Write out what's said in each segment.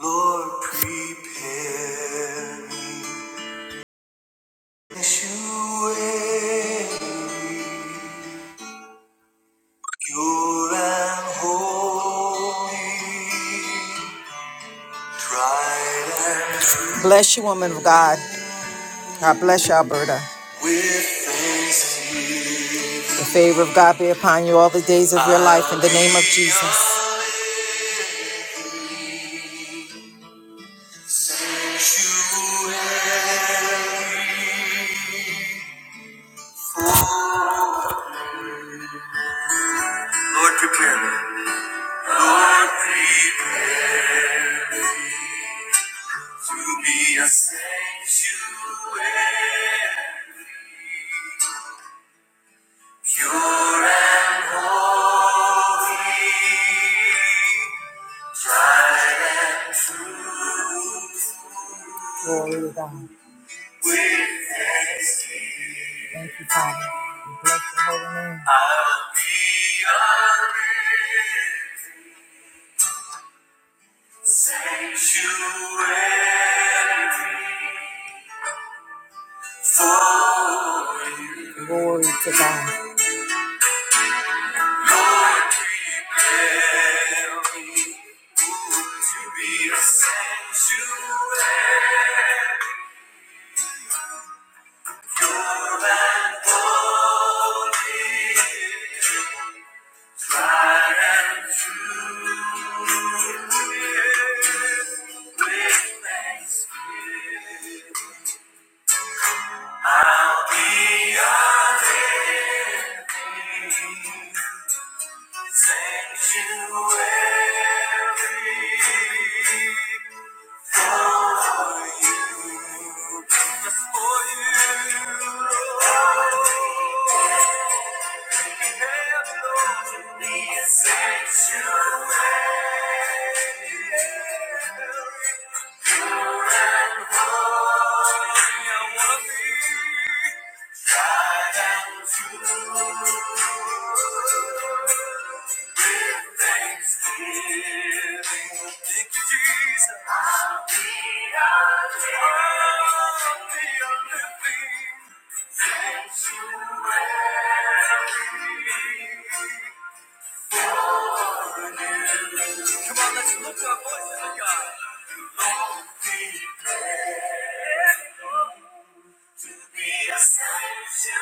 Lord, prepare me. As you end, pure and holy, tried and true. Bless you, woman of God. God bless you, Alberta. With thanksgiving. The favor of God be upon you all the days of your life in the name of Jesus. Lord, prepare me. Lord, prepare to be a sanctuary, pure and holy. Tried and Glory to God. With thanksgiving. Thank you, Father. We Bless your holy name. I'll be a living sanctuary for you. Glory to God. to be a sanctuary, pure and holy, tried and true. With thanksgiving, I'll be a living sanctuary for you. Sanctuary. Sanctuary. Come on, let's lift our voices to God. Long declared to be a sanctuary,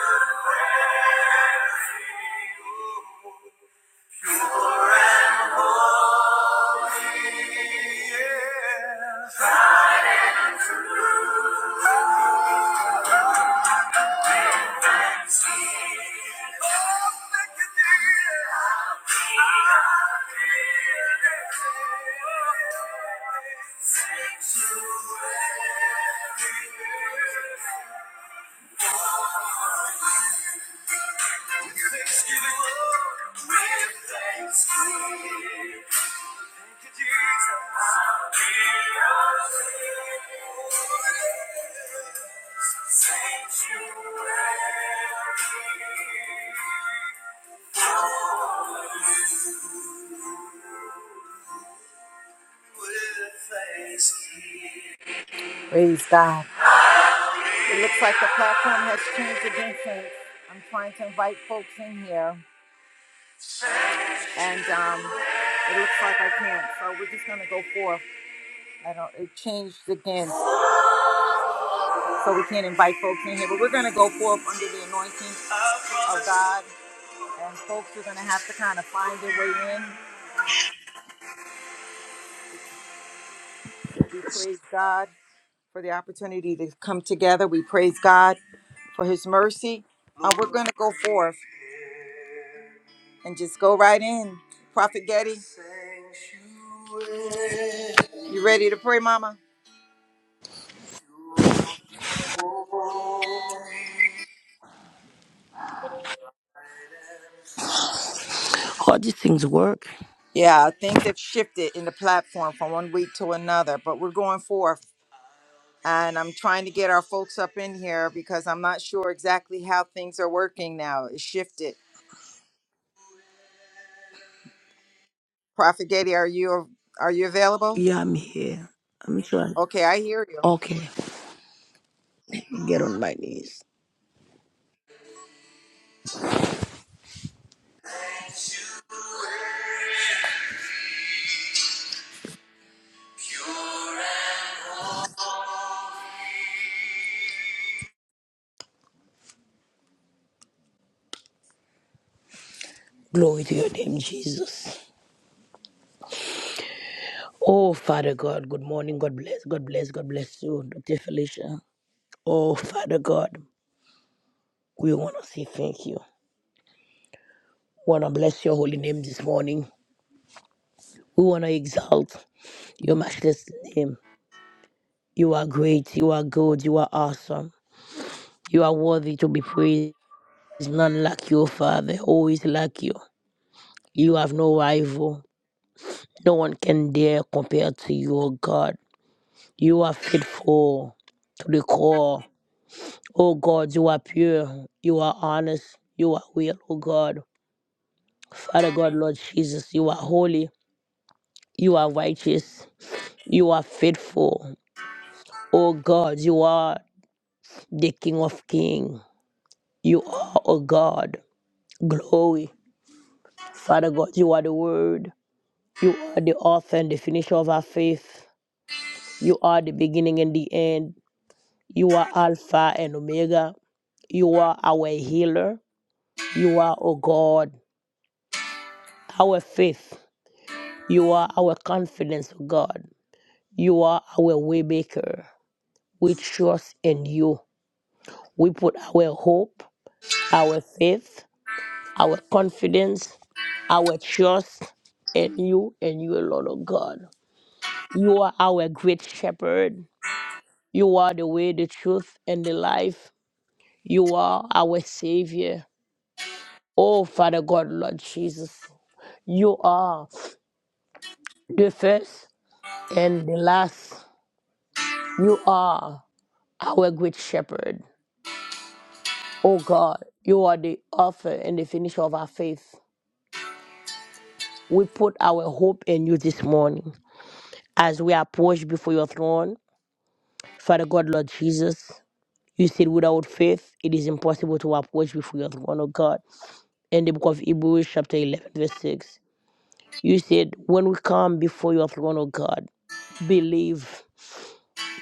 oh, pure and free. Thanksgiving, with thanksgiving. Praise God. It looks like the platform has changed again since I'm trying to invite folks in here, and um, it looks like I can't. So we're just gonna go forth. I don't. It changed again. so we can't invite folks in here. But we're going to go forth under the anointing of God, and folks are going to have to kind of find their way in. We praise God for the opportunity to come together. We praise God for His mercy, and we're going to go forth and just go right in. Prophet Getty, you ready to pray, Mama? All these things work. Yeah, things have shifted in the platform from one week to another, but we're going forth. And I'm trying to get our folks up in here because I'm not sure exactly how things are working now. It's shifted. Prophet Getty, are you are you available? Yeah, I'm here. I'm trying. Okay, I hear you. Okay, get on my knees. Glory to your name, Jesus. Oh, Father God, good morning. God bless. God bless. God bless you, Dr. Felicia. Oh, Father God, we want to say thank you. We want to bless your holy name this morning. We want to exalt your matchless name. You are great. You are good. You are awesome. You are worthy to be praised. None like you, Father. Always like you. You have no rival. No one can dare compare to you, O God. You are faithful to the core. O God, you are pure. You are honest. You are real, O God. Father God, Lord Jesus, you are holy. You are righteous. You are faithful. O God, you are the King of Kings. You are, O God, glory. Father God, you are the Word. You are the author and the finisher of our faith. You are the beginning and the end. You are Alpha and Omega. You are our healer. You are, O God, our faith. You are our confidence, O God. You are our waymaker. We trust in you. We put our hope, our faith, our confidence, our trust in you and you alone, O God. You are our great shepherd. You are the way, the truth, and the life. You are our Savior. Oh, Father God, Lord Jesus, You are the first and the last. You are our great shepherd. Oh God, you are the author and the finisher of our faith. We put our hope in you this morning as we approach before your throne. Father God, Lord Jesus, you said without faith it is impossible to approach before your throne, oh God. In the book of Hebrews, chapter 11, verse 6, you said, When we come before your throne, oh God, believe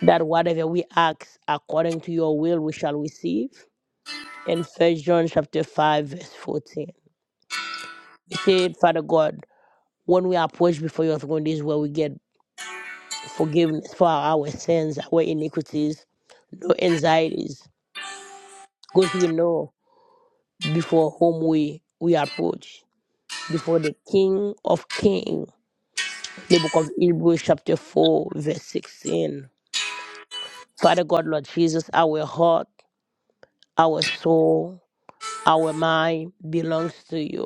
that whatever we ask according to your will we shall receive in first john chapter 5 verse 14 we say father god when we approach before your throne this is where we get forgiveness for our sins our iniquities no anxieties because we know before whom we we approach before the king of Kings, the book of hebrews chapter 4 verse 16 father god lord jesus our heart our soul our mind belongs to you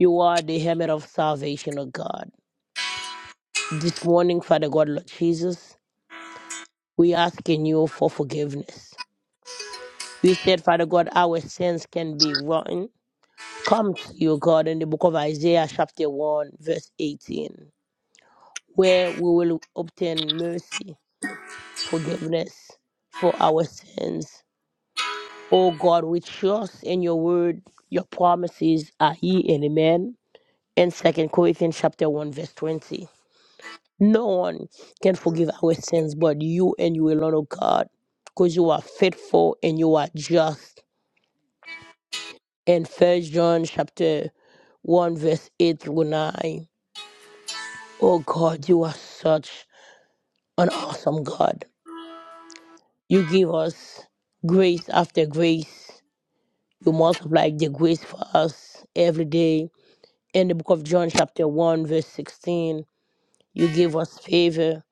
You are the helmet of salvation, O God. This morning, Father God, Lord Jesus, we asking you for forgiveness. You said, Father God, our sins can be rotten. Come to you, God, in the book of Isaiah, chapter 1, verse 18, where we will obtain mercy, forgiveness for our sins. O God, we trust in your word. Your promises are ye and amen. In Second Corinthians chapter 1, verse 20. No one can forgive our sins but you and you alone, O God, because you are faithful and you are just. In First John chapter 1, verse 8 through 9, oh God, you are such an awesome God. You give us grace after grace. You multiply the grace for us every day. In the book of John, chapter 1, verse 16, you give us favor,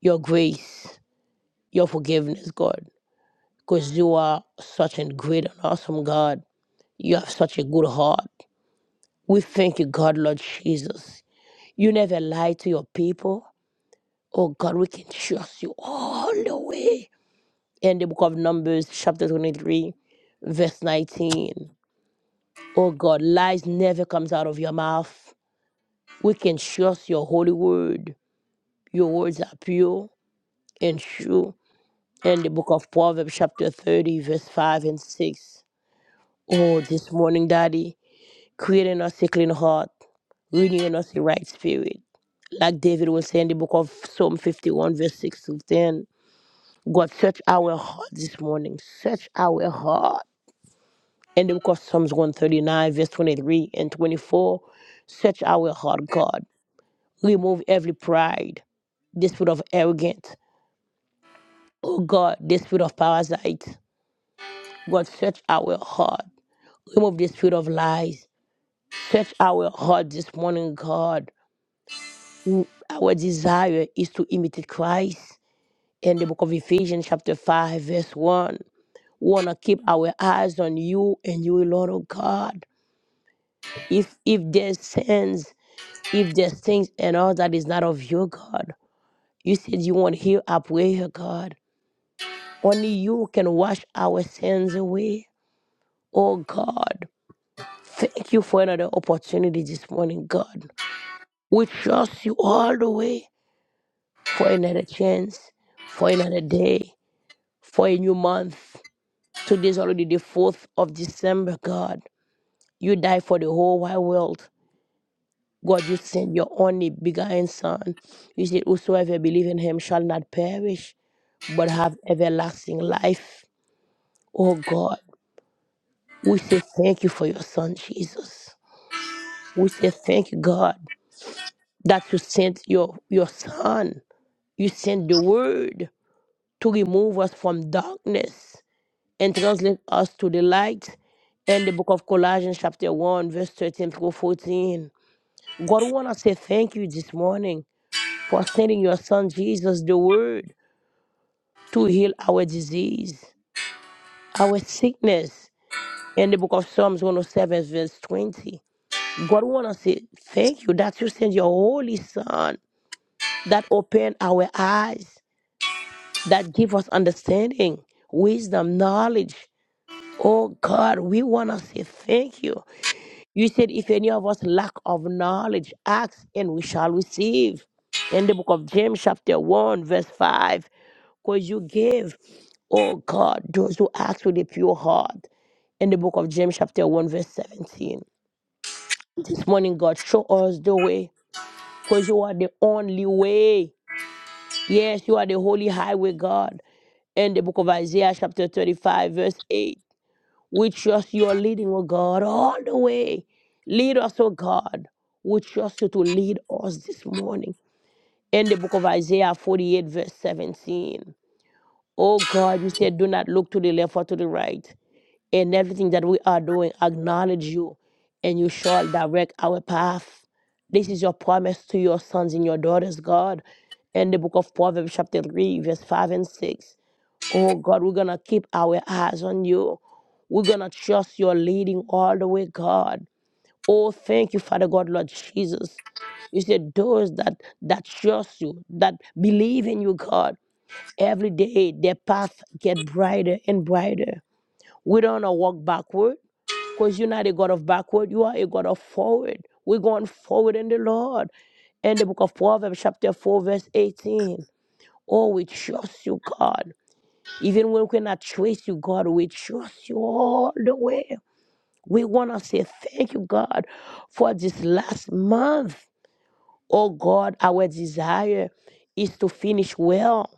your grace, your forgiveness, God. because you are such a great and awesome God. You have such a good heart. We thank you, God, Lord Jesus. You never lie to your people. Oh God, we can trust you all the way. In the book of Numbers, chapter 23, verse 19. Oh God, lies never comes out of your mouth. We can trust your holy word. Your words are pure and true. In the book of Proverbs, chapter 30, verse 5 and 6. Oh, this morning, Daddy. Creating us a clean heart, renewing us a right spirit. Like David will say in the book of Psalm 51, verse 6 to 10. God, search our heart this morning. Search our heart. In the book of Psalms 139, verse 23 and 24, search our heart, God. Remove every pride, the spirit of arrogance. Oh God, the spirit of parasite. God, search our heart. Remove the spirit of lies. Search our heart this morning, God. w- our desire is to imitate Christ. In the book of Ephesians, chapter 5, verse 1, we want to keep our eyes on you and you alone, oh God. If, if there's sins, if there's things and all that is not of you, God, you said you want to hear our prayer, God. Only you can wash our sins away, oh God. Thank you for another opportunity this morning, God. We trust you all the way for another chance, for another day. for a new month. Today is already the 4th of December, God. You died for the whole wide world. God, you sent your only begotten Son. You said, Whosoever believe in him shall not perish, but have everlasting life. Oh God, we say thank you for your Son, Jesus. We say thank you, God, that you sent your, your Son. You sent the Word to remove us from darkness. and translate us to the light. And the book of Colossians, chapter 1, verse 13 through 14. God, we want to say thank you this morning for sending your son Jesus, the word, to heal our disease, our sickness. In the book of Psalms 107, verse 20. God, we want to say thank you that you send your holy son that open our eyes, that give us understanding, wisdom, knowledge. Oh God, we want to say thank you You said, if any of us lack of knowledge, ask and we shall receive. In the book of James, chapter 1, verse 5, because you give, oh God, those who ask with a pure heart. In the book of James, chapter 1, verse 17. This morning, God, show us the way, because you are the only way. Yes, you are the holy highway, God. In the book of Isaiah, chapter 35, verse 8. We trust you are leading, oh God, all the way. Lead us, oh God. We trust you to lead us this morning. In the book of Isaiah 48, verse 17. Oh God, you said, do not look to the left or to the right. In everything that we are doing, acknowledge you, and you shall direct our path. This is your promise to your sons and your daughters, God. In the book of Proverbs, chapter 3, verse 5 and 6. Oh God, we're going to keep our eyes on you. We're going to trust your leading all the way, God. Oh, thank you, Father God, Lord Jesus. You said those that that trust you, that believe in you, God. Every day their path get brighter and brighter. We don't wanna walk backward because you're not a God of backward, you are a God of forward. We're going forward in the Lord. In the book of Proverbs, chapter 4, verse 18. Oh, we trust you, God. Even when we cannot trace you, God, we trust you all the way. We want to say thank you, God, for this last month. Oh, God, our desire is to finish well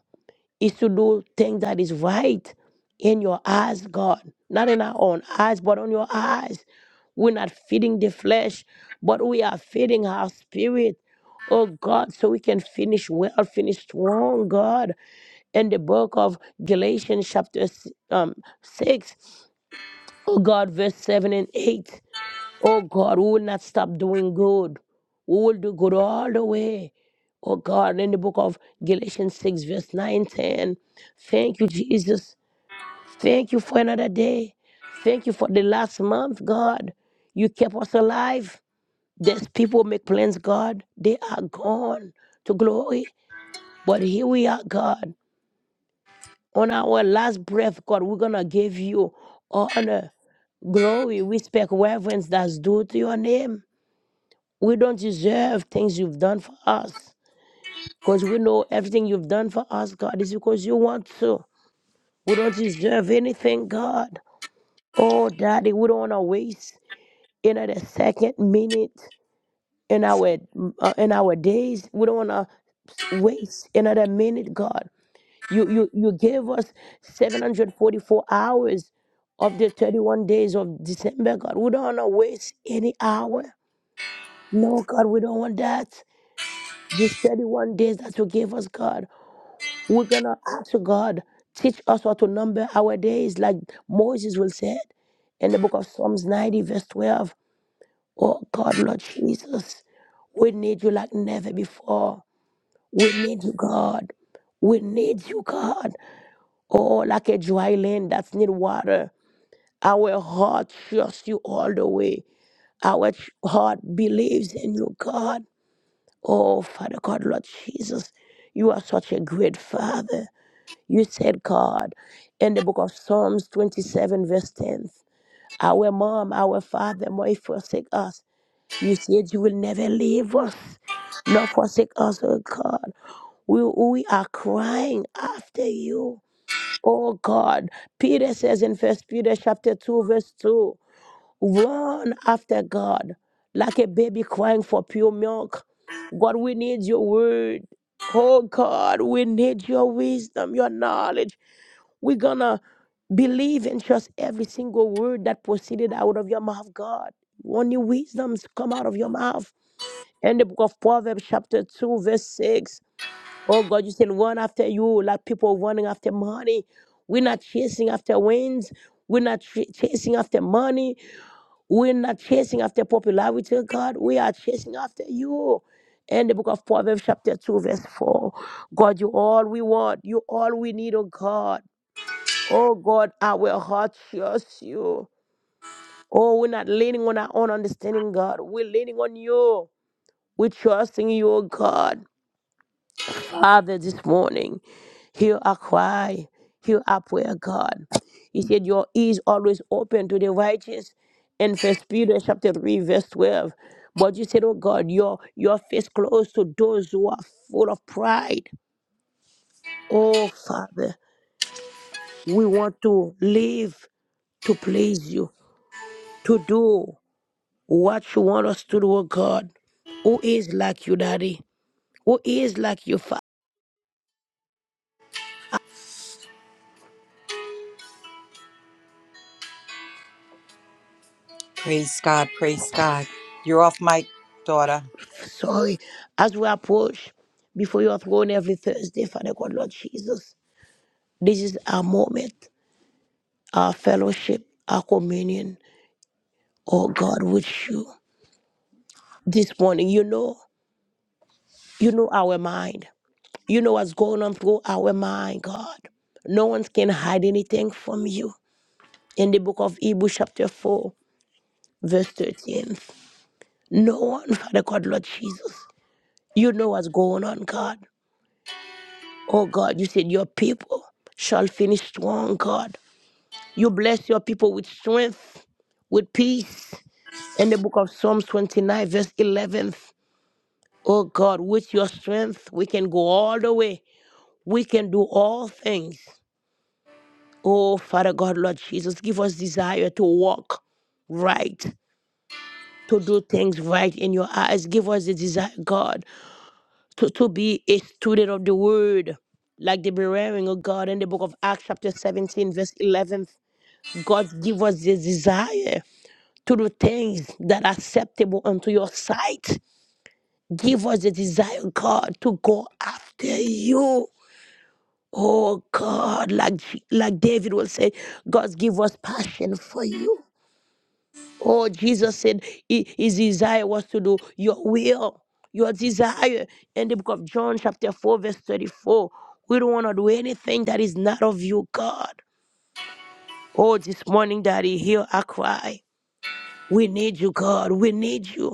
is to do things that is right in your eyes, God. Not in our own eyes, but on your eyes. We're not feeding the flesh, but we are feeding our spirit. Oh God, so we can finish well, finish strong, God. In the book of Galatians, chapter s- um, 6, oh God, verse 7 and 8. Oh God, we will not stop doing good. We will do good all the way. Oh God, in the book of Galatians 6, verse 9, 10. Thank you, Jesus. Thank you for another day. Thank you for the last month, God. You kept us alive. These people who make plans, God. They are gone to glory. But here we are, God. On our last breath, God, we're going to give you honor, glory, respect, reverence that's due to your name. We don't deserve things you've done for us because we know everything you've done for us, God, is because you want to. We don't deserve anything, God. Oh, Daddy, we don't want to waste another second, minute in our uh, in our days. We don't want to waste another minute, God. You you you gave us 744 hours of the 31 days of December, God. We don't want to waste any hour. No, God, we don't want that. These 31 days that you gave us, God, we're going to ask you, God, teach us how to number our days, like Moses will said in the book of Psalms 90, verse 12. Oh, God, Lord Jesus, we need you like never before. We need you, God. We need you, God. Oh, like a dry land that's need water. Our heart trusts you all the way. Our ch- heart believes in you, God. Oh, Father God, Lord Jesus, you are such a great Father. You said, God, in the book of Psalms 27, verse 10, our mom, our father might forsake us. You said you will never leave us, nor forsake us, oh God. We, we are crying after you. Oh God, Peter says in First Peter chapter 2, verse 2. Run after God like a baby crying for pure milk. God, we need your word. Oh God, we need your wisdom, your knowledge. We're gonna believe and trust every single word that proceeded out of your mouth, God. Only wisdoms come out of your mouth. In the book of Proverbs, chapter 2, verse 6. Oh God, you said run after you like people running after money. We're not chasing after winds. We're not ch- chasing after money. We're not chasing after popularity, oh God. We are chasing after you. In the book of Proverbs, chapter 2, verse 4. God, you all we want. You all we need, oh God. Oh God, our heart trusts you. Oh, we're not leaning on our own understanding, God. We're leaning on you. We're trusting you, oh God. Father, this morning, hear our cry, hear our prayer, God. He said, Your ears always open to the righteous. In First Peter chapter 3, verse 12. But you said, Oh God, your your face closed to those who are full of pride. Oh Father, we want to live to please you, to do what you want us to do, oh God. Who is like you, Daddy? Who is like you, Father? Praise God, praise God. You're off mic, daughter. Sorry, as we approach before your throne every Thursday, Father God, Lord Jesus, this is our moment, our fellowship, our communion, oh God, with you. This morning, you know, you know our mind. You know what's going on through our mind, God. No one can hide anything from you. In the book of Hebrews, chapter 4, verse 13, no one, Father God, Lord Jesus, you know what's going on, God. Oh God, you said your people shall finish strong, God. You bless your people with strength, with peace. In the book of Psalms 29, verse 11, oh God, with your strength, we can go all the way. We can do all things. Oh, Father God, Lord Jesus, give us desire to walk right, to do things right in your eyes. Give us the desire, God, to, to be a student of the word, like the bearing Oh God in the book of Acts, chapter 17, verse 11. God, give us the desire. to do things that are acceptable unto your sight. Give us the desire, God, to go after you. Oh God, like like David will say, God give us passion for you. Oh, Jesus said hi- his desire was to do your will, your desire. In the book of John, chapter 4, verse 34, we don't want to do anything that is not of you, God. Oh, this morning, Daddy, hear our cry. We need you, God. We need you.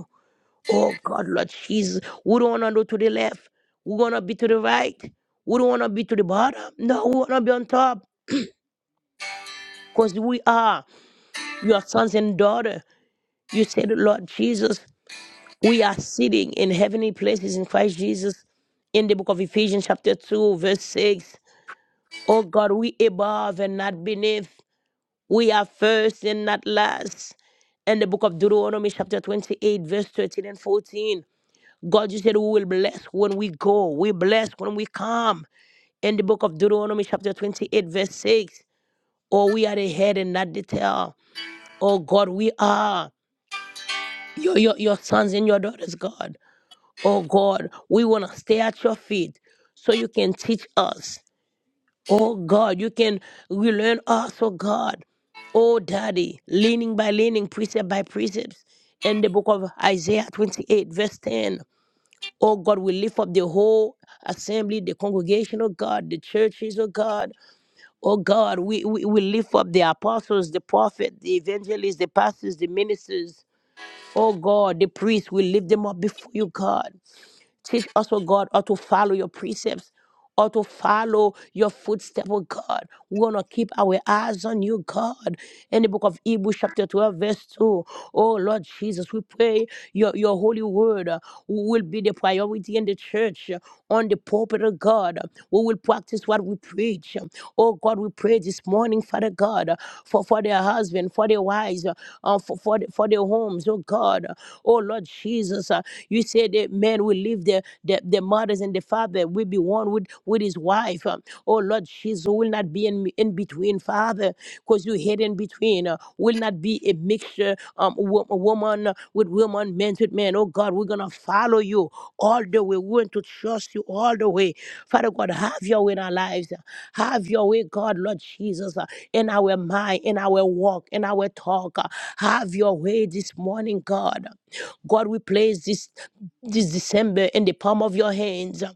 Oh God, Lord Jesus, we don't wanna go to the left. We wanna be to the right. We don't wanna be to the bottom. No, we wanna be on top. Cause we are your sons and daughter. You said, Lord Jesus, we are sitting in heavenly places in Christ Jesus. In the book of Ephesians, chapter 2, verse 6. Oh God, we above and not beneath. We are first and not last. In the book of Deuteronomy, chapter 28, verse 13 and 14. God, you said we will bless when we go. We bless when we come. In the book of Deuteronomy, chapter 28, verse 6. Oh, we are the head and not the tail. Oh, God, we are your, your, your sons and your daughters, God. Oh, God, we want to stay at your feet so you can teach us. Oh, God, you can relearn us, oh, God. Oh, Daddy, leaning by leaning, precept by precept. In the book of Isaiah 28, verse 10. Oh God, we lift up the whole assembly, the congregation, oh God, the churches, oh God. Oh God, we, we, we lift up the apostles, the prophets, the evangelists, the pastors, the ministers. Oh God, the priests, we lift them up before you, God. Teach us, oh God, how to follow your precepts, or to follow your footsteps, oh God. We want to keep our eyes on you, God. In the book of Hebrews, chapter 12, verse 2. Oh Lord Jesus, we pray your, your holy word uh, will be the priority in the church, uh, on the pulpit of God. We will practice what we preach. Oh God, God, we pray this morning, Father God, uh, for, for their husband, for their wives, uh, uh, for, for, the- for their homes, oh God. Oh Lord Jesus, uh, you said that men will leave their, their, their mothers and the father will be one with, with his wife. Um, Oh Lord Jesus, will not be in, in between, Father, because you hid in between. uh, Will not be a mixture, um, wo- a woman uh, with woman, men with men. Oh God, we're going to follow you all the way. We're going to trust you all the way. Father God, have your way in our lives. Have your way, God, Lord Jesus, uh, in our mind, in our walk, in our talk. uh, Have your way this morning, God. God, we place this this December in the palm of your hands.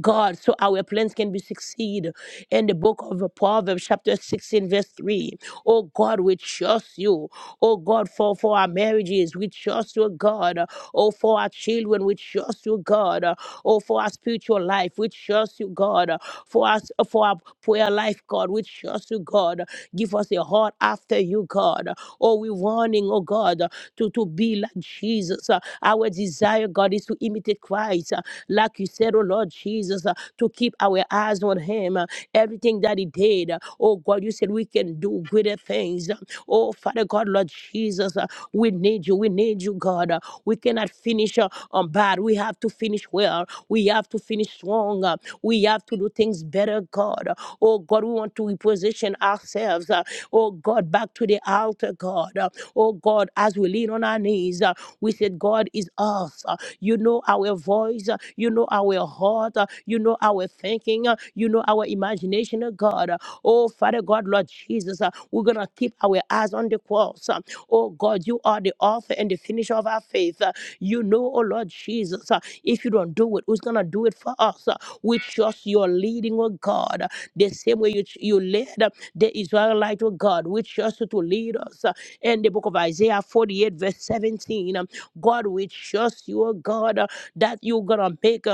God, so our plans can be succeed. In the book of Proverbs, chapter 16, verse 3. Oh God, we trust you. Oh God, for, for our marriages, we trust you, God. Oh, for our children, we trust you, God. Oh, for our spiritual life, we trust you, God. For us for our prayer life, God, we trust you, God. Give us a heart after after you, God. Oh, we're wanting, oh God, to, to be like Jesus. Uh, Our desire, God, is to imitate Christ. Uh, Like you said, oh Lord Jesus, uh, to keep our eyes on Him. Uh, Everything that He did, uh, oh God, you said we can do greater things. Uh, Oh, Father God, Lord Jesus, uh, we need you. We need you, God. Uh, We cannot finish uh, on battle. God. We have to finish well. We have to finish strong. Uh, We have to do things better, God. Oh, God, we want to reposition ourselves. uh, Oh, God, back to the altar, God. Uh, Oh, God, as we lean on our knees, uh, we said, God is us. Uh, You know our voice. Uh, You know our heart. Uh, You know our thinking. Uh, You know our imagination, uh, God. Uh, Oh, Father God, Lord Jesus, uh, we're going to keep our eyes on the cross. Uh, Oh God, you are the author and the finisher of our faith. Uh, You know, oh Lord Jesus, uh, if you don't do it, who's going to do it for us? Uh, We trust your leading, oh God. Uh, The same way you, ch- you led uh, the Israelite, oh God, we trust you to lead us. Uh, In the book of Isaiah 48, verse 17, um, God, we trust you, oh God, uh, that you're going to make. um,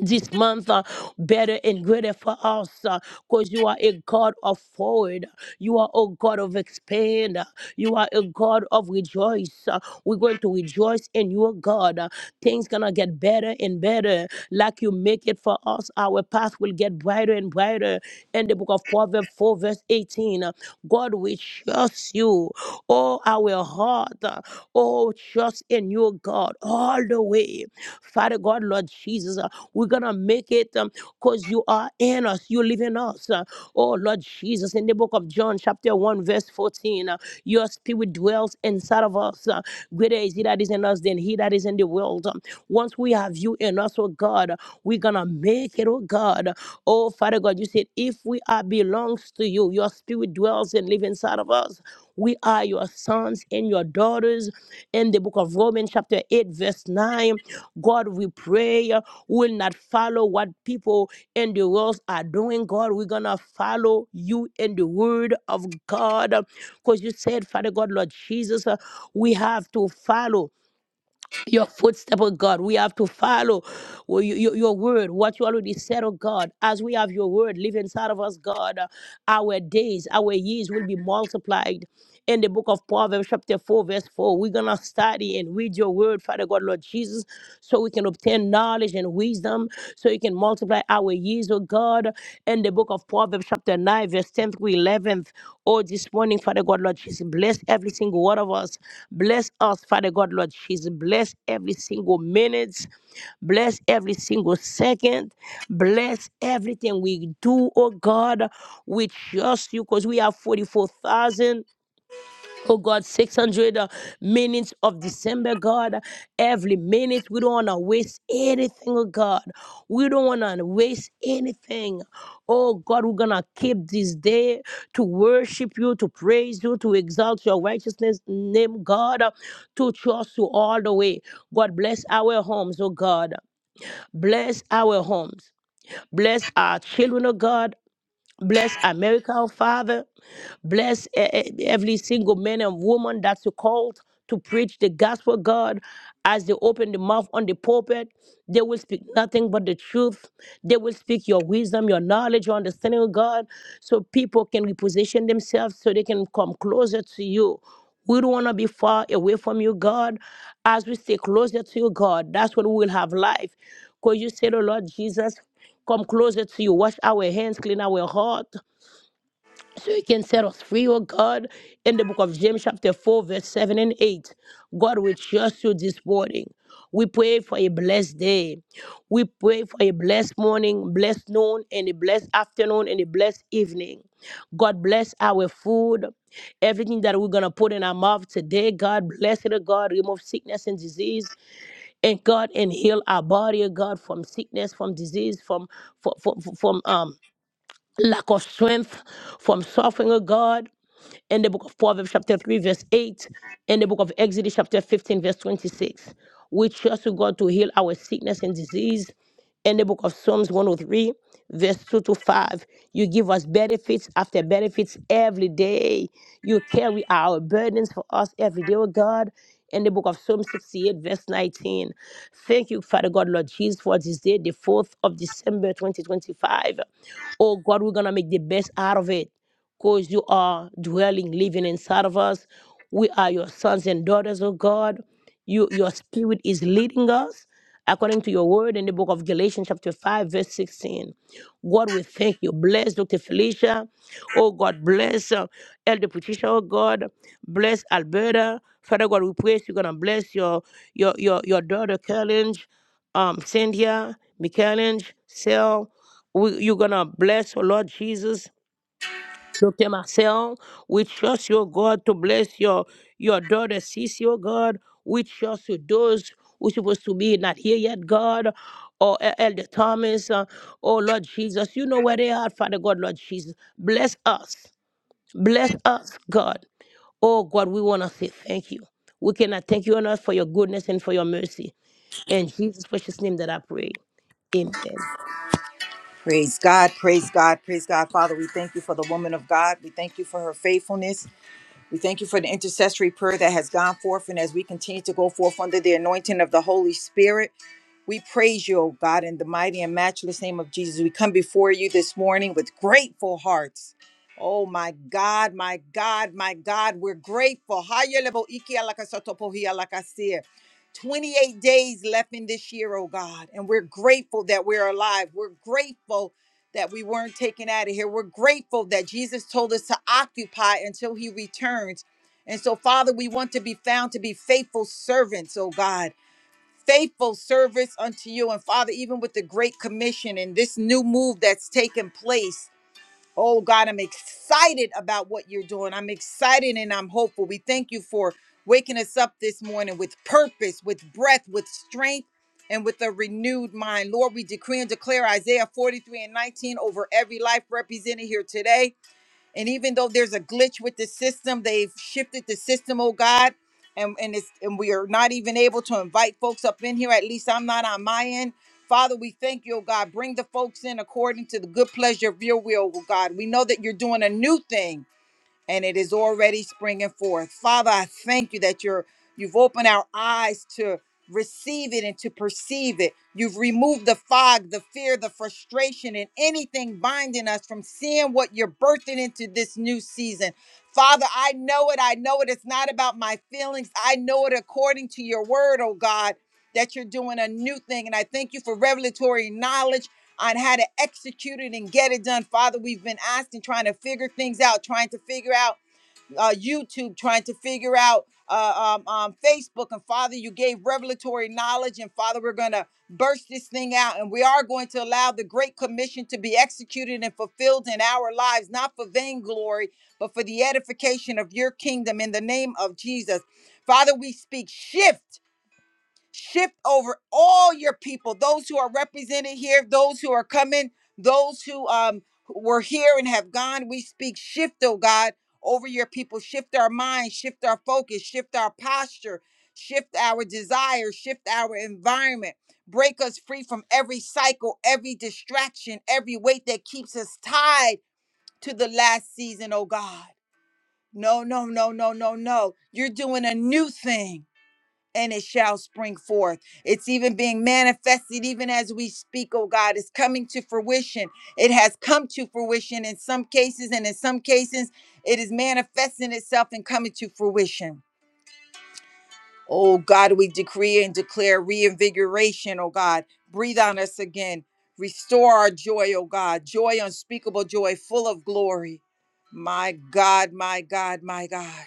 this month uh, better and greater for us because you are a God of forward. You are a God of expand. uh, You are a God of rejoice. uh, We're going to rejoice in your God. uh, Things gonna get better and better. Like you make it for us, our path will get brighter and brighter. In the book of Proverbs 4 verse 18, uh, God we trust you. Oh, our heart. uh, Oh, trust in your God all the way. Father God, Lord Jesus. We're going to make it um, because you are in us. You live in us. Uh, Oh, Lord Jesus, in the book of John, chapter 1, verse 14, uh, your spirit dwells inside of us. Uh, Greater is he that is in us than he that is in the world. Um, Once we have you in us, oh God, we're going to make it, oh God. Oh, Father God, you said, if we are belongs to you, your spirit dwells and lives inside of us. We are your sons and your daughters. In the book of Romans, chapter 8, verse 9, God, we pray. uh, will not follow what people in the world are doing, God. We're going to follow you in the word of God. Because you said, Father God, Lord Jesus, uh, we have to follow your footstep, oh God. We have to follow your, your, your word, what you already said, oh God. As we have your word live inside of us, God. Our days, our years will be multiplied. In the book of Proverbs, chapter 4, verse 4, we're going to study and read your word, Father God, Lord Jesus, so we can obtain knowledge and wisdom, so you can multiply our years, oh God. In the book of Proverbs, chapter 9, verse 10 through 11th, oh, this morning, Father God, Lord Jesus, bless every single one of us. Bless us, Father God, Lord Jesus. Bless every single minute. Bless every single second. Bless everything we do, oh God. We trust you because we have 44,000, oh God, 600 uh, minutes of December, God. Every minute, we don't want to waste anything, oh God. We don't want to waste anything. Oh God, we're going to keep this day to worship you, to praise you, to exalt your righteousness name, God, uh, to trust you all the way. God, bless our homes, oh God. Bless our homes. Bless our children, oh God. Bless America, oh Father. Bless e- e- every single man and woman that's called to preach the gospel, God. As they open the mouth on the pulpit, they will speak nothing but the truth. They will speak your wisdom, your knowledge, your understanding of God, so people can reposition themselves so they can come closer to you. We don't want to be far away from you, God. As we stay closer to you, God, that's when we will have life. Because you said, oh Lord Jesus, come closer to you. Wash our hands, clean our heart so he can set us free, O God, in the book of James, chapter 4, verse 7 and 8. God, we trust you this morning. We pray for a blessed day. We pray for a blessed morning, blessed noon, and a blessed afternoon, and a blessed evening. God bless our food, everything that we're going to put in our mouth today. God bless it, O God. Remove sickness and disease, and God, and heal our body, O God, from sickness, from disease, from, from, from, from um, lack of strength from suffering, oh God in the book of Proverbs, chapter 3, verse 8, in the book of Exodus, chapter 15, verse 26. We trust to God to heal our sickness and disease. In the book of Psalms 103, verse 2 to 5, you give us benefits after benefits every day. You carry our burdens for us every day, oh God. In the book of Psalm 68, verse 19. Thank you, Father God, Lord Jesus, for this day, the 4th of December, 2025. Oh God, we're going to make the best out of it because you are dwelling, living inside of us. We are your sons and daughters, oh God. You, your spirit is leading us according to your word in the book of Galatians, chapter 5, verse 16. God, we thank you. Bless Dr. Felicia. Oh God, bless uh, Elder Patricia, oh God. Bless Alberta. Father God, we pray you're gonna bless your your your, your daughter, Carolynge, um, Cynthia, Michaelange, Sel. We, you're gonna bless, oh Lord Jesus. Dr. Marcel, we trust your God to bless your your daughter, sis, your God. We trust you those who supposed to be not here yet, God, or E- Elder Thomas, uh, oh Lord Jesus. You know where they are, Father God, Lord Jesus. Bless us. Bless us, God. Oh God, we want to say thank you. We cannot thank you enough for your goodness and for your mercy. In Jesus' precious name that I pray. Amen. Praise God, praise God, praise God. Father, we thank you for the woman of God. We thank you for her faithfulness. We thank you for the intercessory prayer that has gone forth. And as we continue to go forth under the anointing of the Holy Spirit, we praise you, O God, in the mighty and matchless name of Jesus. We come before you this morning with grateful hearts. Oh my God, my God, my God, we're grateful. Haya lebo iki alakasoto pohi alakasir. 28 days left in this year, oh God, and we're grateful that we're alive. We're grateful that we weren't taken out of here. We're grateful that Jesus told us to occupy until he returns. And so, Father, we want to be found to be faithful servants, oh God faithful service unto you. And Father, even with the Great Commission and this new move that's taken place, oh God, I'm excited about what you're doing. I'm excited and I'm hopeful. We thank you for waking us up this morning with purpose, with breath, with strength. And with a renewed mind. Lord, we decree and declare Isaiah 43 and 19 over every life represented here today. And even though there's a glitch with the system, they've shifted the system, oh God. And, and it's and we are not even able to invite folks up in here. At least I'm not on my end. Father, we thank you, oh God. Bring the folks in according to the good pleasure of your will, oh God. We know that you're doing a new thing and it is already springing forth. Father, I thank you that you're you've opened our eyes to receive it and to perceive it. You've removed the fog, the fear, the frustration, and anything binding us from seeing what you're birthing into this new season. Father, I know it. I know it. It's not about my feelings. I know it according to your word, oh God, that you're doing a new thing. And I thank you for revelatory knowledge on how to execute it and get it done. Father, we've been asking, trying to figure things out, trying to figure out uh, YouTube, trying to figure out uh, um, um, Facebook. And Father, you gave revelatory knowledge. And Father, we're going to burst this thing out. And we are going to allow the Great Commission to be executed and fulfilled in our lives, not for vainglory, but for the edification of your kingdom in the name of Jesus. Father, we speak shift shift over all your people those who are represented here those who are coming those who um were here and have gone we speak shift oh god over your people shift our minds shift our focus shift our posture shift our desire shift our environment break us free from every cycle every distraction every weight that keeps us tied to the last season oh god no no no no no no you're doing a new thing and it shall spring forth. It's even being manifested even as we speak, oh God. It's coming to fruition. It has come to fruition in some cases, and in some cases, it is manifesting itself and coming to fruition. Oh God, we decree and declare reinvigoration, oh God. Breathe on us again. Restore our joy, oh God. Joy, unspeakable joy, full of glory. My God, my God, my God.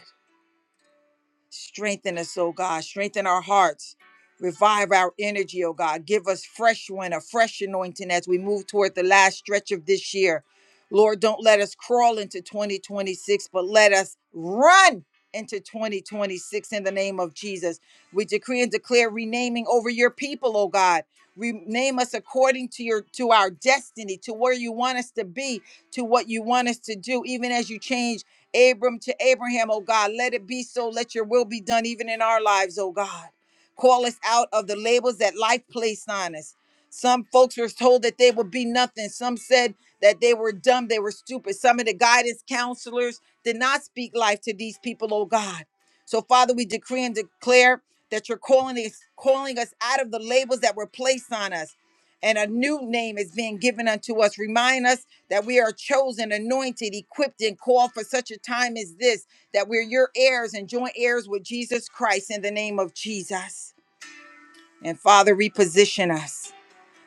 Strengthen us, oh God. Strengthen our hearts. Revive our energy, oh God. Give us fresh wind, a fresh anointing as we move toward the last stretch of this year. Lord, don't let us crawl into 2026, but let us run into 2026 in the name of Jesus. We decree and declare renaming over your people, oh God. Rename us according to your to our destiny, to where you want us to be, to what you want us to do, even as you change Abram to Abraham, oh God. Let it be so. Let your will be done even in our lives, oh God. Call us out of the labels that life placed on us. Some folks were told that they would be nothing. Some said that they were dumb, they were stupid. Some of the guidance counselors did not speak life to these people, oh God. So, Father, we decree and declare that you're calling us, calling us out of the labels that were placed on us. And a new name is being given unto us. Remind us that we are chosen, anointed, equipped, and called for such a time as this, that we're your heirs and joint heirs with Jesus Christ in the name of Jesus. And Father, reposition us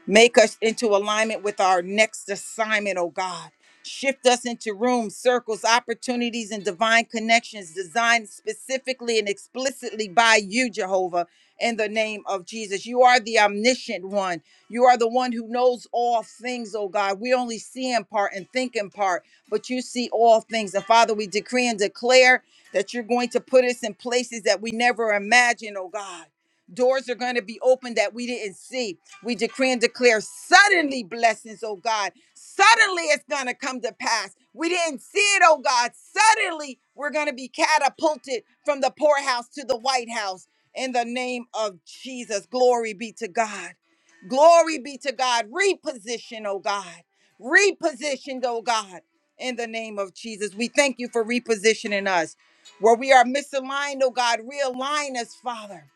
Make us into alignment with our next assignment, oh God. Shift us into rooms, circles, opportunities, and divine connections designed specifically and explicitly by you, Jehovah, in the name of Jesus. You are the omniscient one. You are the one who knows all things, oh God. We only see in part and think in part, but you see all things. And Father, we decree and declare that you're going to put us in places that we never imagined, oh God. Doors are going to be open that we didn't see. We decree and declare suddenly blessings, oh God. Suddenly it's going to come to pass. We didn't see it, oh God. Suddenly we're going to be catapulted from the poorhouse to the White House in the name of Jesus. Glory be to God. Glory be to God. Reposition, oh God. Repositioned, oh God, in the name of Jesus. We thank you for repositioning us. Where we are misaligned, oh God, realign us, Father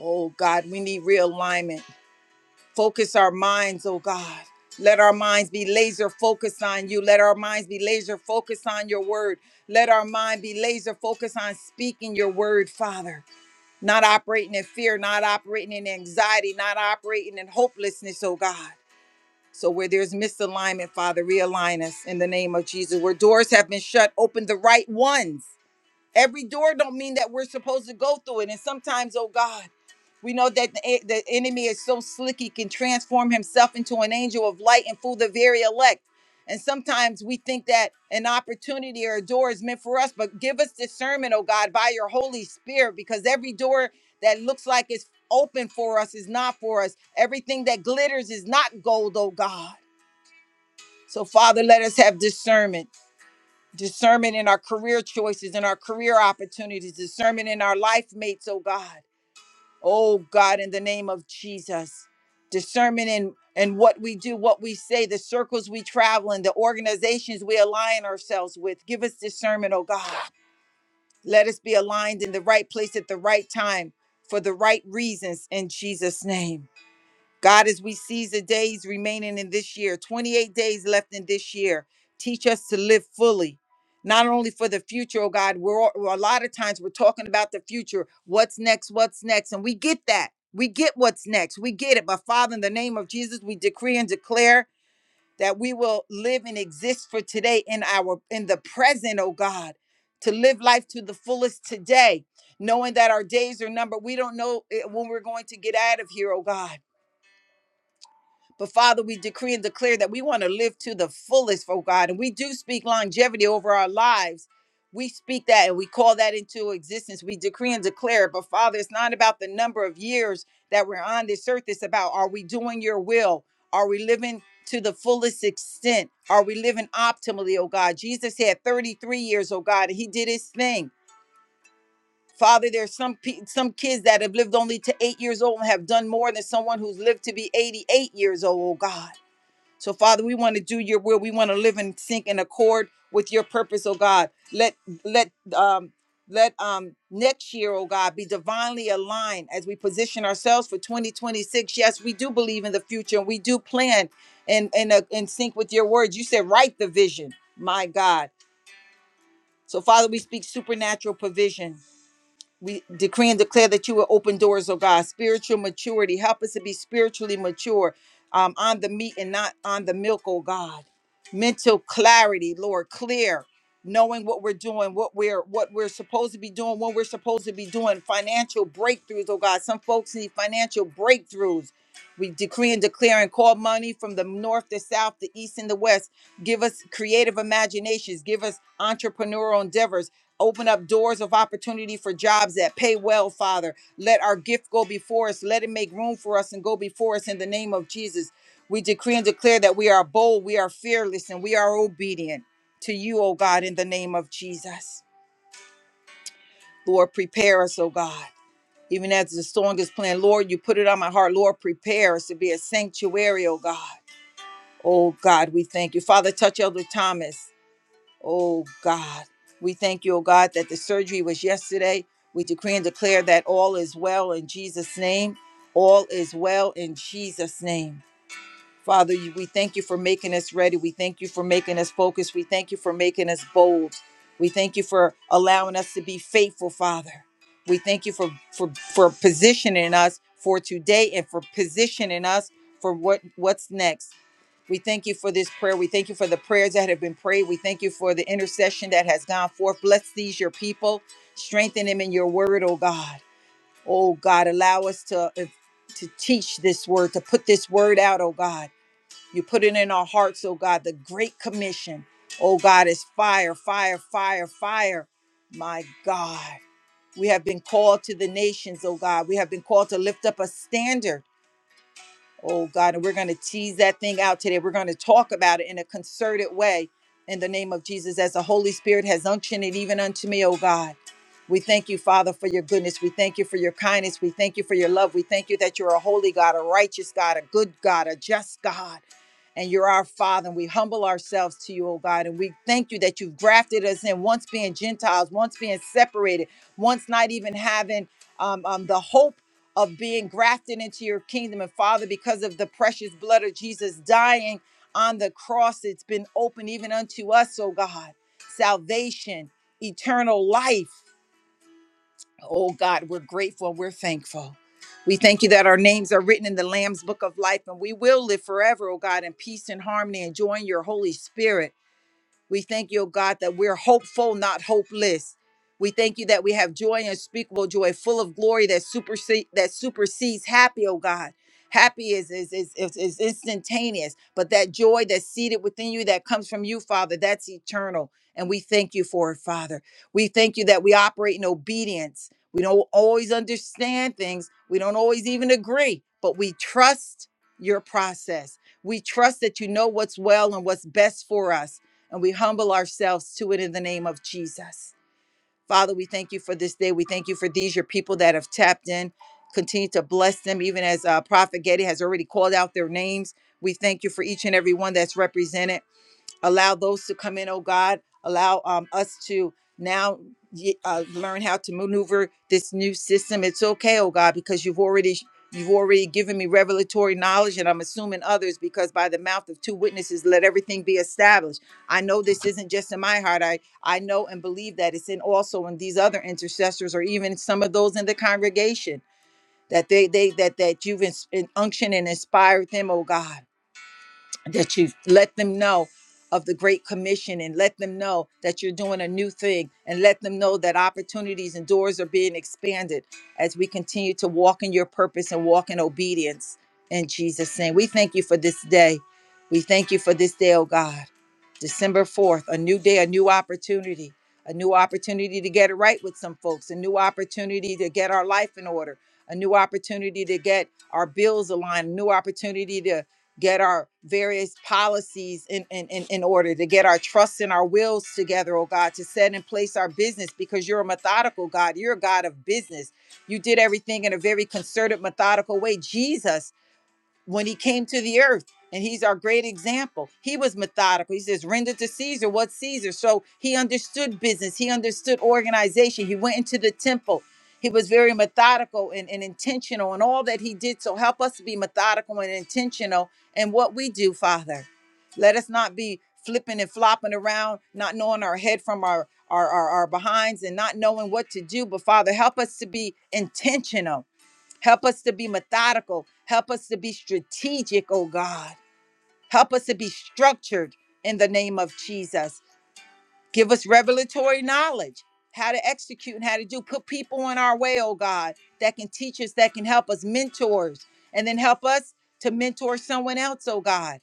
Oh God, we need realignment. Focus our minds, oh God. Let our minds be laser focused on you. Let our minds be laser focused on your word. Let our mind be laser focused on speaking your word, Father. Not operating in fear, not operating in anxiety, not operating in hopelessness, oh God. So where there's misalignment, Father, realign us in the name of Jesus. Where doors have been shut, open the right ones Every door don't mean that we're supposed to go through it. And sometimes, oh God, we know that the, e- the enemy is so slick he can transform himself into an angel of light and fool the very elect. And sometimes we think that an opportunity or a door is meant for us, but give us discernment, oh God, by your Holy Spirit, because every door that looks like it's open for us is not for us. Everything that glitters is not gold, oh God. So, Father, let us have discernment discernment in our career choices, in our career opportunities, discernment in our life mates, oh God. Oh God, in the name of Jesus. Discernment in and what we do, what we say, the circles we travel in, the organizations we align ourselves with. Give us discernment, oh God. Let us be aligned in the right place at the right time for the right reasons in Jesus' name. God, as we seize the days remaining in this year, 28 days left in this year, teach us to live fully. Not only for the future, oh God, we're, all, a lot of times we're talking about the future. What's next? What's next? And we get that. We get what's next. We get it. But Father, in the name of Jesus, we decree and declare that we will live and exist for today in our in the present, oh God, to live life to the fullest today, knowing that our days are numbered. We don't know eh, when we're going to get out of here, oh God. But Father, we decree and declare that we want to live to the fullest for God. And we do speak longevity over our lives. We speak that and we call that into existence. We decree and declare it. But Father, it's not about the number of years that we're on this earth. It's about are we doing your will? Are we living to the fullest extent? Are we living optimally, oh God? Jesus had 33 years, oh God, and he did his thing. Father, there's some pe- some kids that have lived only to eight years old and have done more than someone who's lived to be 88 years old, oh God. So, Father, we want to do your will. We want to live in sync and accord with your purpose, oh God. Let let um let um next year, oh God, be divinely aligned as we position ourselves for 2026. Yes, we do believe in the future and we do plan and and uh, in sync with your words. You said, write the vision, my God. So, Father, we speak supernatural provision we decree and declare that you will open doors, oh God. Spiritual maturity. Help us to be spiritually mature um, on the meat and not on the milk, oh God. Mental clarity, Lord, clear, knowing what we're doing, what we're what we're supposed to be doing, what we're supposed to be doing. Financial breakthroughs, oh God. Some folks need financial breakthroughs. We decree and declare and call money from the north, the south, the east, and the west. Give us creative imaginations. Give us entrepreneurial endeavors. Open up doors of opportunity for jobs that pay well, Father. Let our gift go before us. Let it make room for us and go before us in the name of Jesus. We decree and declare that we are bold, we are fearless, and we are obedient to you, O God, in the name of Jesus. Lord, prepare us, O God. Even as the song is playing, Lord, you put it on my heart. Lord, prepare us to be a sanctuary, oh God. Oh God, we thank you. Father, touch Elder Thomas. Oh God, we thank you, oh God, that the surgery was yesterday. We decree and declare that all is well in Jesus' name. All is well in Jesus' name. Father, you- we thank you for making us ready. We thank you for making us focused. We thank you for making us bold. We thank you for allowing us to be faithful, Father. We thank you for for for positioning us for today and for positioning us for what what's next. We thank you for this prayer. We thank you for the prayers that have been prayed. We thank you for the intercession that has gone forth. Bless these your people. Strengthen them in your word, oh God. Oh God, allow us to to teach this word, to put this word out, oh God you put it in our hearts, oh God, the Great Commission. Oh God, is fire, fire, fire, fire. My God, we have been called to the nations, oh God. We have been called to lift up a standard, oh God. And we're going to tease that thing out today. We're going to talk about it in a concerted way in the name of Jesus as the Holy Spirit has unctioned it even unto me, oh God. We thank you, Father, for your goodness. We thank you for your kindness. We thank you for your love. We thank you that you're a holy God, a righteous God, a good God, a just God and you're our Father. And we humble ourselves to you, oh God. And we thank you that you've grafted us in, once being Gentiles, once being separated, once not even having um, um, the hope of being grafted into your kingdom. And Father, because of the precious blood of Jesus dying on the cross, it's been open even unto us, oh God. Salvation, eternal life. Oh God, we're grateful. and We're thankful. We thank you that our names are written in the Lamb's book of life and we will live forever, oh God, in peace and harmony, enjoying your Holy Spirit. We thank you, O God, that we're hopeful, not hopeless. We thank you that we have joy, unspeakable joy, full of glory that supersede that supersedes happy, oh God. Happy is is, is is is instantaneous, but that joy that's seated within you that comes from you, Father, that's eternal. And we thank you for it, Father. We thank you that we operate in obedience. We don't always understand things. We don't always even agree, but we trust your process. We trust that you know what's well and what's best for us and we humble ourselves to it in the name of Jesus. Father, we thank you for this day. We thank you for these, your people that have tapped in. Continue to bless them, even as uh, Prophet Getty has already called out their names. We thank you for each and every one that's represented allow those to come in oh god allow um, us to now ye- uh, learn how to maneuver this new system it's okay oh god because you've already you've already given me revelatory knowledge and i'm assuming others because by the mouth of two witnesses let everything be established i know this isn't just in my heart i i know and believe that it's in also in these other intercessors or even some of those in the congregation that they they that that you've ins- in- unctioned and inspired them oh god that you let them know of the Great Commission and let them know that you're doing a new thing and let them know that opportunities and doors are being expanded as we continue to walk in your purpose and walk in obedience in Jesus' name. We thank you for this day. We thank you for this day, oh God. December 4th, a new day, a new opportunity, a new opportunity to get it right with some folks, a new opportunity to get our life in order, a new opportunity to get our bills aligned, a new opportunity to get our various policies in, in, in, in order, to get our trusts and our wills together, oh God, to set in place our business because you're a methodical God. You're a God of business. You did everything in a very concerted, methodical way. Jesus when he came to the earth and he's our great example he was methodical he says render to caesar what's caesar so he understood business he understood organization he went into the temple he was very methodical and, and intentional in all that he did so help us to be methodical and intentional in what we do father let us not be flipping and flopping around not knowing our head from our our, our, our behinds and not knowing what to do but father help us to be intentional Help us to be methodical. Help us to be strategic, oh God. Help us to be structured in the name of Jesus. Give us revelatory knowledge, how to execute and how to do. Put people in our way, oh God, that can teach us, that can help us, mentors, and then help us to mentor someone else, oh God.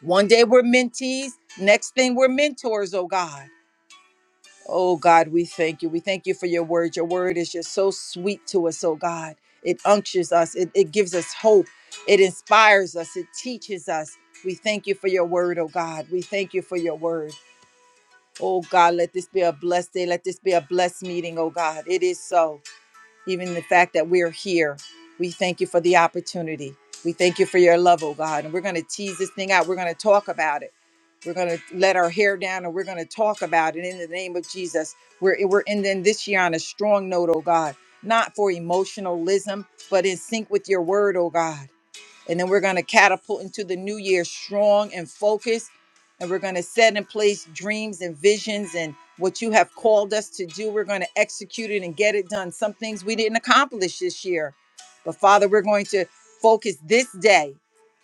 One day we're mentees, next thing we're mentors, oh God. Oh God, we thank you. We thank you for your word. Your word is just so sweet to us, oh God. It unctures us, it, it gives us hope, it inspires us, it teaches us. We thank you for your word, oh God. We thank you for your word. Oh God, let this be a blessed day. Let this be a blessed meeting, oh God. It is so even the fact that we're here. We thank you for the opportunity. We thank you for your love, oh God. And we're going to tease this thing out. We're going to talk about it. We're going to let our hair down and we're going to talk about it in the name of Jesus. We're, we're ending this year on a strong note, oh God, not for emotionalism, but in sync with your word, oh God. And then we're going to catapult into the new year strong and focused. And we're going to set in place dreams and visions and what you have called us to do. We're going to execute it and get it done. Some things we didn't accomplish this year. But Father, we're going to focus this day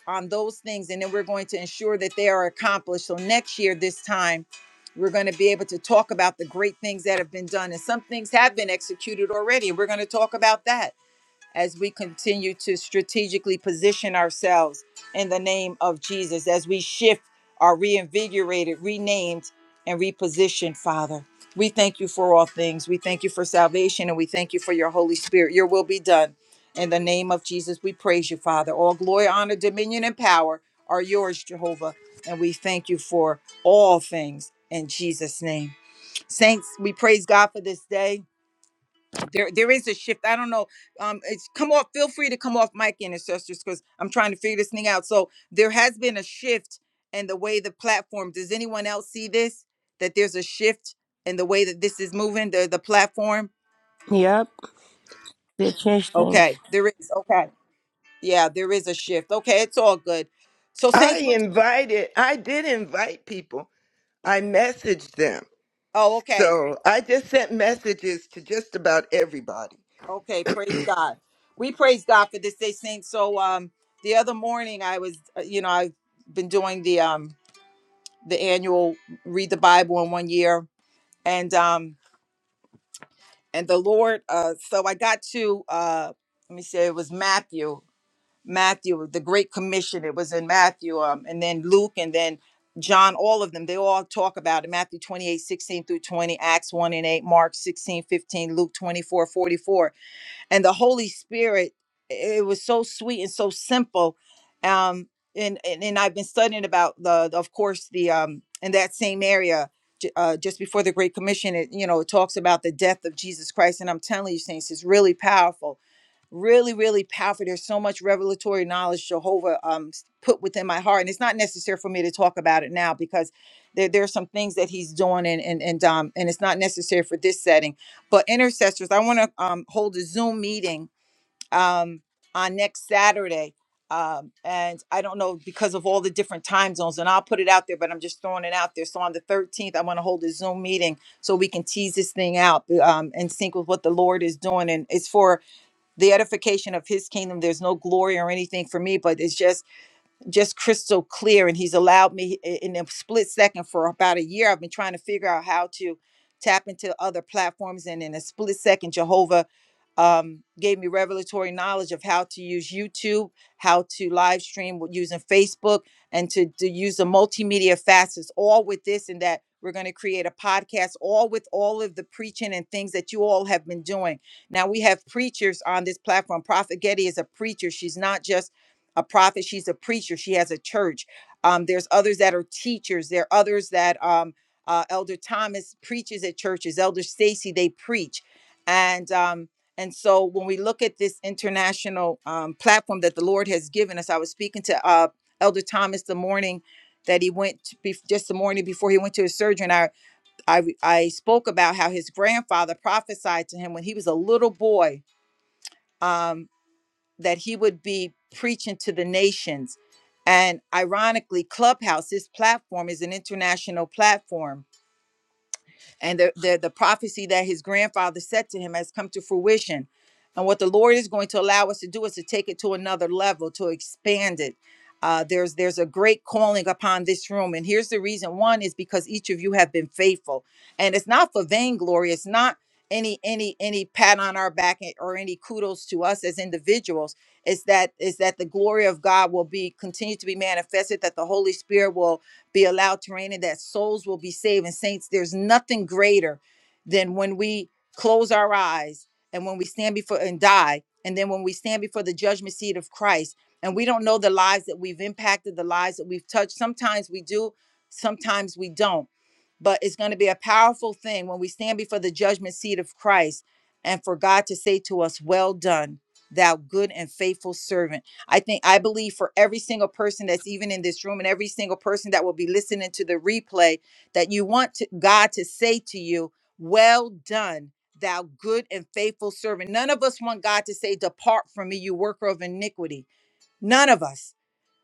on those things. And then we're going to ensure that they are accomplished. So next year, this time, we're going to be able to talk about the great things that have been done. And some things have been executed already. And we're going to talk about that as we continue to strategically position ourselves in the name of Jesus, as we shift, are reinvigorated, renamed, and repositioned, Father. We thank you for all things. We thank you for salvation and we thank you for your Holy Spirit. Your will be done. In the name of Jesus, we praise you, Father. All glory, honor, dominion, and power are yours, Jehovah. And we thank you for all things in Jesus' name. Saints, we praise God for this day. There, there is a shift. I don't know. Um, it's come off. Feel free to come off mic, ancestors, because I'm trying to figure this thing out. So there has been a shift in the way the platform. Does anyone else see this? That there's a shift in the way that this is moving. The the platform. Yep, they changed things. Okay, there is. Okay, yeah, there is a shift. Okay, it's all good. So I saints, we invited, I did invite people. I messaged them. oh, okay, So I just sent messages to just about everybody. okay, praise God. We praise God for this day, saints. So um, the other morning I was, uh, you know, I've been doing the um the annual read the Bible in one year, and um and the Lord. Uh, so I got to uh, let me say it was Matthew, Matthew, the Great Commission. It was in Matthew, um, and then Luke, and then John. All of them, they all talk about it. Matthew 28 16 through 20, Acts 1 and 8, Mark 16 15, Luke 24 44 and the Holy Spirit. It was so sweet and so simple. Um, and, and and I've been studying about the, the- of course, the um, in that same area. j- Uh, just before the Great Commission, it you know it talks about the death of Jesus Christ, and I'm telling you, saints, it's really powerful really really powerful there's so much revelatory knowledge jehovah um put within my heart and it's not necessary for me to talk about it now because there, there are some things that he's doing and and and um and it's not necessary for this setting but intercessors i want to um hold a zoom meeting um on next saturday um and i don't know because of all the different time zones and i'll put it out there but i'm just throwing it out there so on the 13th i want to hold a zoom meeting so we can tease this thing out um and sync with what the lord is doing and it's for the edification of his kingdom. There's no glory or anything for me, but it's just just crystal clear and he's allowed me i- in a split second for about a year i've been trying to figure out how to tap into other platforms and in a split second jehovah um, gave me revelatory knowledge of how to use youtube how to live stream with using facebook and to, to use the multimedia facets all with this and that we're going to create a podcast all with all of the preaching and things that you all have been doing now we have preachers on this platform prophet getty is a preacher she's not just a prophet she's a preacher she has a church um, there's others that are teachers there are others that um, uh, elder thomas preaches at churches elder stacy they preach and um, and so when we look at this international um, platform that the lord has given us i was speaking to uh, elder thomas the morning that he went to bef- just the morning before he went to his surgery and I, I i spoke about how his grandfather prophesied to him when he was a little boy Um, that he would be preaching to the nations. And ironically, Clubhouse, this platform is an international platform and the, the the prophecy that his grandfather said to him has come to fruition and what the lord is going to allow us to do is to take it to another level to expand it uh, there's there's a great calling upon this room and here's the reason one is because each of you have been faithful and it's not for vainglory it's not any any any pat on our back or any kudos to us as individuals is that is that the glory of god will be continue to be manifested that the holy spirit will be allowed to reign and that souls will be saved. And saints, there's nothing greater than when we close our eyes and when we stand before and die, and then when we stand before the judgment seat of Christ, and we don't know the lives that we've impacted, the lives that we've touched. Sometimes we do, sometimes we don't. But it's going to be a powerful thing when we stand before the judgment seat of Christ and for God to say to us, Well done, thou good and faithful servant. I think I believe for every single person that's even in this room and every single person that will be listening to the replay that you want to, God to say to you, "Well done, thou good and faithful servant." None of us want God to say, "Depart from me, you worker of iniquity." None of us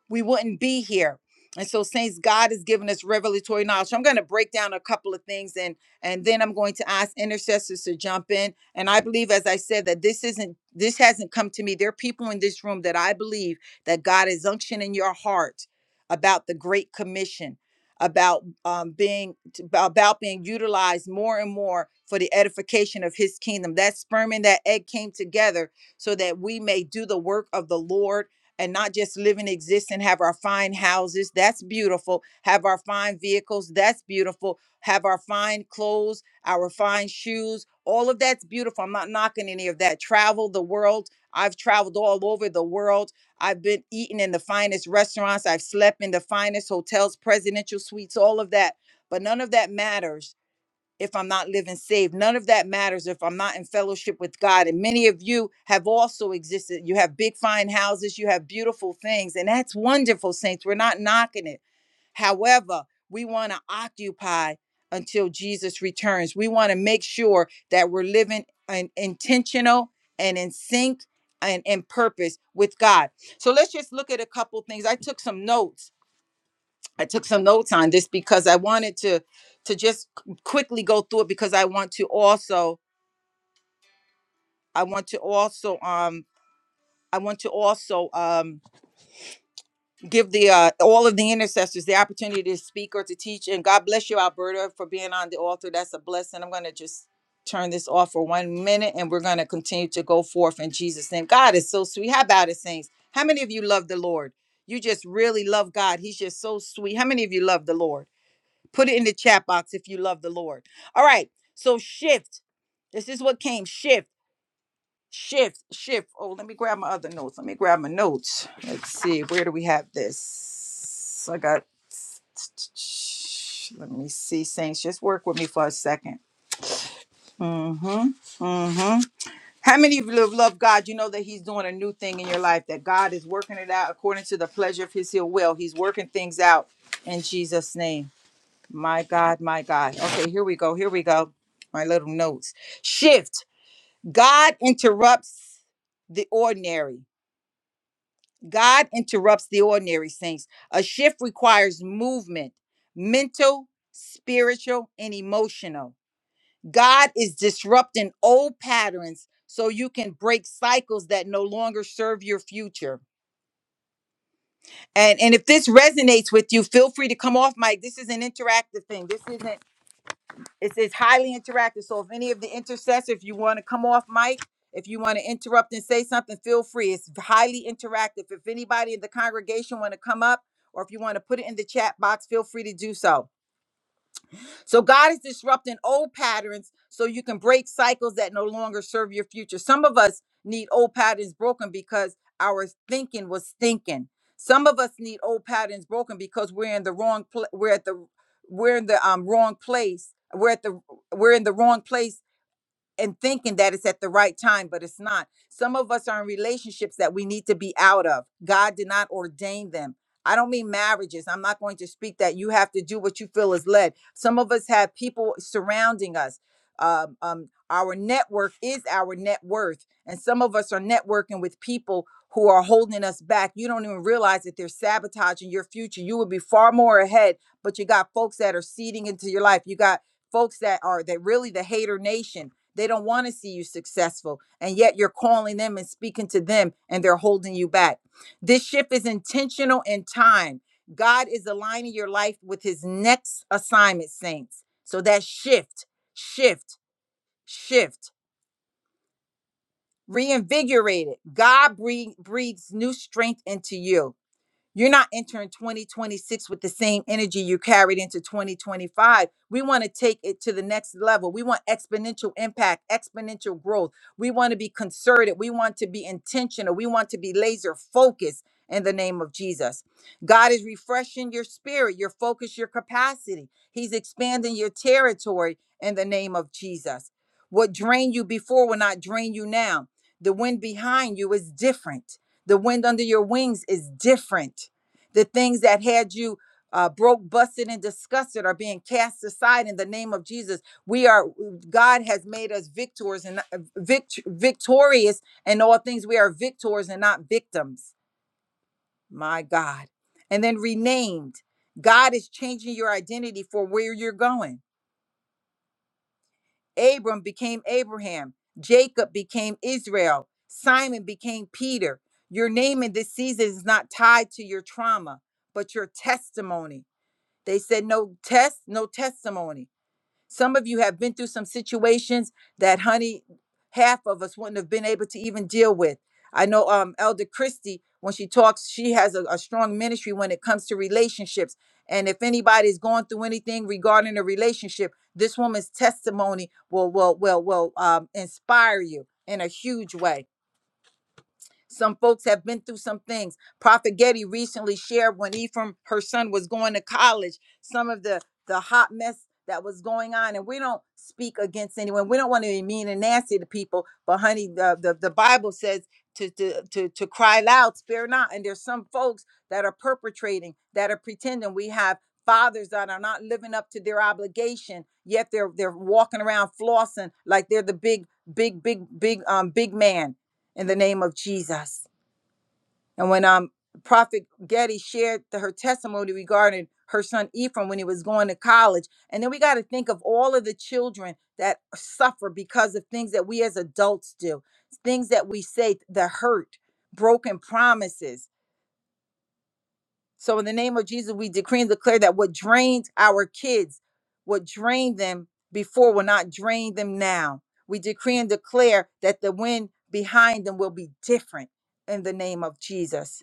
we wouldn't be here. And so, saints, God has given us revelatory knowledge. So I'm going to break down a couple of things, and and then I'm going to ask intercessors to jump in. And I believe, as I said, that this isn't this hasn't come to me. There are people in this room that I believe that God is unctioning in your heart about the Great Commission, about um, being about being utilized more and more for the edification of His kingdom. That sperm and that egg came together so that we may do the work of the Lord and not just live and exist and have our fine houses. That's beautiful. Have our fine vehicles. That's beautiful. Have our fine clothes, our fine shoes. All of that's beautiful. I'm not knocking any of that. Travel the world. I've traveled all over the world. I've been eating in the finest restaurants. I've slept in the finest hotels, presidential suites, all of that. But none of that matters if I'm not living saved. None of that matters if I'm not in fellowship with God. And many of you have also existed. You have big, fine houses, you have beautiful things, and that's wonderful, saints. We're not knocking it. However, we want to occupy until Jesus returns. We want to make sure that we're living an intentional and in sync and in purpose with God. So let's just look at a couple things. I took some notes I took some notes on this because I wanted to to just qu- quickly go through it because I want to also I want to also um I want to also um give the uh, all of the intercessors the opportunity to speak or to teach and God bless you Alberta for being on the altar that's a blessing I'm going to just turn this off for 1 minute and we're going to continue to go forth in Jesus name God is so sweet how about it saints how many of you love the Lord you just really love God he's just so sweet how many of you love the Lord Put it in the chat box if you love the Lord. All right. So shift. This is what came. Shift, shift, shift. Oh, let me grab my other notes. Let me grab my notes. Let's see. Where do we have this? I got. Let me see, Saints. Just work with me for a second. Mm-hmm. Mm-hmm. How many of you have loved God? You know that He's doing a new thing in your life, that God is working it out according to the pleasure of His will. He's working things out in Jesus' name. My God, my God. Okay, here we go. Here we go. My little notes. Shift. God interrupts the ordinary. God interrupts the ordinary saints. A shift requires movement, mental, spiritual, and emotional. God is disrupting old patterns so you can break cycles that no longer serve your future. And and if this resonates with you, feel free to come off mic. This is an interactive thing. This isn't It's, it's highly interactive. So if any of the intercessors, if you want to come off mic, if you want to interrupt and say something, feel free. It's highly interactive. If anybody in the congregation want to come up, or if you want to put it in the chat box, feel free to do so. So God is disrupting old patterns so you can break cycles that no longer serve your future. Some of us need old patterns broken because our thinking was thinking. Some of us need old patterns broken because we're in the wrong pl- we're at the we're in the um wrong place. We're at the we're in the wrong place and thinking that it's at the right time, but it's not. Some of us are in relationships that we need to be out of. God did not ordain them. I don't mean marriages. I'm not going to speak that you have to do what you feel is led. Some of us have people surrounding us. Um, um, our network is our net worth. And some of us are networking with people who are holding us back. You don't even realize that they're sabotaging your future. You would be far more ahead, but you got folks that are seeding into your life. You got folks that are that really the hater nation they don't want to see you successful. And yet you're calling them and speaking to them, and they're holding you back. This shift is intentional in time. God is aligning your life with his next assignment, saints. So that shift, shift, shift, reinvigorated. God breathe, breathes new strength into you. You're not entering 2026 with the same energy you carried into 2025. We want to take it to the next level. We want exponential impact, exponential growth. We want to be concerted. We want to be intentional. We want to be laser focused in the name of Jesus. God is refreshing your spirit, your focus, your capacity. He's expanding your territory in the name of Jesus. What drained you before will not drain you now. The wind behind you is different. The wind under your wings is different. The things that had you uh, broke, busted, and disgusted are being cast aside in the name of Jesus. We are God has made us victors and uh, vict- victorious in all things. We are victors and not victims. My God. And then renamed. God is changing your identity for where you're going. Abram became Abraham. Jacob became Israel. Simon became Peter. Your name in this season is not tied to your trauma, but your testimony. They said no test, no testimony. Some of you have been through some situations that, honey, half of us wouldn't have been able to even deal with. I know um, Elder Christie, when she talks, she has a, a strong ministry when it comes to relationships. And if anybody's going through anything regarding a relationship, this woman's testimony will will will will um, inspire you in a huge way. Some folks have been through some things. Prophet Getty recently shared when Ephraim, her son, was going to college, some of the the hot mess that was going on. And we don't speak against anyone. We don't want to be mean and nasty to people. But honey, the the, the Bible says to, to to to cry loud, spare not. And there's some folks that are perpetrating, that are pretending. We have fathers that are not living up to their obligation, yet they're they're walking around flossing like they're the big, big, big, big, um, big man in the name of Jesus. And when um Prophet Getty shared the, her testimony regarding her son Ephraim when he was going to college, and then we got to think of all of the children that suffer because of things that we as adults do, things that we say, the hurt, broken promises. So in the name of Jesus, we decree and declare that what drained our kids, what drained them before will not drain them now. We decree and declare that the wind behind them will be different in the name of Jesus.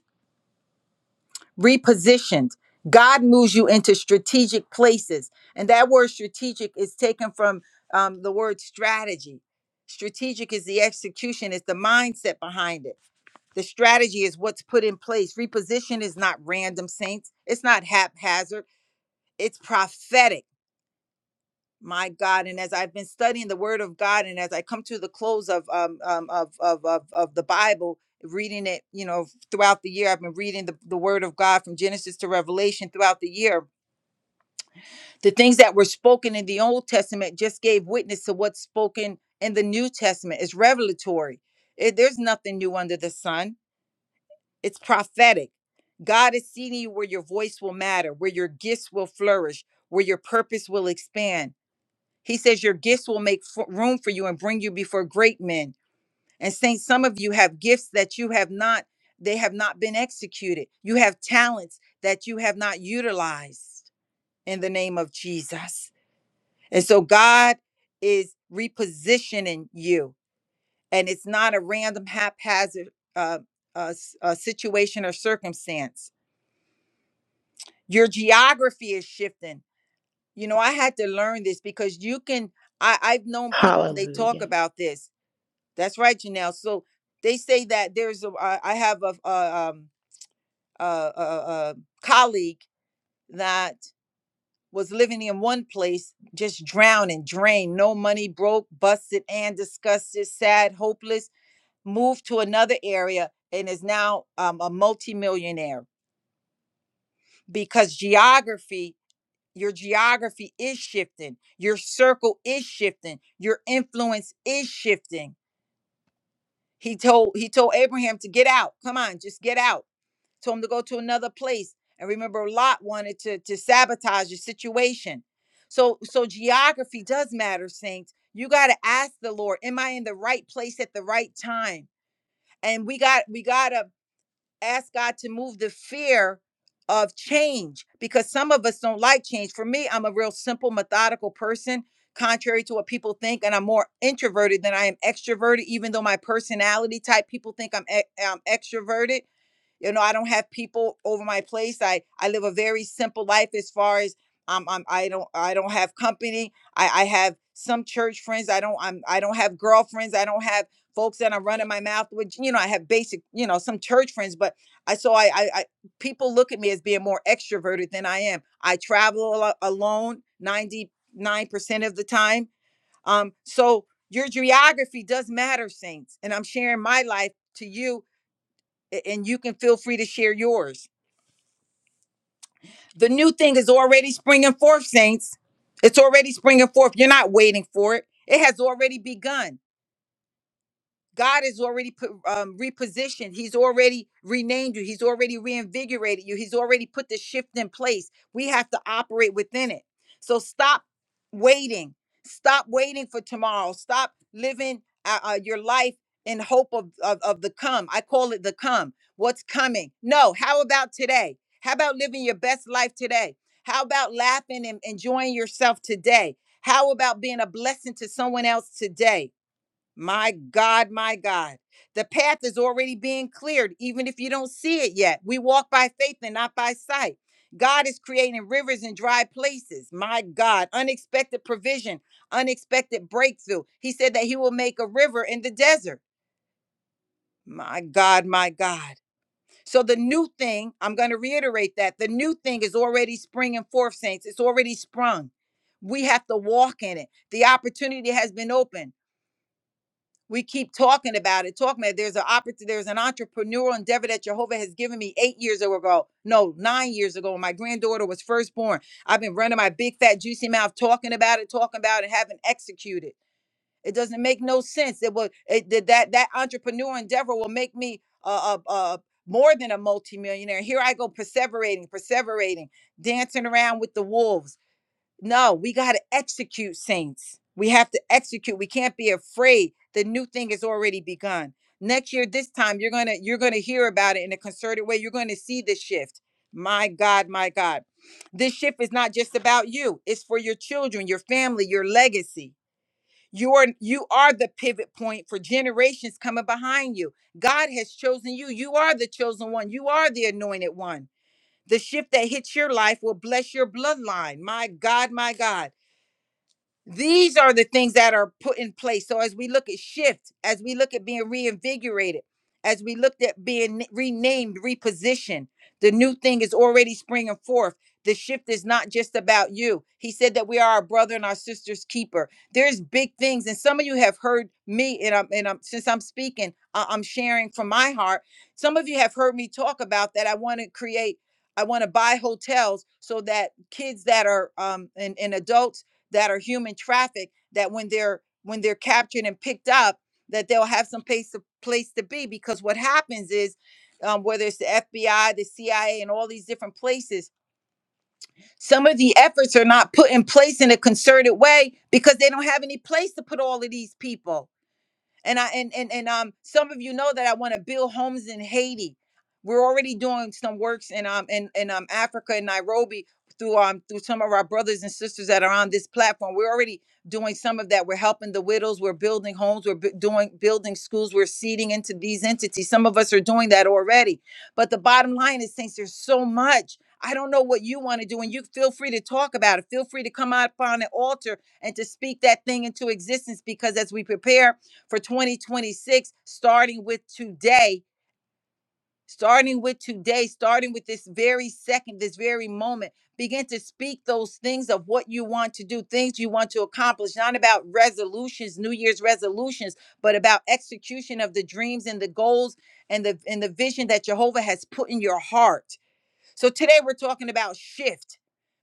Repositioned. God moves you into strategic places. And that word strategic is taken from um, the word strategy. Strategic is the execution, it's the mindset behind it. The strategy is what's put in place. Reposition is not random, saints. It's not haphazard. It's prophetic, my God. And as I've been studying the Word of God, and as I come to the close of um, um of, of of of the Bible, reading it, you know, throughout the year, I've been reading the, the Word of God from Genesis to Revelation throughout the year. The things that were spoken in the Old Testament just gave witness to what's spoken in the New Testament. It's revelatory. It, there's nothing new under the sun It's prophetic. God is seeing you where your voice will matter, where your gifts will flourish, where your purpose will expand. He says your gifts will make fo- room for you and bring you before great men. And saints, some of you have gifts that you have not they have not been executed. You have talents that you have not utilized in the name of Jesus. And so God is repositioning you and it's not a random haphazard uh, uh, s- uh, situation or circumstance your geography is shifting you know i had to learn this because you can i i've known people and they talk Hallelujah. about this that's right janelle so they say that there's a i I have a, a um a, a, a colleague that was living in one place just drowning drained no money broke busted and disgusted sad hopeless moved to another area and is now um, a multimillionaire because geography Your geography is shifting. Your circle is shifting. Your influence is shifting. He told he told Abraham to get out. Come on, just get out. Told him to go to another place. And remember, Lot wanted to to sabotage the situation. So so geography does matter, saints. You got to ask the Lord, am I in the right place at the right time? And we got we got to ask God to move the fear of change because some of us don't like change. For me, I'm a real simple, methodical person, contrary to what people think, and I'm more introverted than I am extroverted, even though my personality type people think I'm, e- I'm extroverted you know i don't have people over my place i i live a very simple life as far as um, I'm, i don't i don't have company i i have some church friends i don't i'm i don't have girlfriends i don't have folks that i'm running my mouth with you know i have basic you know some church friends but i so i i, I people look at me as being more extroverted than i am i travel a lot alone 99% of the time um so your geography does matter saints and i'm sharing my life to you a- and you can feel free to share yours. The new thing is already springing forth, saints. It's already springing forth. You're not waiting for it. It has already begun. God has already put, um, repositioned. He's already renamed you. He's already reinvigorated you. He's already put the shift in place. We have to operate within it. So stop waiting. Stop waiting for tomorrow. Stop living uh, uh, your life in hope of, of, of the come. I call it the come. What's coming? No. How about today? How about living your best life today? How about laughing and enjoying yourself today? How about being a blessing to someone else today? My God, my God. The path is already being cleared, even if you don't see it yet. We walk by faith and not by sight. God is creating rivers in dry places. My God, unexpected provision, unexpected breakthrough. He said that He will make a river in the desert. My God, my God. So the new thing, I'm going to reiterate that the new thing is already springing forth, saints. It's already sprung. We have to walk in it. The opportunity has been opened we keep talking about it talking about it. there's an opportunity there's an entrepreneurial endeavor that jehovah has given me eight years ago no nine years ago when my granddaughter was first born i've been running my big fat juicy mouth talking about it talking about it haven't executed it doesn't make no sense it will it, that that that entrepreneurial endeavor will make me uh, uh, uh more than a multimillionaire here i go perseverating perseverating dancing around with the wolves no, we got to execute, saints. We have to execute. We can't be afraid. The new thing has already begun. Next year, this time, you're gonna you're gonna hear about it in a concerted way. You're gonna see the shift. My God, my God. This shift is not just about you, it's for your children, your family, your legacy. You are you are the pivot point for generations coming behind you. God has chosen you. You are the chosen one. You are the anointed one. The shift that hits your life will bless your bloodline. My God, my God. These are the things that are put in place. So as we look at shift, as we look at being reinvigorated, as we looked at being n- renamed, repositioned, the new thing is already springing forth. The shift is not just about you. He said that we are our brother and our sister's keeper. There's big things, and some of you have heard me, and I'm and I'm since I'm speaking, I- I'm sharing from my heart. Some of you have heard me talk about that. I want to create, I want to buy hotels so that kids that are um and, and adults that are human trafficked that when they're when they're captured and picked up that they'll have some place to place to be because what happens is um, whether it's the FBI, the CIA, and all these different places, some of the efforts are not put in place in a concerted way because they don't have any place to put all of these people and I and and and um some of you know that I want to build homes in Haiti. We're already doing some works in um in, in um Africa and Nairobi through um through some of our brothers and sisters that are on this platform. We're already doing some of that. We're helping the widows. We're building homes. We're bu- doing building schools. We're seeding into these entities. Some of us are doing that already. But the bottom line is, saints, there's so much. I don't know what you want to do, and you feel free to talk about it. Feel free to come out upon an altar and to speak that thing into existence because as we prepare for 2026, starting with today, starting with today, starting with this very second, this very moment. Begin to speak those things of what you want to do, things you want to accomplish, not about resolutions, New Year's resolutions, but about execution of the dreams and the goals and the and the vision that Jehovah has put in your heart. So today we're talking about shift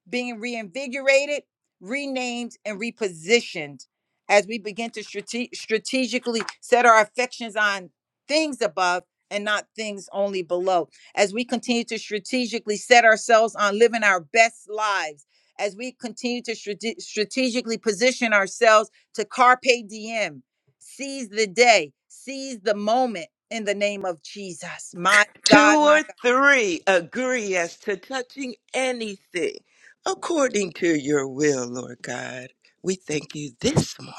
being reinvigorated, renamed, and repositioned as we begin to strate- strategically set our affections on things above and not things only below. As we continue to strategically set ourselves on living our best lives, as we continue to strate- strategically position ourselves to carpe diem, seize the day, seize the moment in the name of Jesus. My Two God, my or God. three agree as to touching anything according to your will, Lord God. We thank you this morning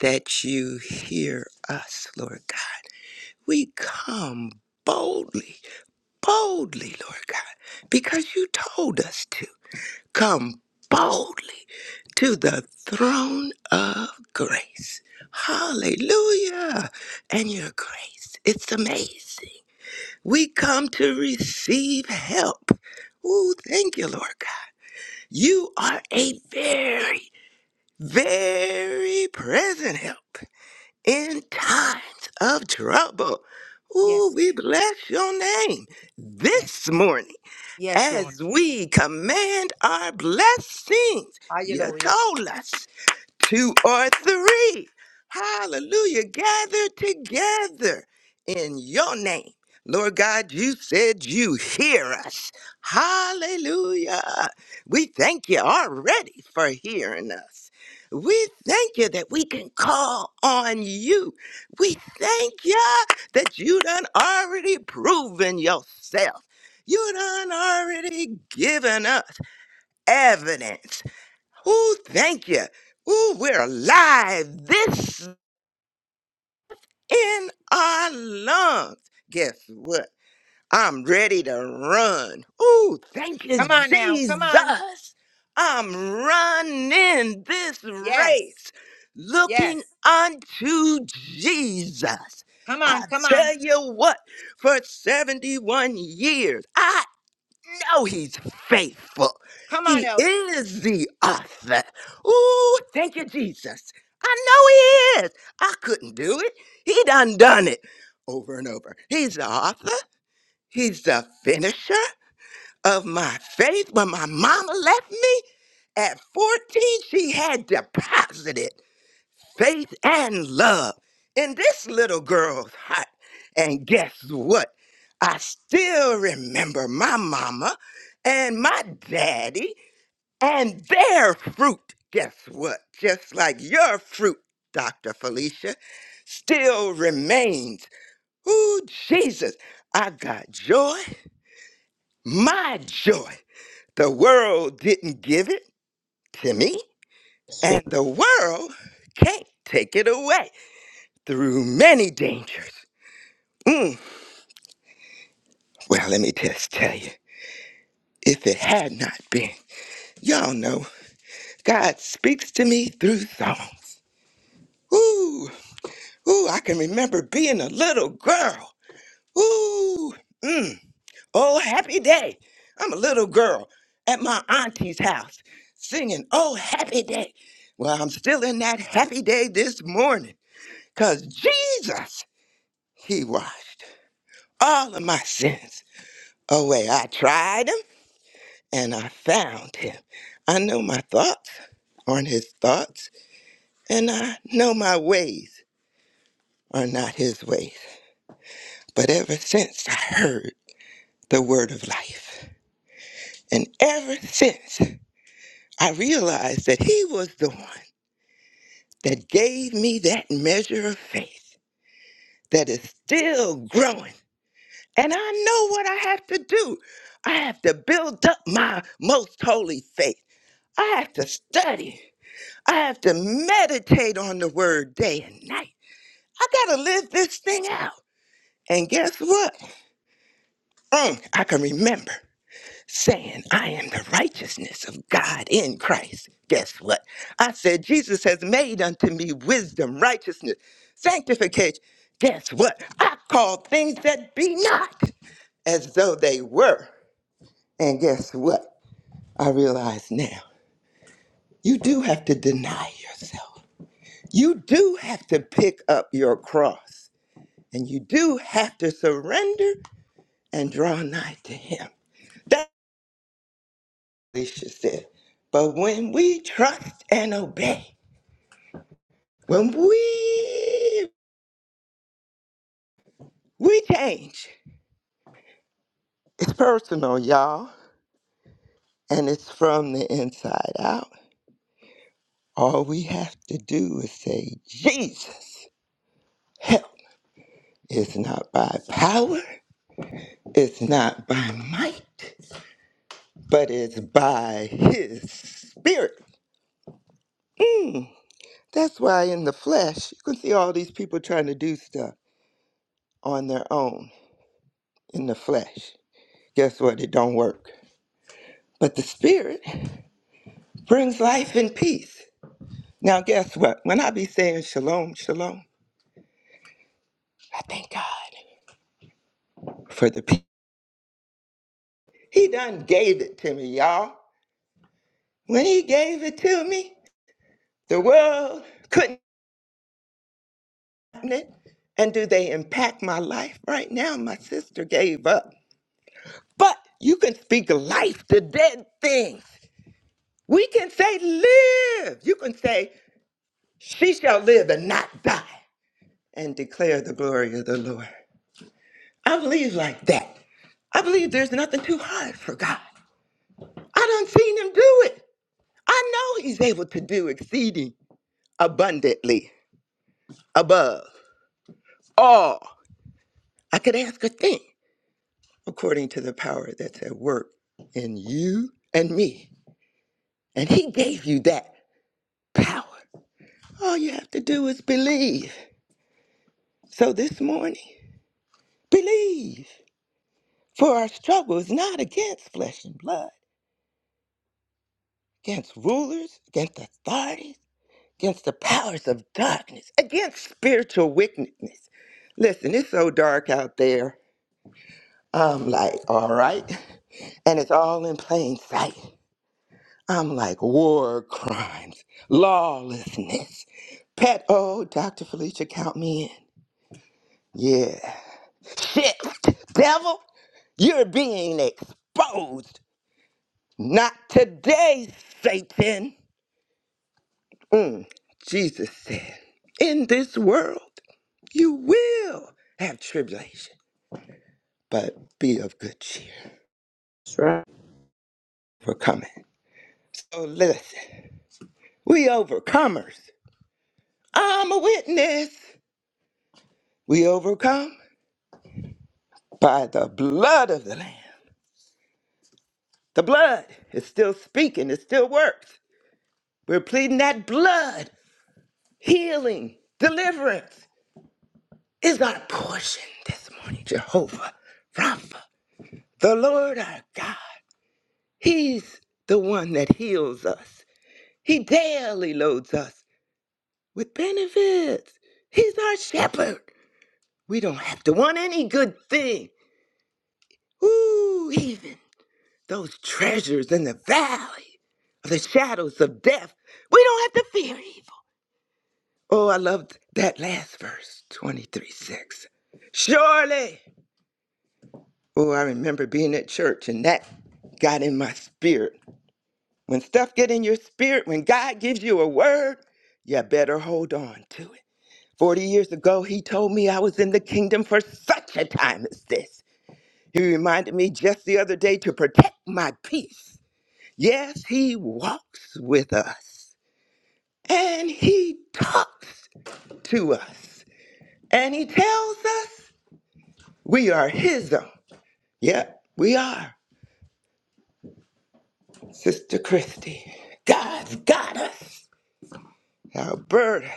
that you hear us, Lord God. We come boldly, boldly, Lord God, because you told us to. come boldly to the throne of grace. Hallelujah. And your grace, it's amazing. We come to receive help. Ooh, thank you, Lord God. You are a very, very present help in times of trouble. Ooh, Yes, we bless your name yes, this morning yes, Lord. as we command our blessings. You Hallelujah. told us two or three. Hallelujah. Gather together in your name. Lord God, you said you hear us. Hallelujah. We thank you already for hearing us. We thank you that we can call on you. We thank you that you done already proven yourself. You done already given us evidence Ooh, thank you. Ooh, we're alive. This in our lungs. Guess what? I'm ready to run. Ooh, thank you, Come on now. Come on. Jesus. I'm running this Yes. race, looking Yes. unto Jesus. Come I on. Come on. tell you what, for 71 years, know he's faithful. Come on, He Elder. is the author. Ooh, thank you, Jesus. I know he is. I couldn't do it. He done done it over and over. He's the author. He's the finisher of my faith. When my mama left me at 14, she had deposited faith and love in this little girl's heart. And guess what? I still remember my mama and my daddy and their fruit. Guess what? Just like your fruit, Dr. Felicia, still remains. Ooh, Jesus, I got joy, my joy. The world didn't give it to me, So and the world can't take it away. through many dangers. Mm. Well, let me just tell you, if it had not been, y'all know, God speaks to me through song. Ooh, ooh, I can remember being a little girl. Ooh, mm. oh, happy day. I'm a little girl at my auntie's house singing, oh, happy day. Well, I'm still in that happy day this morning because Jesus, He washed all of my sins away. I tried 'em. and I found him. I know my thoughts aren't his thoughts, and I know my ways are not his ways. But ever since I heard the word of life, and ever since I realized that he was the one that gave me that measure of faith that is still growing, and I know what I have to do. I have to build up my most holy faith. I have to study. I have to meditate on the word day and night. I gotta live this thing out. And guess what? Mm, I can remember saying, I am the righteousness of God in Christ. Guess what? I said, Jesus has made unto me wisdom, righteousness, sanctification. Guess what? I call things that be not as though they were. And guess what? I realize now you do have to deny yourself. You do have to pick up your cross. And you do have to surrender and draw nigh to him. That's what Alicia said. But when we trust and obey, when we we change, it's personal, y'all, and it's from the inside out. All we have to do is say, Jesus, help. It's not by power, it's not by might, but it's by his spirit. That's why in the flesh, you can see all these people trying to do stuff on their own in the flesh. Guess what? It don't work. But the spirit brings life and peace. Now, guess what? When I be saying shalom, shalom, I thank God for the peace. He done gave it to me, y'all. When he gave it to me, the world couldn't have it. And do they impact my life right now? My sister gave up. But you can speak life to dead things. We can say live. You can say she shall live and not die. and declare the glory of the Lord. I believe like that. I believe there's nothing too hard for God. I done seen him do it. I know he's able to do exceeding abundantly above all I could ask or think according to the power that's at work in you and me. And he gave you that power. All you have to do is believe. So this morning, believe. For our struggle is not against flesh and blood. against rulers, against authorities, against the powers of darkness, against spiritual wickedness. Listen, it's so dark out there. I'm like, all right. And it's all in plain sight. I'm like, war crimes, lawlessness. Pet, oh, Dr. Felicia, count me in. Yeah. shit, devil, you're being exposed. Not today, Satan. Mm, Jesus said, In this world you will have tribulation, but be of good cheer. that's right. for coming. So listen, we overcomers. I'm a witness. We overcome by the blood of the Lamb. The blood is still speaking, it still works. We're pleading that blood, healing, deliverance is our portion this morning. Jehovah Rapha, the Lord our God. He's the one that heals us. He daily loads us with benefits. He's our shepherd. We don't have to want any good thing. Ooh, even those treasures in the valley of the shadows of death. We don't have to fear evil. Oh, I loved that last verse, 23 6. Surely. Oh, I remember being at church and that got in my spirit. When stuff get in your spirit, when God gives you a word, you better hold on to it. 40 years ago, he told me I was in the kingdom for such a time as this. He reminded me just the other day to protect my peace. Yes, he walks with us and he talks to us and he tells us we are his own. Yep, we are. Sister Christy, God's got us. Alberta.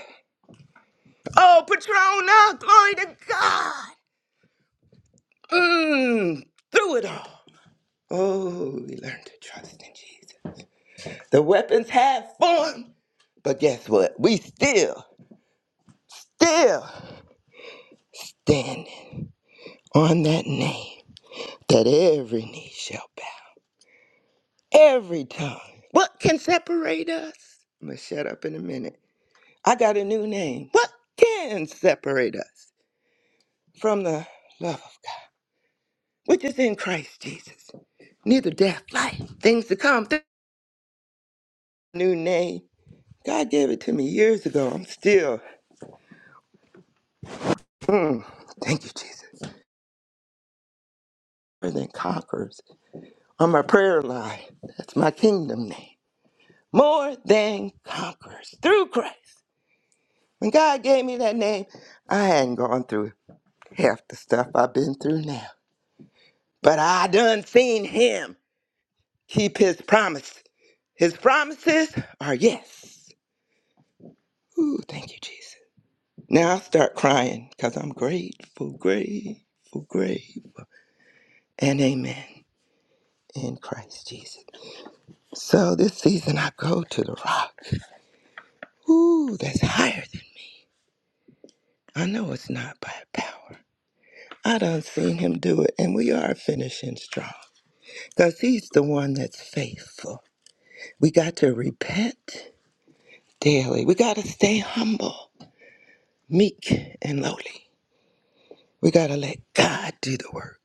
Oh, Patrona, glory to God. Mm, through it all. Oh, we learned to trust in Jesus. The weapons have formed, but guess what? We still, still standing on that name that every knee shall bow, every tongue. What can separate us? I'm going to shut up in a minute. I got a new name. What can separate us from the love of God, which is in Christ Jesus? Neither death, life, things to come. new name. God gave it to me years ago. I'm still, mm, thank you, Jesus. More than conquerors on my prayer line. That's my kingdom name. More than conquerors through Christ. When God gave me that name, I hadn't gone through half the stuff I've been through now. But I done seen Him keep His promise. His promises are yes. Ooh, thank you, Jesus. Now I start crying because I'm grateful, grateful, grateful. and amen in Christ Jesus. So this season I go to the rock. Ooh, that's higher than me. I know it's not by power. I done seen him do it, and we are finishing strong. Because he's the one that's faithful. We got to repent daily. We got to stay humble, meek, and lowly. We got to let God do the work.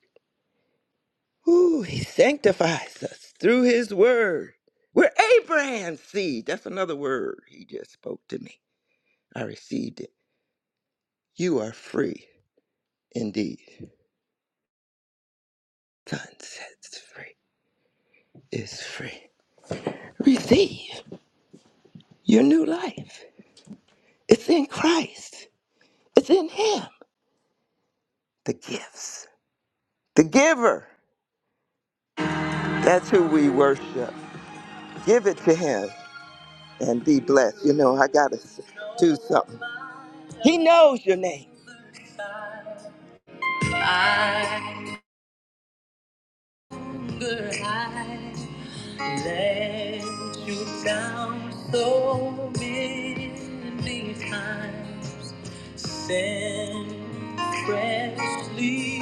Ooh, he sanctifies us through his word. We're Abraham's seed. That's another word he just spoke to me. I received it. You are free indeed. Son sets free is free. Receive your new life. It's in Christ, it's in Him. The gifts, the giver. That's who we worship. Give it to Him and be blessed. You know, I got to do something. He knows your name. I I let you down so many times. Sin freshly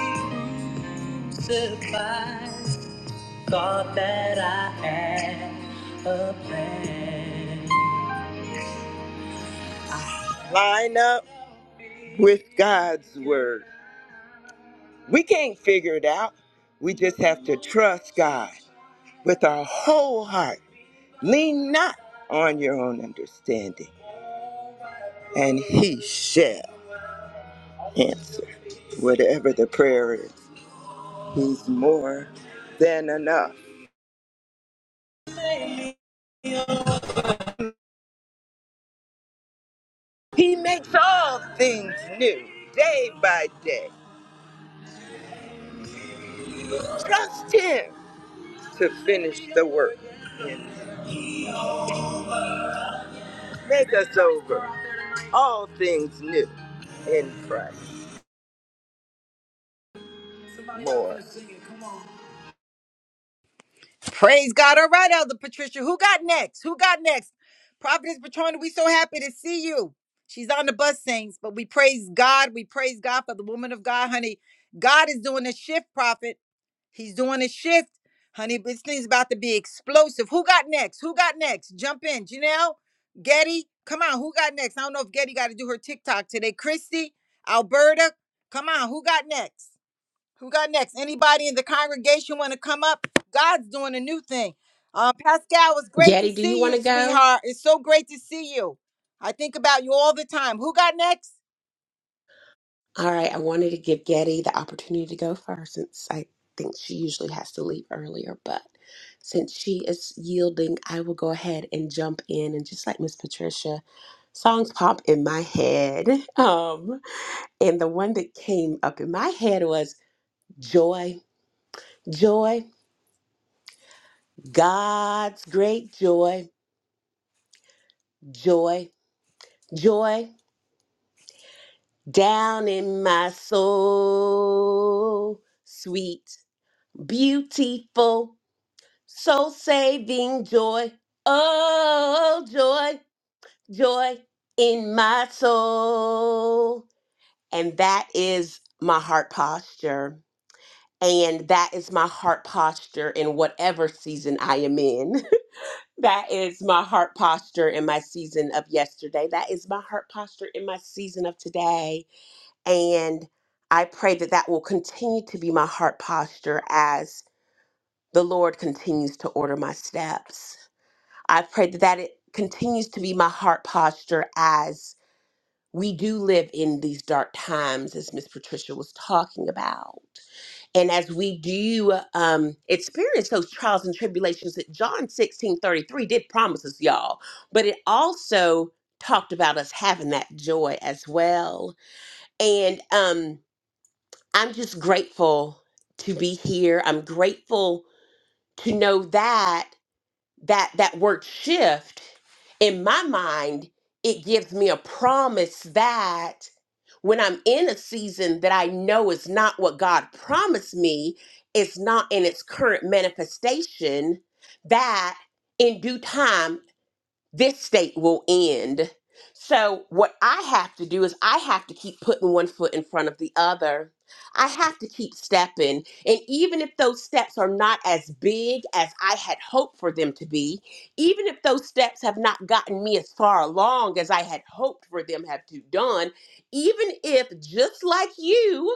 surprised. Thought that I had a plan. Line up with God's word. We can't figure it out. We just have to trust God with our whole heart Lean not on your own understanding, and he shall answer. Whatever the prayer is, he's more than enough. He makes all things new day by day. Trust him to finish the work and make us over all things new in Christ. More. Praise God. All right, Elder Patricia. Who got next? Who got next? Prophetess Patrona, we so happy to see you. She's on the bus, saints, but we praise God. We praise God for the woman of God, honey. God is doing a shift, prophet. He's doing a shift. Honey, this thing's about to be explosive. Who got next? Who got next? Jump in. Janelle, Getty, come on. Who got next? I don't know if Getty got to do her TikTok today. Christy, Alberta, come on. Who got next? Who got next? Anybody in the congregation want to come up? God's doing a new thing. Uh, Pascal, it's great to Getty, do you see want you, to go? sweetheart. It's so great to see you. I think about you all the time. Who got next? All right, I wanted to give Getty the opportunity to go first since I think she usually has to leave earlier, but since she is yielding, I will go ahead and jump in and just like Miss Patricia, songs pop in my head. Um, and the one that came up in my head was joy, joy, God's great joy, joy, joy. Down in my soul, sweet, beautiful, soul saving joy. Oh, joy, joy in my soul. And that is my heart posture. And that is my heart posture in whatever season I am in. that is my heart posture in my season of yesterday. That is my heart posture in my season of today. And I pray that that will continue to be my heart posture as the Lord continues to order my steps. I pray that that it continues to be my heart posture as we do live in these dark times, as Miss Patricia was talking about. And as we do um, experience those trials and tribulations that John 16 33 did promise us, y'all, but it also talked about us having that joy as well. And um, I'm just grateful to be here. I'm grateful to know that that that word shift in my mind it gives me a promise that when I'm in a season that I know is not what God promised me, it's not in its current manifestation that in due time this state will end. So, what I have to do is I have to keep putting one foot in front of the other. I have to keep stepping. And even if those steps are not as big as I had hoped for them to be, even if those steps have not gotten me as far along as I had hoped for them have to done, even if just like you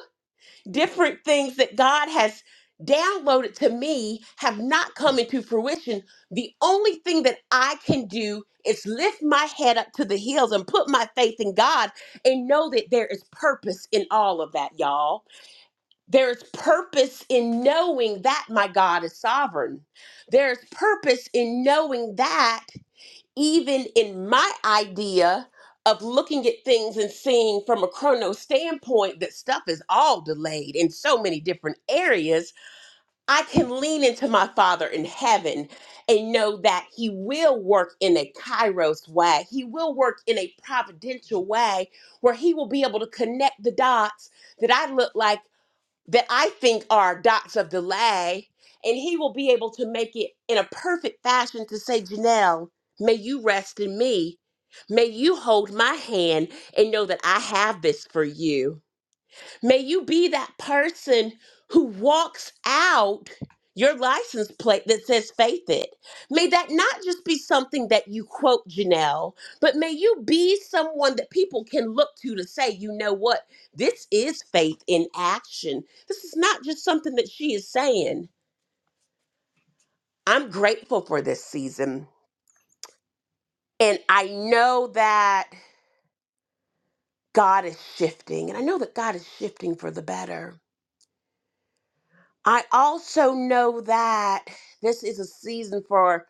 different things that God has downloaded to me have not come into fruition, the only thing that I can do is lift my head up to the hills and put my faith in God and know that there is purpose in all of that, y'all. There is purpose in knowing that my God is sovereign. There's purpose in knowing that even in my idea of looking at things and seeing from a chrono standpoint that stuff is all delayed in so many different areas, I can lean into my Father in heaven and know that He will work in a kairos way. He will work in a providential way where He will be able to connect the dots that I look like that I think are dots of delay, and he will be able to make it in a perfect fashion to say, Janelle, may you rest in me. May you hold my hand and know that I have this for you May you be that person who walks out your license plate that says faith it. May that not just be something that you quote Janelle, but may you be someone that people can look to to say, you know what? This is faith in action. This is not just something that she is saying. I'm grateful for this season. And I know that God is shifting, and I know that God is shifting for the better. I also know that this is a season for,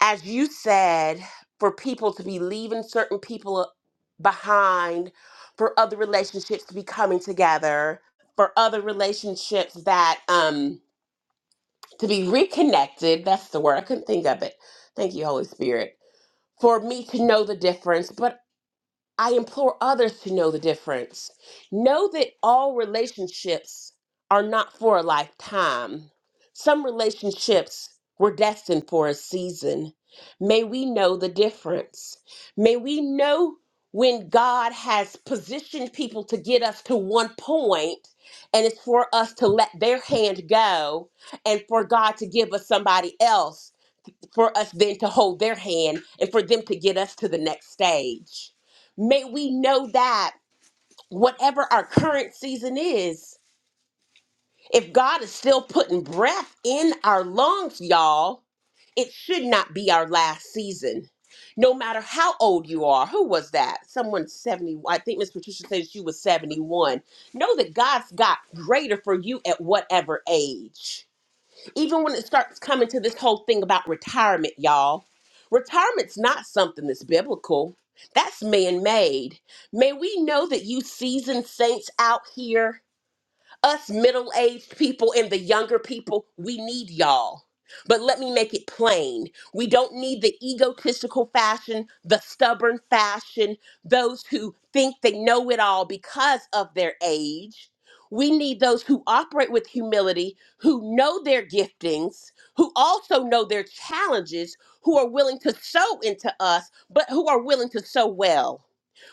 as you said, for people to be leaving certain people behind, for other relationships to be coming together, for other relationships that um to be reconnected. That's the word. I couldn't think of it. Thank you, Holy Spirit. For me to know the difference, but I implore others to know the difference. Know that all relationships are not for a lifetime. Some relationships were destined for a season. May we know the difference. May we know when God has positioned people to get us to one point and it's for us to let their hand go and for God to give us somebody else for us then to hold their hand and for them to get us to the next stage. May we know that whatever our current season is, if God is still putting breath in our lungs, y'all, it should not be our last season. No matter how old you are, who was that? Someone 70. I think Miss Patricia said she was 71. Know that God's got greater for you at whatever age even when it starts coming to this whole thing about retirement, y'all, retirement's not something that's biblical. That's man made. May we know that you seasoned saints out here us middle aged people and the younger people, we need y'all. But let me make it plain. We don't need the egotistical fashion, the stubborn fashion, those who think they know it all because of their age. We need those who operate with humility, who know their giftings, who also know their challenges, who are willing to sow into us, but who are willing to sow well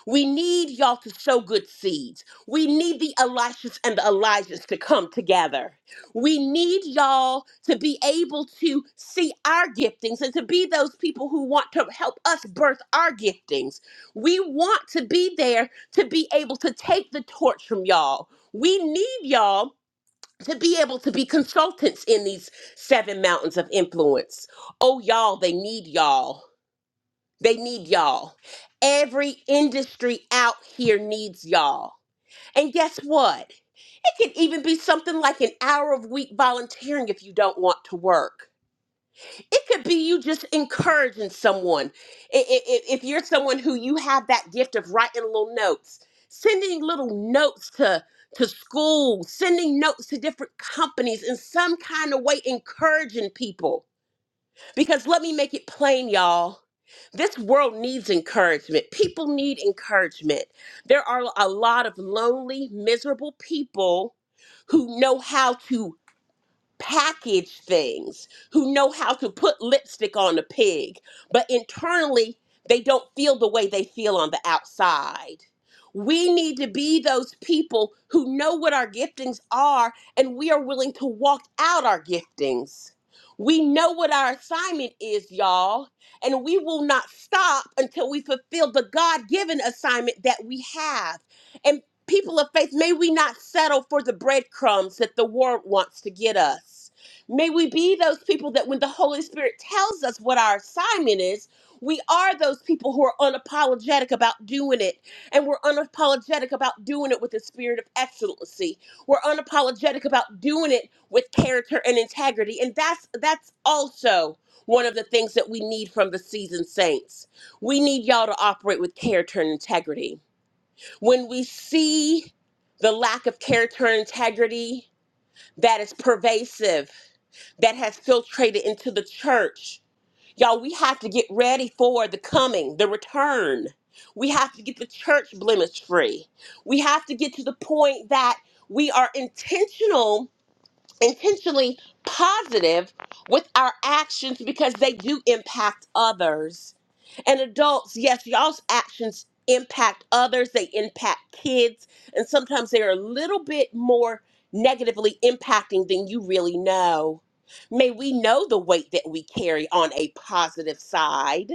we need y'all to sow good seeds. We need the Elishas and the Elijahs to come together. We need y'all to be able to see our giftings and to be those people who want to help us birth our giftings. We want to be there to be able to take the torch from y'all. We need y'all to be able to be consultants in these seven mountains of influence. Oh, y'all, they need y'all. They need y'all. Every industry out here needs y'all. And guess what? It could even be something like an hour of week volunteering if you don't want to work. It could be you just encouraging someone. I- i- i- If you're someone who you have that gift of writing little notes, sending little notes to to school, sending notes to different companies in some kind of way encouraging people. Because let me make it plain, y'all. This world needs encouragement. People need encouragement. There are a lot of lonely, miserable people who know how to package things, who know how to put lipstick on a pig, but internally they don't feel the way they feel on the outside. We need to be those people who know what our giftings are and we are willing to walk out our giftings. We know what our assignment is, y'all, and we will not stop until we fulfill the God given assignment that we have people of faith, may we not settle for the breadcrumbs that the world wants to get us. May we be those people that when the Holy Spirit tells us what our assignment is, we are those people who are unapologetic about doing it. And we're unapologetic about doing it with a spirit of excellency. We're unapologetic about doing it with character and integrity. And that's that's also one of the things that we need from the seasoned saints. We need y'all to operate with character and integrity. When we see the lack of character and integrity that is pervasive, that has filtrated into the church, y'all, we have to get ready for the coming, the return. We have to get the church blemish free. We have to get to the point that we are intentional, intentionally positive with our actions because they do impact others and adults, yes, y'all's actions impact others, they impact kids, and sometimes they're a little bit more negatively impacting than you really know. May we know the weight that we carry on a positive side.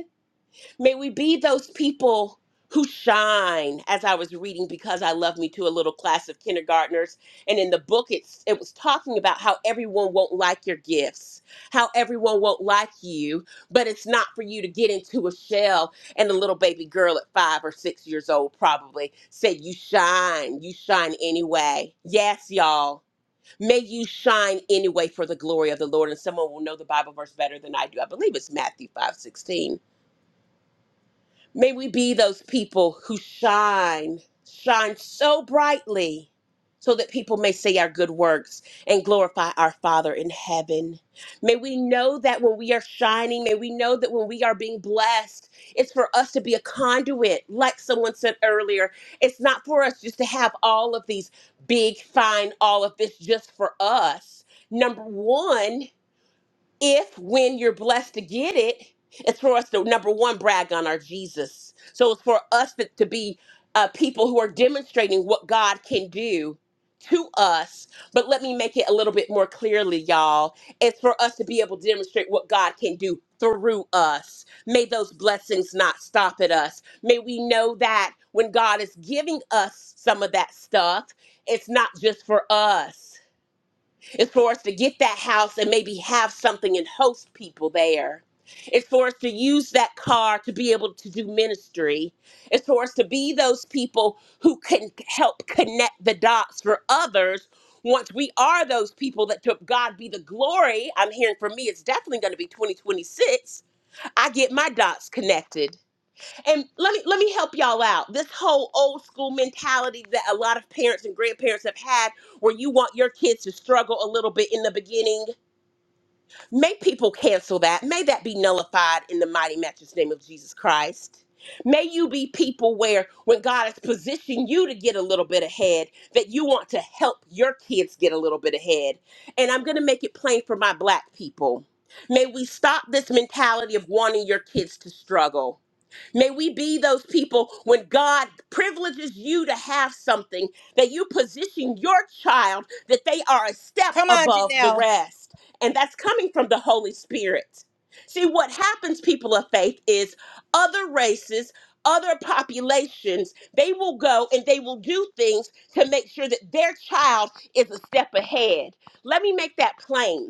May we be those people who shine, as I was reading Because I Love Me to a little class of kindergartners. And in the book, it's, it was talking about how everyone won't like your gifts, how everyone won't like you, but it's not for you to get into a shell. And the little baby girl at five or six years old probably said, You shine, you shine anyway. Yes, y'all. May you shine anyway for the glory of the Lord. And someone will know the Bible verse better than I do. I believe it's Matthew five sixteen May we be those people who shine, shine so brightly so that people may see our good works and glorify our Father in heaven. May we know that when we are shining, may we know that when we are being blessed, it's for us to be a conduit, like someone said earlier. It's not for us just to have all of these big, fine, all of this just for us. Number one, if when you're blessed to get it, it's for us to number one brag on our Jesus. So it's for us to, to be uh, people who are demonstrating what God can do to us. But let me make it a little bit more clearly, y'all. It's for us to be able to demonstrate what God can do through us. May those blessings not stop at us. May we know that when God is giving us some of that stuff, it's not just for us. It's for us to get that house and maybe have something and host people there. It's for us to use that car to be able to do ministry. It's for us to be those people who can help connect the dots for others. Once we are those people that took God be the glory, I'm hearing from me, it's definitely going to be 2026. I get my dots connected and let me let me help y'all out. This whole old school mentality that a lot of parents and grandparents have had where you want your kids to struggle a little bit in the beginning. May people cancel that. May that be nullified in the mighty matchless name of Jesus Christ. May you be people where when God has positioned you to get a little bit ahead, that you want to help your kids get a little bit ahead. And I'm gonna make it plain for my black people. May we stop this mentality of wanting your kids to struggle. May we be those people when God privileges you to have something that you position your child that they are a step Come on, above the Janelle. rest. And that's coming from the Holy Spirit. See, what happens, people of faith, is other races, other populations, they will go and they will do things to make sure that their child is a step ahead. Let me make that plain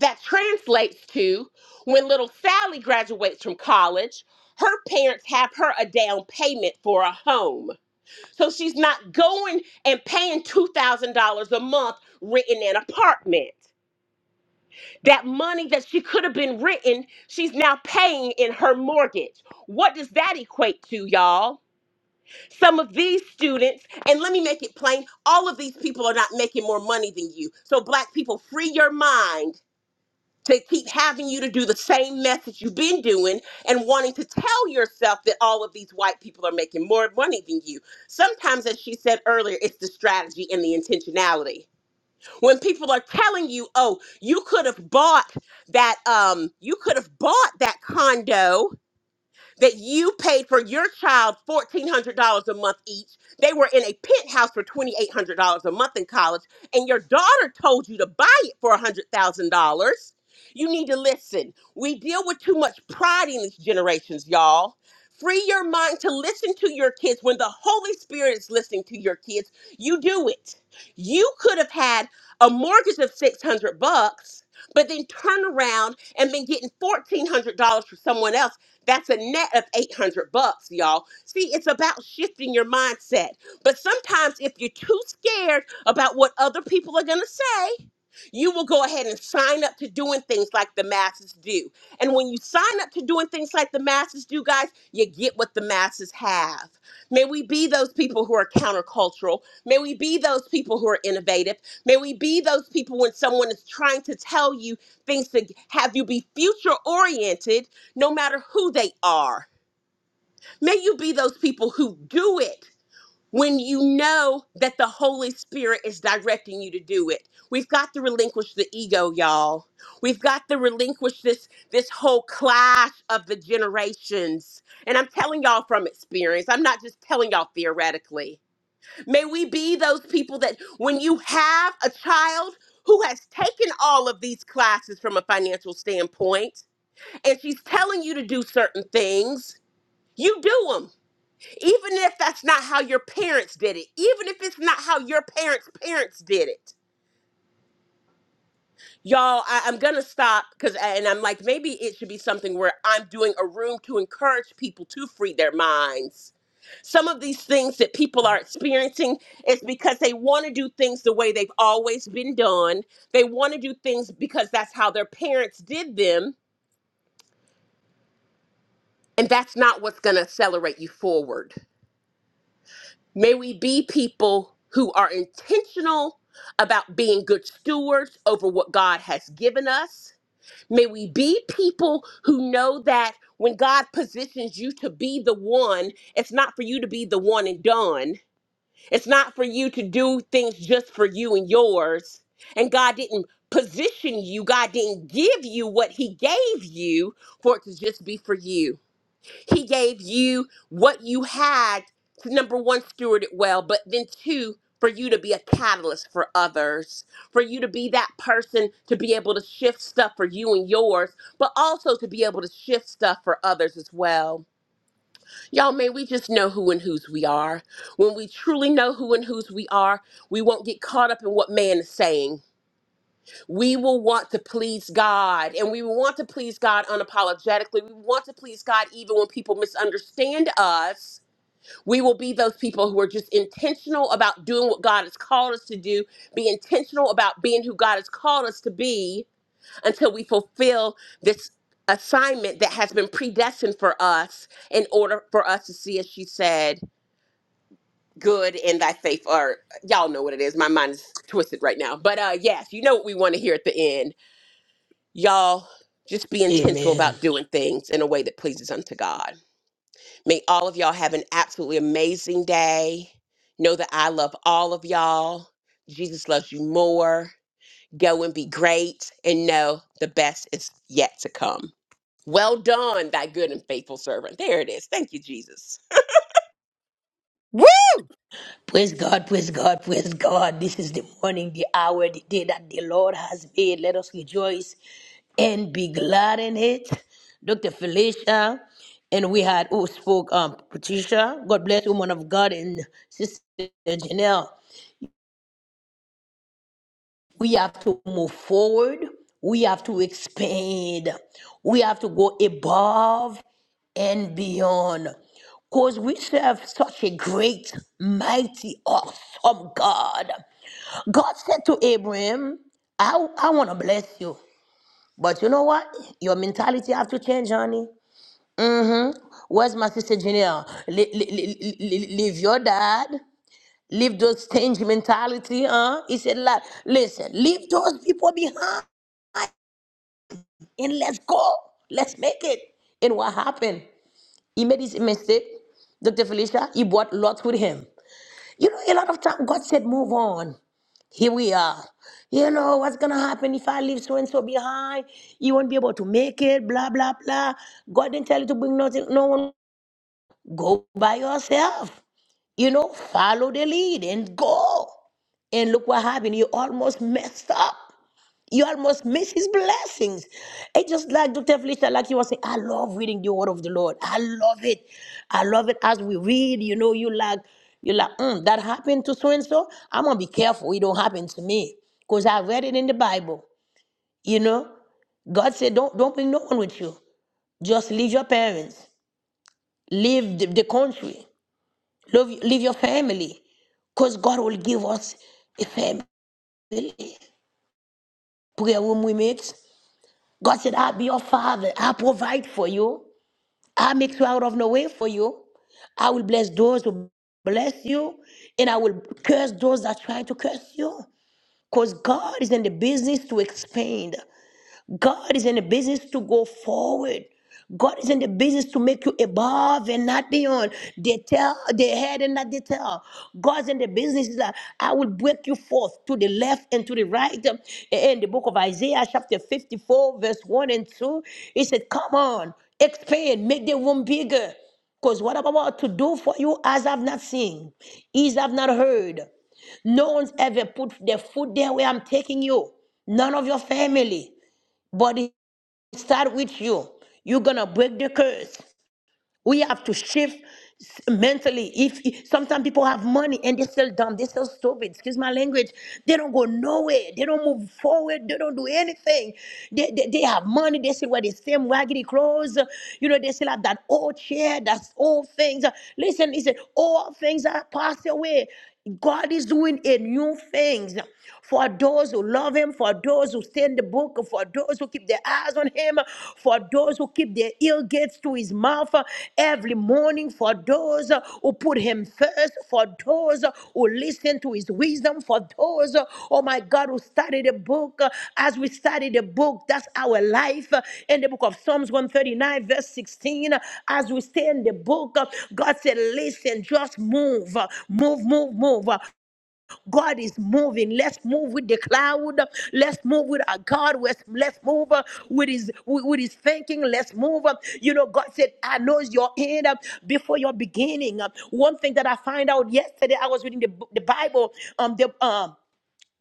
that translates to when little Sally graduates from college, her parents have her a down payment for a home. So she's not going and paying $2,000 a month rent in an apartment. That money that she could have been written, she's now paying in her mortgage. What does that equate to, y'all? Some of these students, and let me make it plain, all of these people are not making more money than you. So, black people, free your mind they keep having you to do the same message you've been doing and wanting to tell yourself that all of these white people are making more money than you. Sometimes, as she said earlier, it's the strategy and the intentionality. When people are telling you, oh, you could have bought that, um, you could have bought that condo that you paid for your child $1,400 a month each. They were in a penthouse for $2,800 a month in college, and your daughter told you to buy it for $100,000. You need to listen. We deal with too much pride in these generations, y'all. Free your mind to listen to your kids. When the Holy Spirit is listening to your kids, you do it. You could have had a mortgage of 600 bucks, but then turn around and been getting $1,400 for someone else that's a net of 800 bucks, y'all. See, it's about shifting your mindset. But sometimes if you're too scared about what other people are going to say, you will go ahead and sign up to doing things like the masses do. And when you sign up to doing things like the masses do, guys, you get what the masses have. May we be those people who are countercultural. May we be those people who are innovative. May we be those people when someone is trying to tell you things to have you be future oriented no matter who they are. May you be those people who do it when you know that the Holy Spirit is directing you to do it. We've got to relinquish the ego, y'all. We've got to relinquish this this whole clash of the generations. And I'm telling y'all from experience. I'm not just telling y'all theoretically. May we be those people that when you have a child who has taken all of these classes from a financial standpoint, and she's telling you to do certain things you do them. Even if that's not how your parents did it, even if it's not how your parents' parents did it. Y'all, I, I'm going to stop because, and I'm like, maybe it should be something where I'm doing a room to encourage people to free their minds. Some of these things that people are experiencing is because they want to do things the way they've always been done. They want to do things because that's how their parents did them. And that's not what's going to accelerate you forward. May we be people who are intentional about being good stewards over what God has given us. May we be people who know that when God positions you to be the one, it's not for you to be the one and done. It's not for you to do things just for you and yours. And God didn't position you, God didn't give you what He gave you for it to just be for you. He gave you what you had to number one, steward it well, but then two, for you to be a catalyst for others, for you to be that person to be able to shift stuff for you and yours, but also to be able to shift stuff for others as well. Y'all, may we just know who and whose we are. When we truly know who and whose we are, we won't get caught up in what man is saying we will want to please God and we will want to please God unapologetically. We want to please God even when people misunderstand us. We will be those people who are just intentional about doing what God has called us to do, be intentional about being who God has called us to be until we fulfill this assignment that has been predestined for us in order for us to see, as she said, good in thy faith. Or y'all know what it is. My mind is twisted right now. But uh yes, you know what we want to hear at the end Y'all, just be intentional Amen. about doing things in a way that pleases unto God. May all of y'all have an absolutely amazing day. Know that I love all of y'all. Jesus loves you more. Go and be great and know the best is yet to come. Well done, thy good and faithful servant. There it is. Thank you, Jesus. Woo! Praise God, praise God, praise God. This is the morning, the hour, the day that the Lord has made. Let us rejoice and be glad in it. Dr. Felicia, and we had who spoke, um, Patricia. God bless woman of God and Sister Janelle. We have to move forward. We have to expand. We have to go above and beyond. Because we serve such a great, mighty, awesome God. God said to Abraham, I, I want to bless you. But you know what? Your mentality have to change, honey. Mm-hmm. Where's my sister Janelle? Le- le- le- le- leave your dad. Leave those stingy mentality, huh? He said, like, listen, leave those people behind and let's go. Let's make it. And what happened? He made his mistake. Dr. Felicia, he brought Lot with him. You know, a lot of time God said, move on. Here we are. You know, what's going to happen if I leave so and so behind? You won't be able to make it, blah, blah, blah. God didn't tell you to bring nothing, no one. Go by yourself. You know, follow the lead and go. And look what happened. You almost messed up. You almost miss his blessings. It's just like Dr. Felicia, like you was saying, I love reading the word of the Lord. I love it. I love it as we read, you know, you like, you like, mm, that happened to so and so. I'm gonna be careful it don't happen to me. Because I read it in the Bible, you know. God said, Don't don't bring no one with you. Just leave your parents, leave the, the country, leave, leave your family. Because God will give us a family. Prayer room we make. God said, I'll be your father. I'll provide for you. I'll make you out of no way for you. I will bless those who bless you, and I will curse those that try to curse you. Because God is in the business to expand. God is in the business to go forward. God is in the business to make you above and not beyond. They tell the head and not the tail. God's in the business is that I will break you forth to the left and to the right. In the book of Isaiah, chapter 54, verse 1 and 2, he said, Come on, expand, make the room bigger. Because what I'm about to do for you, as I've not seen, is I've not heard. No one's ever put their foot there where I'm taking you. None of your family. But it start with you. You're gonna break the curse. We have to shift s- mentally. If sometimes people have money and they're still dumb, they're still stupid. Excuse my language. They don't go nowhere. They don't move forward. They don't do anything. They, they, they have money. They still wear the same raggedy clothes. You know, they still have that old chair. That's old things. Listen, he said, all things are passed away. God is doing a new things for those who love Him, for those who stay in the book, for those who keep their eyes on Him, for those who keep their ear gates to His mouth every morning, for those who put Him first, for those who will listen to his wisdom for those, uh, oh my God, who study the book. Uh, As we study the book, that's our life. Uh, In the book of Psalms 139, verse 16, uh, as we stay in the book, uh, God said, listen, just move, uh, move, move, move. Uh, God is moving. Let's move with the cloud. Let's move with our God. Let's, let's move uh, with his with, with his thinking. Let's move. uh, You know, God said, I know your end uh, before your beginning. Uh, One thing that I find out yesterday, I was reading the, the Bible. Um, the um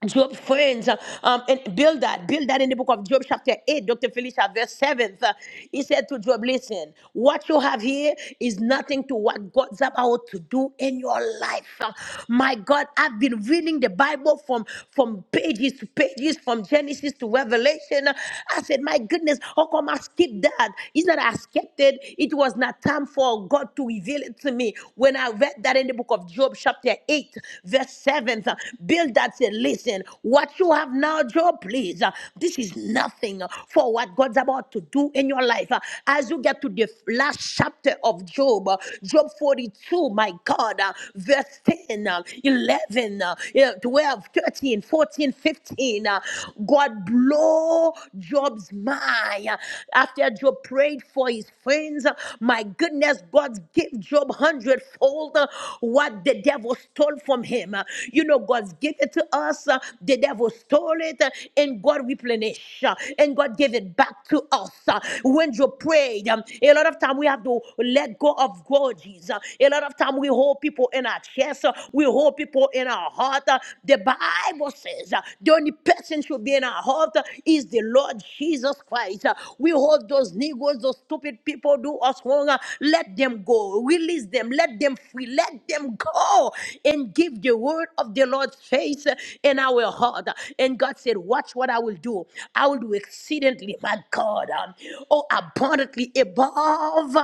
Job friends uh, um, and build that, build that in the book of Job, chapter 8, Dr. Felicia, verse 7th. uh, he said to Job, Listen, what you have here is nothing to what God's about to do in your life. Uh, my God, I've been reading the Bible from, from pages to pages, from Genesis to Revelation. Uh, I said, My goodness, how come I skipped that? It's not I skipped it, it was not time for God to reveal it to me. When I read that in the book of Job, Job chapter 8, verse 7. uh, Bildad said, Listen, what you have now, Job, please, uh, this is nothing for what God's about to do in your life. Uh, As you get to the last chapter of Job, uh, Job 42, my God, uh, verse 10, uh, 11, uh, yeah, 12, thirteen, fourteen, fifteen, uh, God blow Job's mind. uh, After Job prayed for his friends, uh, my goodness as God gave Job hundredfold uh, what the devil stole from him. Uh, You know, God's gave it to us, uh, the devil stole it, uh, and God replenished, uh, and God gave it back to us. Uh, When Job prayed, um, a lot of time we have to let go of grudges. Uh, A lot of time we hold people in our chest, uh, we hold people in our heart. Uh, The Bible says uh, the only person should be in our heart uh, is the Lord Jesus Christ. Uh, We we hold those Negroes, those stupid people do us wrong. Uh, Let them go. Release them. Let them free. Let them go and give the word of the Lord's face uh, in our heart. And God said, Watch what I will do. I will do exceedingly, my God, um, oh, abundantly above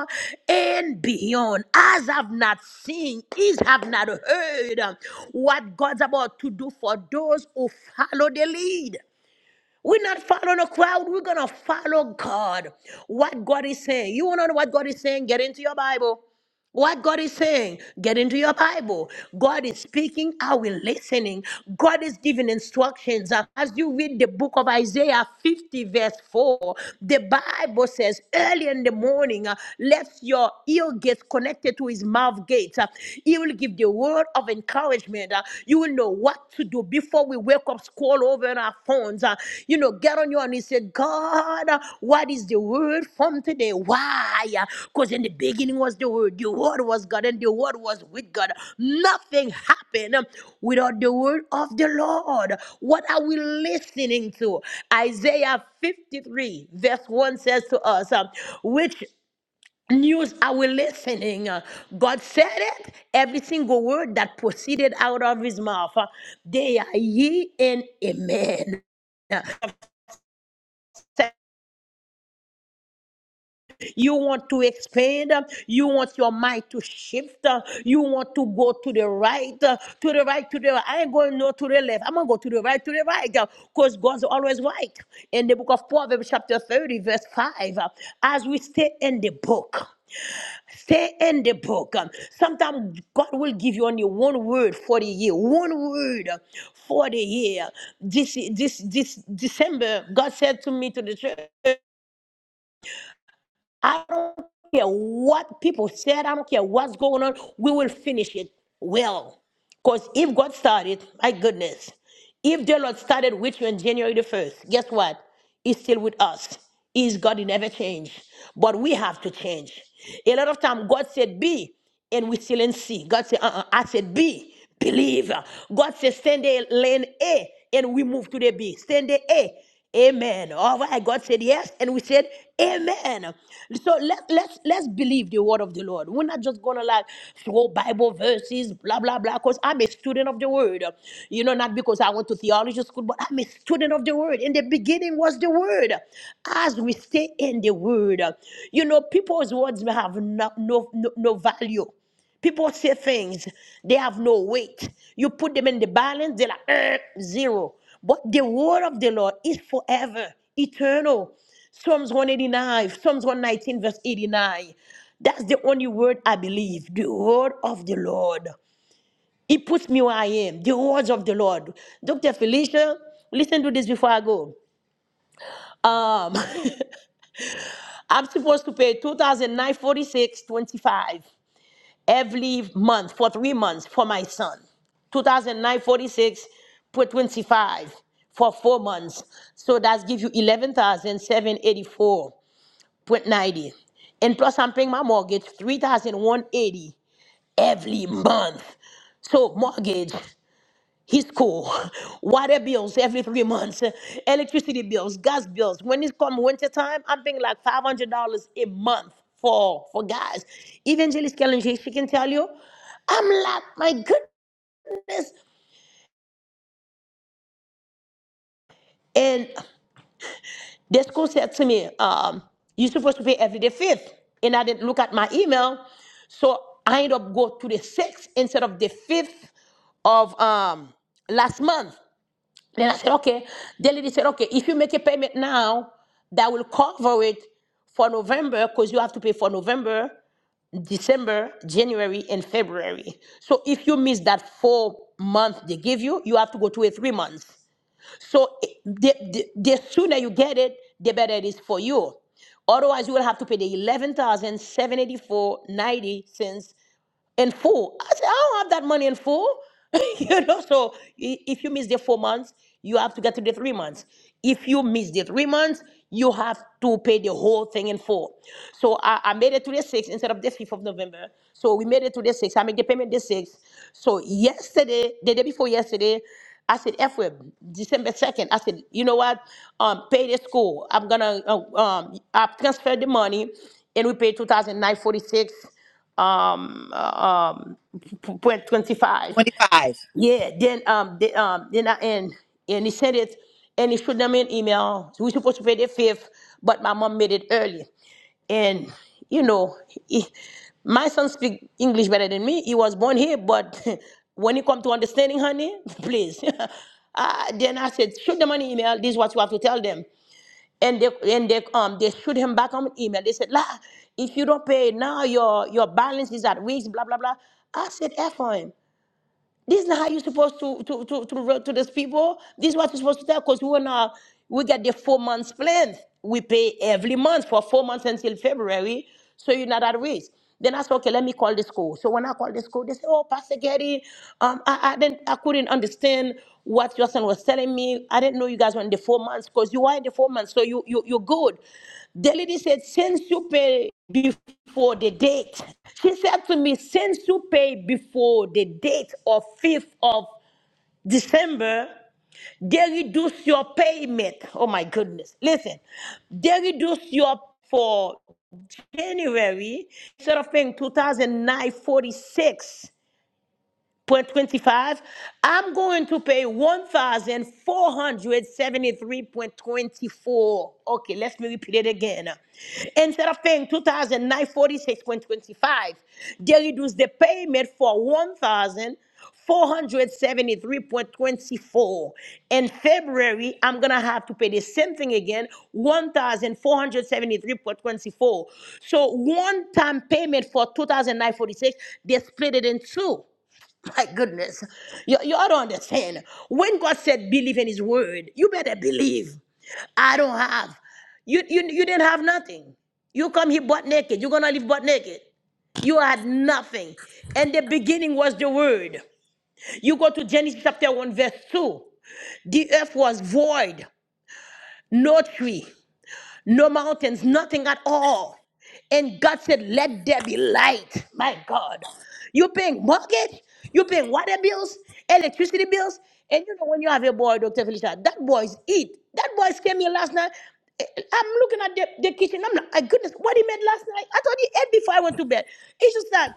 and beyond. As I've not seen, is have not heard um, what God's about to do for those who follow the lead. We're not following a crowd. We're going to follow God. What God is saying. You want to know what God is saying? Get into your Bible. What God is saying, get into your Bible. God is speaking. Are we listening? God is giving instructions. Uh, As you read the book of Isaiah 50, verse 4, the Bible says, early in the morning, uh, let your ear get connected to his mouth gate. Uh, He will give the word of encouragement. Uh, You will know what to do before we wake up scroll over in our phones, uh, you know, get on your knees, and say, God, uh, what is the word from today? Why? Because in the beginning was the word, the word was God, and the word was with God. Nothing happened um, without the word of the Lord. What are we listening to? Isaiah 53, verse 1 says to us, um, which news are we listening? Uh, God said it, every single word that proceeded out of his mouth. uh, They are ye and amen. Uh, You want to expand, uh, you want your mind to shift, uh, you want to go to the right, uh, to the right, to the right. I ain't going no to the left. I'm gonna go to the right, to the right, because God's always right. In the book of Proverbs, chapter 30, verse 5, uh, as we stay in the book. Stay in the book. Sometimes God will give you only one word for the year. One word for the year. This this this December, God said to me to the church. I don't care what people said. I don't care what's going on. We will finish it well. Because if God started, my goodness, if the Lord started with you on January the 1st, guess what? He's still with us. Is God he never changed. But we have to change. A lot of time God said be, and we still in C. God said, uh-uh. I said be. Believe. God says, send a lane A and we move to the B. Send the A. Amen. All right. God said yes, and we said Amen. So let, let's let's believe the word of the Lord. We're not just gonna like throw Bible verses, blah blah blah. Because I'm a student of the word. You know, not because I went to theology school, but I'm a student of the word. In the beginning was the word. As we stay in the word, you know, people's words may have no no, no no value. People say things, they have no weight. You put them in the balance, they're like, "Eh, zero. But the word of the Lord is forever, eternal. Psalms 189, Psalms 119, verse 89. That's the only word I believe, the word of the Lord. He puts me where I am, the words of the Lord. Dr. Felicia, listen to this before I go. Um, I'm supposed to pay 2009 46 25. every month for three months for my son. 2009 put 25 for four months. So that gives you 11,784.90. And plus, I'm paying my mortgage 3,180 every month. So, mortgage his school, water bills every three months, electricity bills, gas bills. When it's come winter time, I'm paying like five hundred dollars a month for for gas. Evangelist Kellen, she she can tell you, I'm like, my goodness. And the school said to me, um, you're supposed to pay every day fifth. And I didn't look at my email. So I end up go to the sixth instead of the fifth of um last month. Then I said, okay. The lady said, okay, if you make a payment now, that will cover it for November because you have to pay for November, December, January, and February. So if you miss that four month they give you, you have to go to a three months. So it- the, the, the sooner you get it, the better it is for you. Otherwise, you will have to pay the eleven thousand seven eighty four ninety cents in full. I said, I don't have that money in full. you know, so i- if you miss the four months, you have to get to the three months. If you miss the three months, you have to pay the whole thing in full. So I, I made it to the 6th instead of the 5th of November. So we made it to the 6th. I made the payment the 6th. So yesterday, the day before yesterday, I said, F-Web, December 2nd. I said, you know what? Um, pay the school. I'm going to, uh, um, I've transferred the money and we paid two thousand nine forty six um um point 25 25. yeah then um the, um then i and and he sent it and he showed them an email we supposed to pay the fifth but my mom made it early and you know he, my son speak english better than me he was born here but when you come to understanding honey please uh, then i said shoot them an email this is what you have to tell them and they and they um they shoot him back on an email. They said, "La, if you don't pay now, your your balance is at weeks, blah blah blah." I said, "F on him." This is not how you're supposed to to to to, re- to these people. This is what you're supposed to tell. Because we wanna we get the four months plan. We pay every month for four months until February, so you're not at risk. Then I said, okay, let me call the school. So when I called the school, they said, oh, Pastor Getty, um, I, I didn't, I couldn't understand what your son was telling me. I didn't know you guys were in the four months because you are in the four months, so you you you're good. The lady said, since you pay before the date. She said to me, since you pay before the date of 5th of December, they reduce your payment. Oh my goodness. Listen, they reduce your for January instead of paying 2009 46 point 25 i'm going to pay 1473.24 okay let me repeat it again instead of paying two thousand nine forty six point twenty five, they reduce the payment for one thousand four hundred seventy three point twenty four. In February, I'm gonna have to pay the same thing again, 1,473.24. So one-time payment for two thousand nine forty six. they split it in two. My goodness. You, you ought to understand. When God said believe in his word, you better believe. I don't have. You, you, you didn't have nothing. You come here butt naked. You're going to live butt naked. You had nothing. And the beginning was the word. You go to Genesis chapter 1, verse 2. The earth was void, no tree no mountains, nothing at all. And God said, Let there be light. My God. You're paying mortgage, you're paying water bills, electricity bills. And you know, when you have a boy, Dr. Felicia, that boy's eat. That boy came here last night. Eh, eh, I'm looking at the, the kitchen. I'm like, my goodness, what he made last night? I thought he ate before I went to bed. It's just that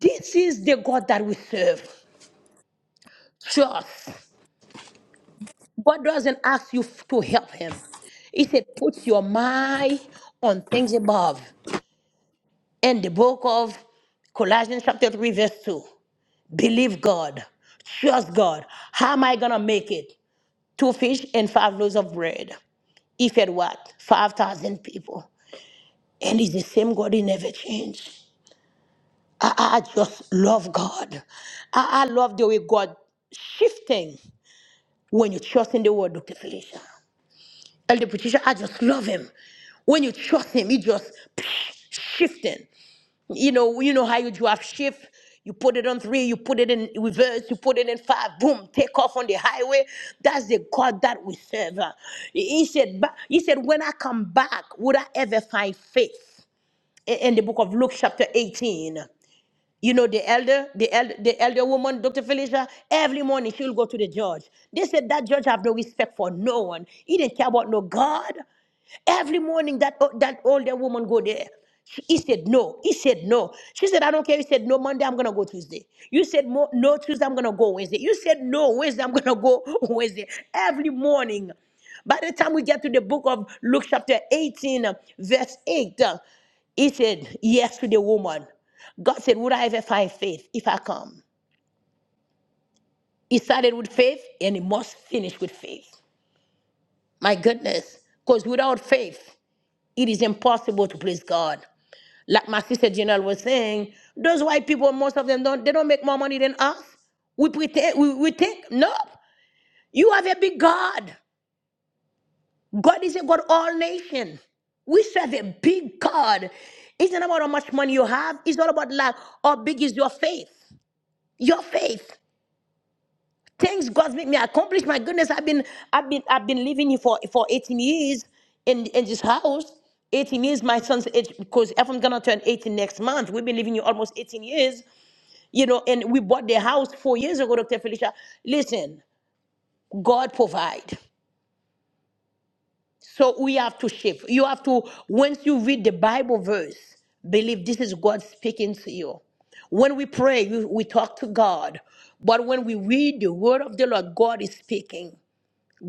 this is the God that we serve. Just. God doesn't ask you f- to help him. He said, Put your mind on things above. in the book of Colossians chapter 3, verse 2. Believe God. Trust God. How am I going to make it? Two fish and five loaves of bread. He fed what? 5,000 people. And it's the same God, he never changed. I, I just love God. I, I love the way God shifting when you trust in the word, Dr. Felicia. Elder Patricia, I just love him. When you trust him, he just shifting. you know, you know how you drive shift. You put it on three, you put it in reverse, you put it in five, boom, take off on the highway. That's the God that we serve. Uh, He said, "Ba- He said, When I come back, would I ever find faith? In in the book of Luke, chapter 18. You know, the elder, the elder, the elder woman, Dr. Felicia, every morning she'll go to the judge. They said that judge have no respect for no one. He didn't care about no God. Every morning that that older woman go there. She, he said no. He said no. She said, I don't care. He said no. Monday I'm gonna go Tuesday. You said mo- no Tuesday I'm gonna go Wednesday. You said no Wednesday I'm gonna go Wednesday. Every morning. By the time we get to the book of Luke chapter 18, uh, verse 8, uh, he said yes to the woman. God said, Would I ever find faith if I come? He started with faith and he must finish with faith. My goodness. Because without faith, it is impossible to please God. Like my sister Janelle was saying, those white people, most of them don't, they don't make more money than us. We pretend, we, we think, no, you have a big God. God is a God of all nation. We serve a big God. It's not about how much money you have. It's all about like how big is your faith. Your faith. Thanks God make me accomplish. My goodness, I've been I've been I've been living here for, for 18 years in, in this house. 18 years, my son's age, because Ephraim's gonna turn 18 next month. We've been living here almost 18 years. You know, and we bought the house four years ago, Dr. Felicia. Listen, God provide. So we have to shift. You have to, once you read the Bible verse, believe this is God speaking to you. When we pray, we, we talk to God. But when we read the word of the Lord, God is speaking.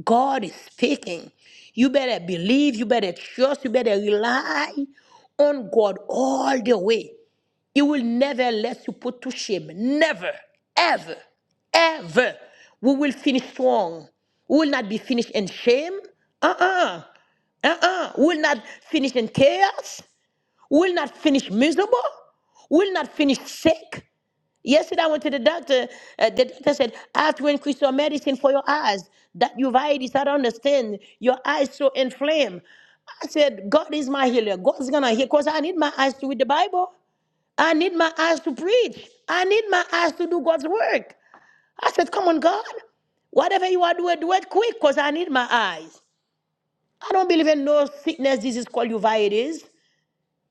God is speaking. You better believe, you better trust, you better rely on God all the way. He will never let you put to shame. Never, ever, ever. We will finish strong. We will not be finished in shame. Uh-uh. Uh-uh. We will not finish in chaos. We will not finish miserable. We will not finish sick. Yesterday I went to the doctor. Uh, the doctor said, I have to increase your medicine for your eyes. That uveitis, I don't understand. Your eyes so inflamed. I said, God is my healer. God's gonna heal because I need my eyes to read the Bible. I need my eyes to preach. I need my eyes to do God's work. I said, Come on, God. Whatever you are doing, do it quick because I need my eyes. I don't believe in no sickness, disease, called you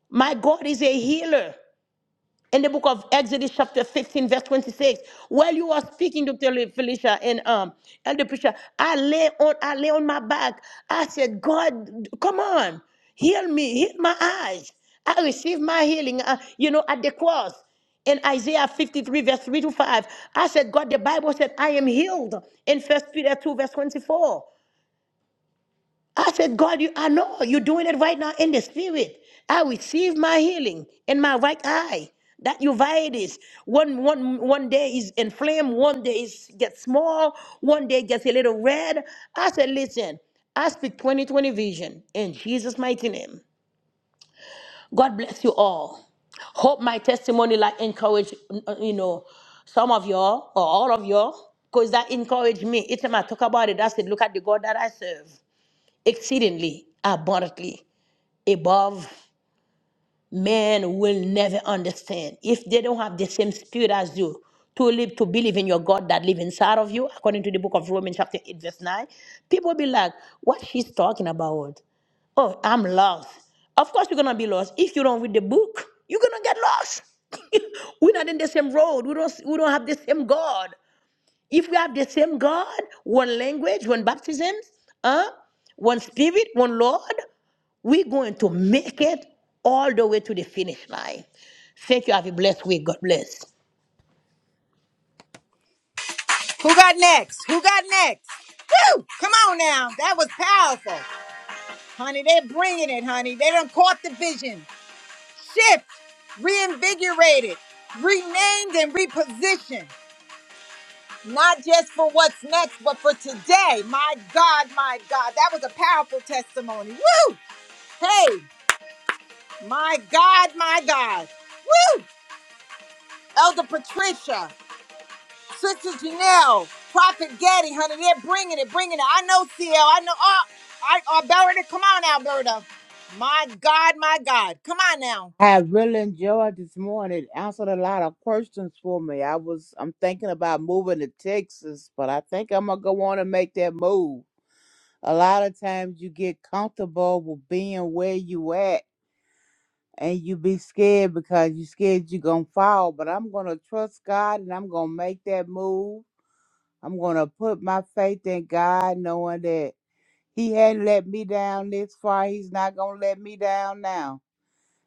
My God is a healer in the book of Exodus chapter 15, verse 26. While you were speaking, Dr. Le- Felicia and um Elder Preacher, I lay on I lay on my back. I said, God, come on, heal me, heal my eyes. I received my healing, uh, you know, at the cross. In Isaiah 53, verse 3 to 5, I said, God, the Bible said, I am healed in First Peter 2, verse 24. I said, God, you I know you're doing it right now in the spirit. I receive my healing in my right eye. That uveitis, one, one, one day is inflamed, one day is gets small, one day gets a little red. I said, listen, I speak 2020 vision in Jesus' mighty name. God bless you all. Hope my testimony like encourage, uh, you know, some of y'all or all of y'all, because that encouraged me. Each time I talk about it, I said, look at the God that I serve exceedingly abundantly above men will never understand if they don't have the same spirit as you to live to believe in your god that live inside of you according to the book of romans chapter 8 verse 9 people be like what she's talking about oh i'm lost of course you're gonna be lost if you don't read the book you're gonna get lost we're not in the same road we don't we don't have the same god if we have the same God, one language, one baptism, huh? one spirit, one Lord, we're going to make it all the way to the finish line. Thank you. Have a blessed week. God bless. Who got next? Who got next? Woo! Come on now. That was powerful. Honey, they're bringing it, honey. They done caught the vision. Shift, reinvigorated, renamed, and repositioned. Not just for what's next, but for today. My God, my God. That was a powerful testimony. Woo! Hey, my God, my God. Woo! Elder Patricia. Sister Janelle, Prophet Gaddy, honey, they're bringing it, bringing it. I know CL, I know. Oh, I, oh, Alberta, come on, Alberta. My God, my God, come on now. I have really enjoyed this morning. It Answered a lot of questions for me. I was I'm thinking about moving to Texas, but I think I'm gonna go on and make that move. A lot of times you get comfortable with being where you at and you be scared because you scared you're gonna fall. But I'm gonna trust God and I'm gonna make that move. I'm gonna put my faith in God knowing that He hadn't let me down this far. He's not gonna let me down now.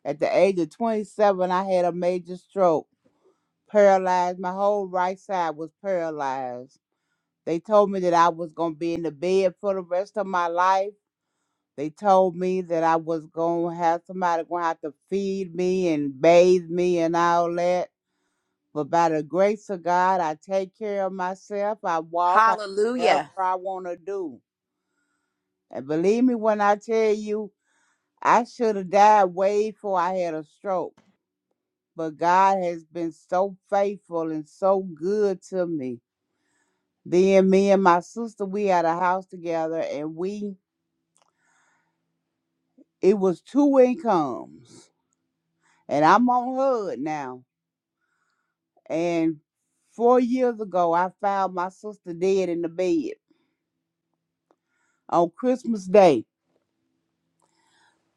At the age of 27, I had a major stroke paralyzed. My whole right side was paralyzed. They told me that I was going to be in the bed for the rest of my life. They told me that I was going to have somebody going to have to feed me and bathe me and all that. But by the grace of God, I take care of myself. I walk. I do whatever Hallelujah. I want to do. And believe me when I tell you, I should have died way before I had a stroke. But God has been so faithful and so good to me. Then me and my sister, we had a house together, and we it was two incomes, and I'm on HUD now. And four years ago, I found my sister dead in the bed on Christmas Day.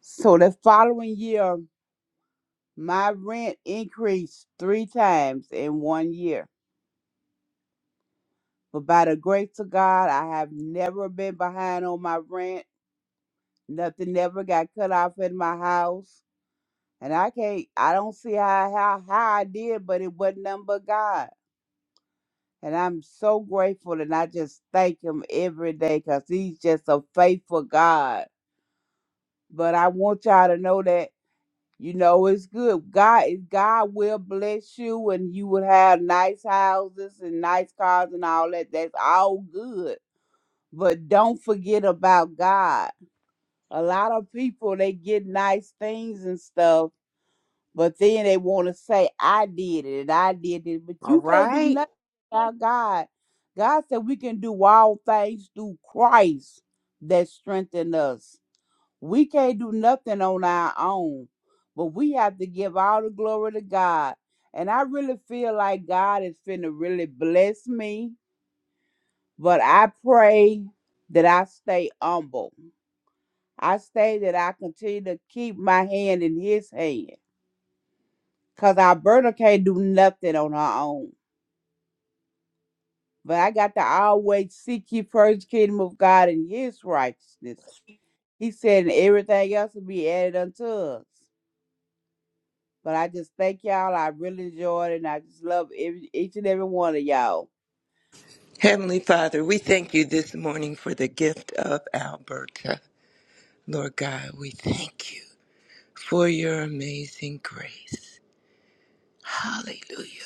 So the following year, my rent increased three times in one year. But by the grace of God, I have never been behind on my rent. Nothing ever got cut off in my house. And I can't, I don't see how, how, how I did, but it wasn't nothing but God. And I'm so grateful and I just thank him every day because he's just a faithful God. But I want y'all to know that, you know, it's good. God God will bless you and you will have nice houses and nice cars and all that. That's all good. But don't forget about God. A lot of people they get nice things and stuff But then they want to say, I did it and I did it. But All you can't do right. nothing without God. God said we can do all things through Christ that strengthen us. We can't do nothing on our own, but we have to give all the glory to God. And I really feel like God is finna really bless me. But I pray that I stay humble. I say that I continue to keep my hand in his hand Cause Alberta can't do nothing on her own. But I got to always seek ye first kingdom of God and his righteousness. He said and everything else will be added unto us. But I just thank y'all. I really enjoyed it and I just love every, each and every one of y'all. Heavenly Father, we thank you this morning for the gift of Alberta. Lord God, we thank you. for your amazing grace. Hallelujah,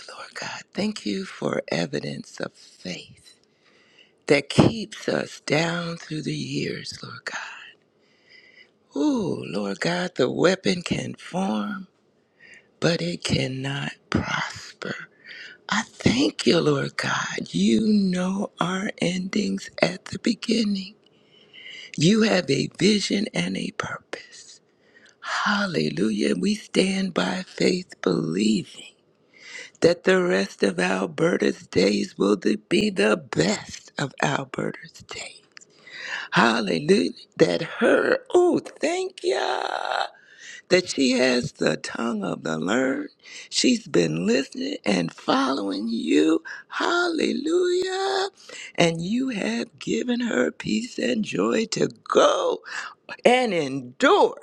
Lord God. Thank you for evidence of faith that keeps us down through the years, Lord God. Ooh, Lord God, the weapon can form, but it cannot prosper. I thank you, Lord God. You know our endings at the beginning. You have a vision and a purpose. Hallelujah. We stand by faith believing that the rest of Alberta's days will be the best of Alberta's days. Hallelujah. That her, oh, thank ya, that she has the tongue of the learned. She's been listening and following you. Hallelujah. And you have given her peace and joy to go and endure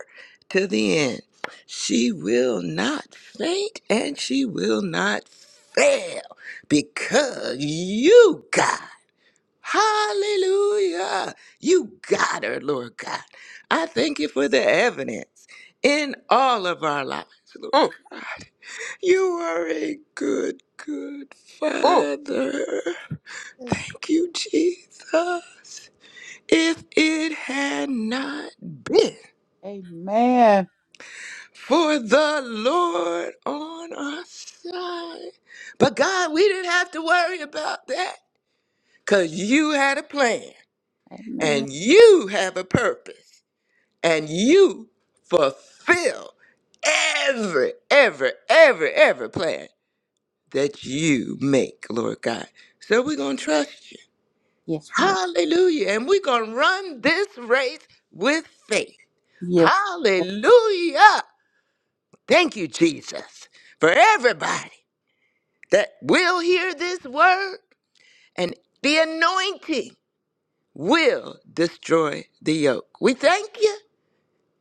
to the end. She will not faint and she will not fail because you, God, hallelujah, you got her, Lord God. I thank you for the evidence in all of our lives, Lord Mm, God. You are a good, good mm. Father. Thank you, Jesus. If it had not been Amen. For the Lord on our side. But God, we didn't have to worry about that because you had a plan Amen. and you have a purpose and you fulfill every, every, every, every plan that you make, Lord God. So we're going to trust you. Yes, we are. Hallelujah. And we're going to run this race with faith. Yes. Hallelujah. Thank you, Jesus, for everybody. that will hear this word, and the anointing will destroy the yoke. We thank you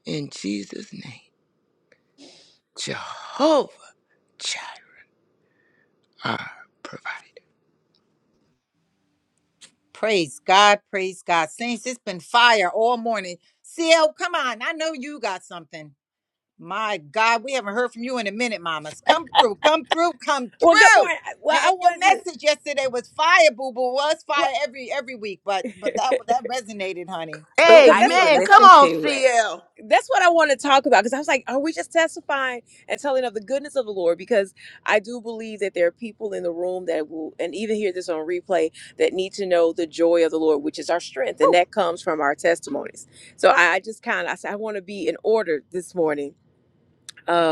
in Jesus' name. Jehovah Jireh, our provider. Praise God, praise God. Saints, it's been fire all morning. CL, come on, I know you got something. My God, we haven't heard from you in a minute, mamas. Come through, come through, come Well, good through. morning. I- Well, And and I your wanted to, message yesterday was fire, boo boo. Was fire well, every every week, but but that that resonated, honey. Ooh, because I that's need to what Amen. that's what Come listen on, to it. CL. that's what I want to talk about. Because I was like, are we just testifying and telling of the goodness of the Lord? Because I do believe that there are people in the room that will, and even hear this on replay, that need to know the joy of the Lord, which is our strength, and Woo, that comes from our testimonies. So I, I just kind of, I, said, I want to be in order this morning.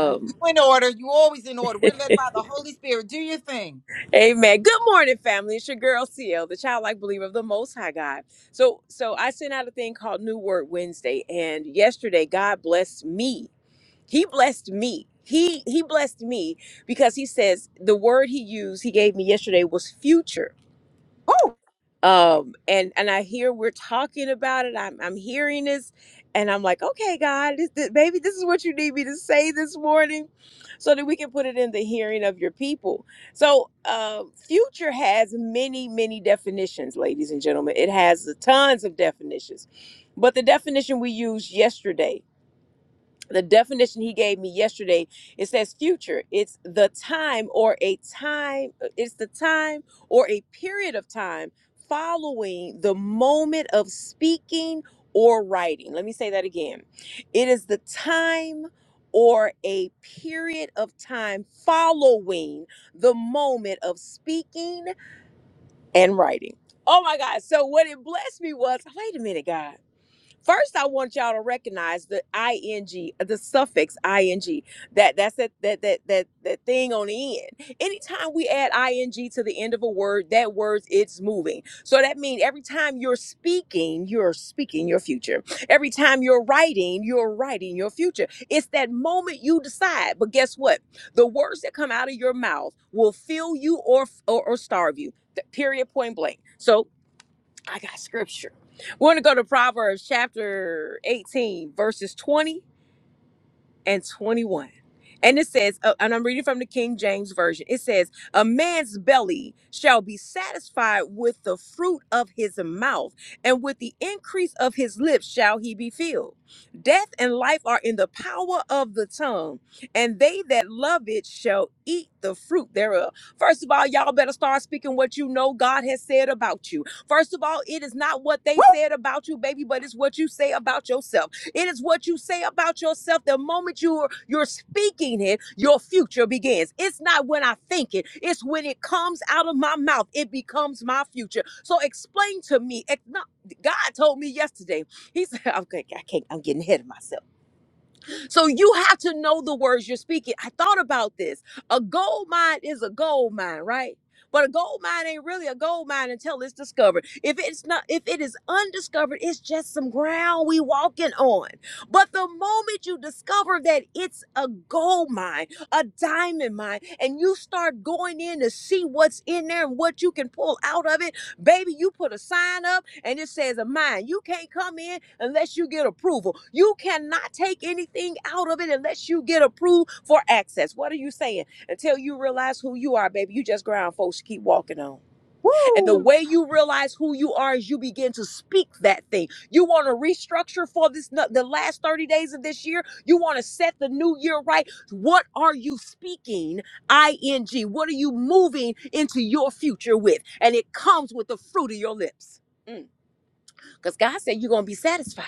And You in order. You always in order. We're led by the Holy Spirit. Do your thing. Amen. Good morning, family. It's your girl CL, the childlike believer of the Most High God. So, so I sent out a thing called New Word Wednesday, and yesterday God blessed me. He blessed me. He he blessed me because he says the word he used he gave me yesterday was future woo, um and and i hear we're talking about it i'm i'm hearing this and i'm like okay god this, this, maybe this is what you need me to say this morning so that we can put it in the hearing of your people so uh, future has many many definitions ladies and gentlemen it has tons of definitions but the definition we used yesterday the definition he gave me yesterday it says future it's the time or a time uh, it's the time or a period of time following the moment of speaking or writing let me say that again it is the time or a period of time following the moment of speaking and writing oh my god so what it blessed me was wait a minute god First, I want y'all to recognize the ing, the suffix ing. That that's that that that that that thing on the end. Anytime we add ing to the end of a word, that word it's moving. So that means every time you're speaking, you're speaking your future. Every time you're writing, you're writing your future. It's that moment you decide. But guess what? The words that come out of your mouth will fill you or or, or starve you. Th- Period. Point blank. So I got scripture. We're going to go to Proverbs chapter 18, verses 20 and 21. And it says, uh, and I'm reading from the King James Version. It says, A man's belly shall be satisfied with the fruit of his mouth, and with the increase of his lips shall he be filled. Death and life are in the power of the tongue, and they that love it shall eat the fruit thereof. First of all, y'all better start speaking what you know God has said about you. First of all, it is not what they woo, said about you, baby, but it's what you say about yourself. It is what you say about yourself. The moment you're you're speaking it, your future begins. It's not when I think it, it's when it comes out of my mouth. It becomes my future. So explain to me. ex- no, God told me yesterday. He said, okay, I can't, I'm getting ahead of myself. So you have to know the words you're speaking. I thought about this. A gold mine is a gold mine, right? But a gold mine ain't really a gold mine until it's discovered. If it's not, if it is undiscovered, it's just some ground we walking on. But the moment you discover that it's a gold mine, a diamond mine, and you start going in to see what's in there and what you can pull out of it, baby, you put a sign up and it says a mine. You can't come in unless you get approval. You cannot take anything out of it unless you get approved for access. What are you saying? Until you realize who you are, baby, you just ground folks to keep walking on. And the woo, way you realize who you are is you begin to speak that thing. You want to restructure for this no- the last 30 days of this year. You want to set the new year right. What are you speaking ing? What are you moving into your future with? And it comes with the fruit of your lips. Because God said you're going to be satisfied.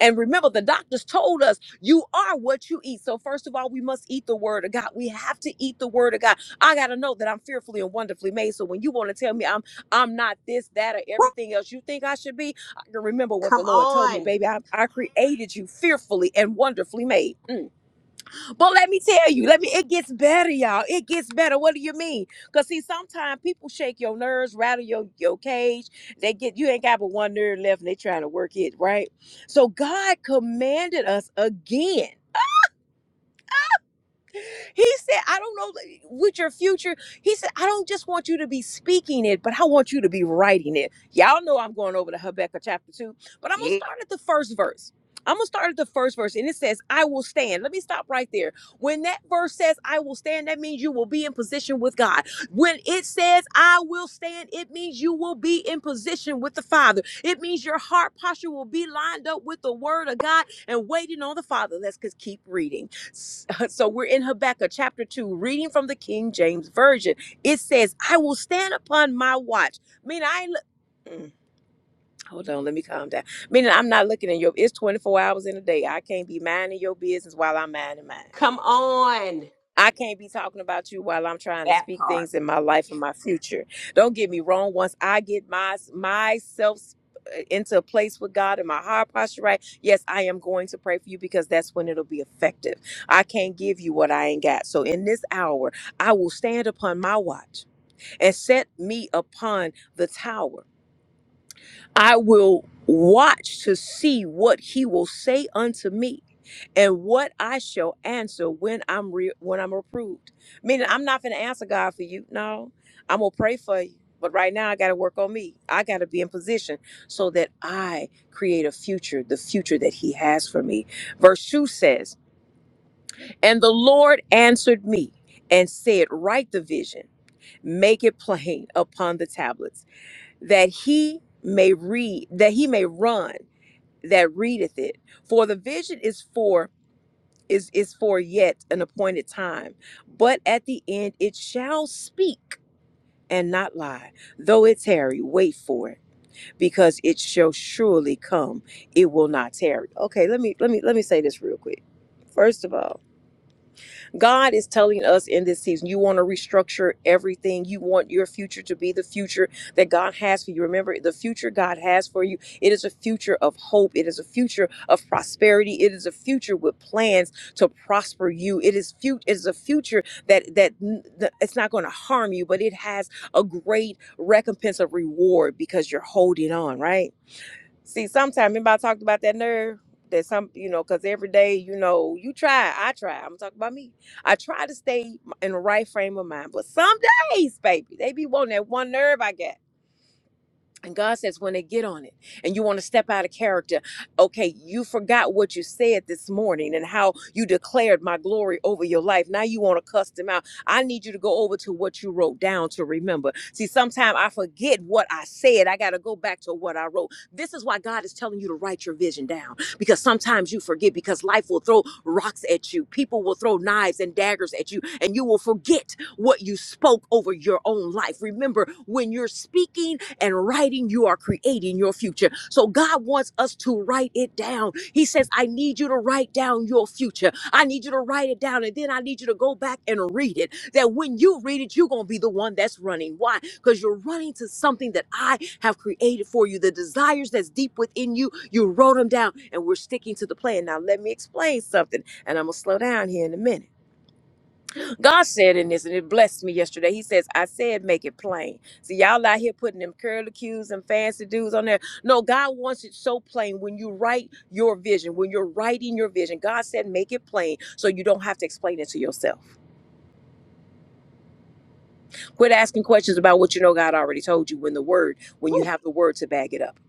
And remember, the doctors told us you are what you eat. So, first of all, we must eat the word of God. We have to eat the word of God. I got to know that I'm fearfully and wonderfully made. So, when you want to tell me I'm I'm not this, that, or woo. everything else you think I should be, I can remember what Come the Lord told me, on. baby. I, I created you fearfully and wonderfully made. Mm. But let me tell you, let me. It gets better, y'all. It gets better. What do you mean? Cause see, sometimes people shake your nerves, rattle your your cage. They get you ain't got but one nerve left, and they trying to work it right. So God commanded us again. He said, I don't know like, with your future. He said, I don't just want you to be speaking it, but I want you to be writing it. Y'all know I'm going over to Habakkuk chapter 2, but I'm going to Yeah. start at the first verse. I'm going to start at the first verse and it says, I will stand. Let me stop right there. When that verse says, I will stand, that means you will be in position with God. When it says, I will stand, it means you will be in position with the Father. It means your heart posture will be lined up with the Word of God and waiting on the Father. Let's just keep reading. So we're in Habakkuk chapter 2, reading from the King James Version. It says, I will stand upon my watch. Meaning, I ain't. look- Mm, Hold on, let me calm down. Meaning, I'm not looking in your. It's 24 hours in a day. I can't be minding your business while I'm minding mine. Come on. I can't be talking about you while I'm trying to That speak part. things in my life and my future. Don't get me wrong. Once I get my myself into a place with God and my heart posture right, yes, I am going to pray for you because that's when it'll be effective. I can't give you what I ain't got. So in this hour, I will stand upon my watch and set me upon the tower. I will watch to see what he will say unto me and what I shall answer when I'm re- when I'm approved. Meaning I'm not going to answer God for you. No. I'm going to pray for you. But right now I got to work on me. I got to be in position so that I create a future, the future that he has for me. Verse 2 says, "And the Lord answered me and said, write the vision, make it plain upon the tablets." that he may read that he may run that readeth it for the vision is for is is for yet an appointed time but at the end it shall speak and not lie though it tarry wait for it because it shall surely come it will not tarry okay let me let me let me say this real quick first of all God is telling us in this season, you want to restructure everything. You want your future to be the future that God has for you. Remember, the future God has for you, it is a future of hope. It is a future of prosperity. It is a future with plans to prosper you. It is fut- it is a future that that n- the- it's not going to harm you, but it has a great recompense of reward because you're holding on, right? See, sometimes remember I talked about that nerve that some, you know, because every day, you know, you try, I try. I'm talking about me. I try to stay in the right frame of mind, but some days, baby, they be wanting that one nerve I got. And God says, when they get on it and you want to step out of character, okay, you forgot what you said this morning and how you declared my glory over your life. Now you want to cuss them out. I need you to go over to what you wrote down to remember. See, sometimes I forget what I said. I got to go back to what I wrote. This is why God is telling you to write your vision down because sometimes you forget because life will throw rocks at you. People will throw knives and daggers at you and you will forget what you spoke over your own life. Remember, when you're speaking, and writing, you are creating your future. So God wants us to write it down. He says, I need you to write down your future. I need you to write it down, and then I need you to go back and read it. That when you read it, you're going to be the one that's running. Why? Because you're running to something that I have created for you. The desires that's deep within you, you wrote them down, and we're sticking to the plan. Now, let me explain something, and I'm going to slow down here in a minute God said in this, and it blessed me yesterday. He says, I said make it plain. See, y'all out here putting them curlicues and fancy dudes on there. No, God wants it so plain when you write your vision, when you're writing your vision. God said make it plain so you don't have to explain it to yourself. Quit asking questions about what you know God already told you when the word, when you Woo. have the word to back it up.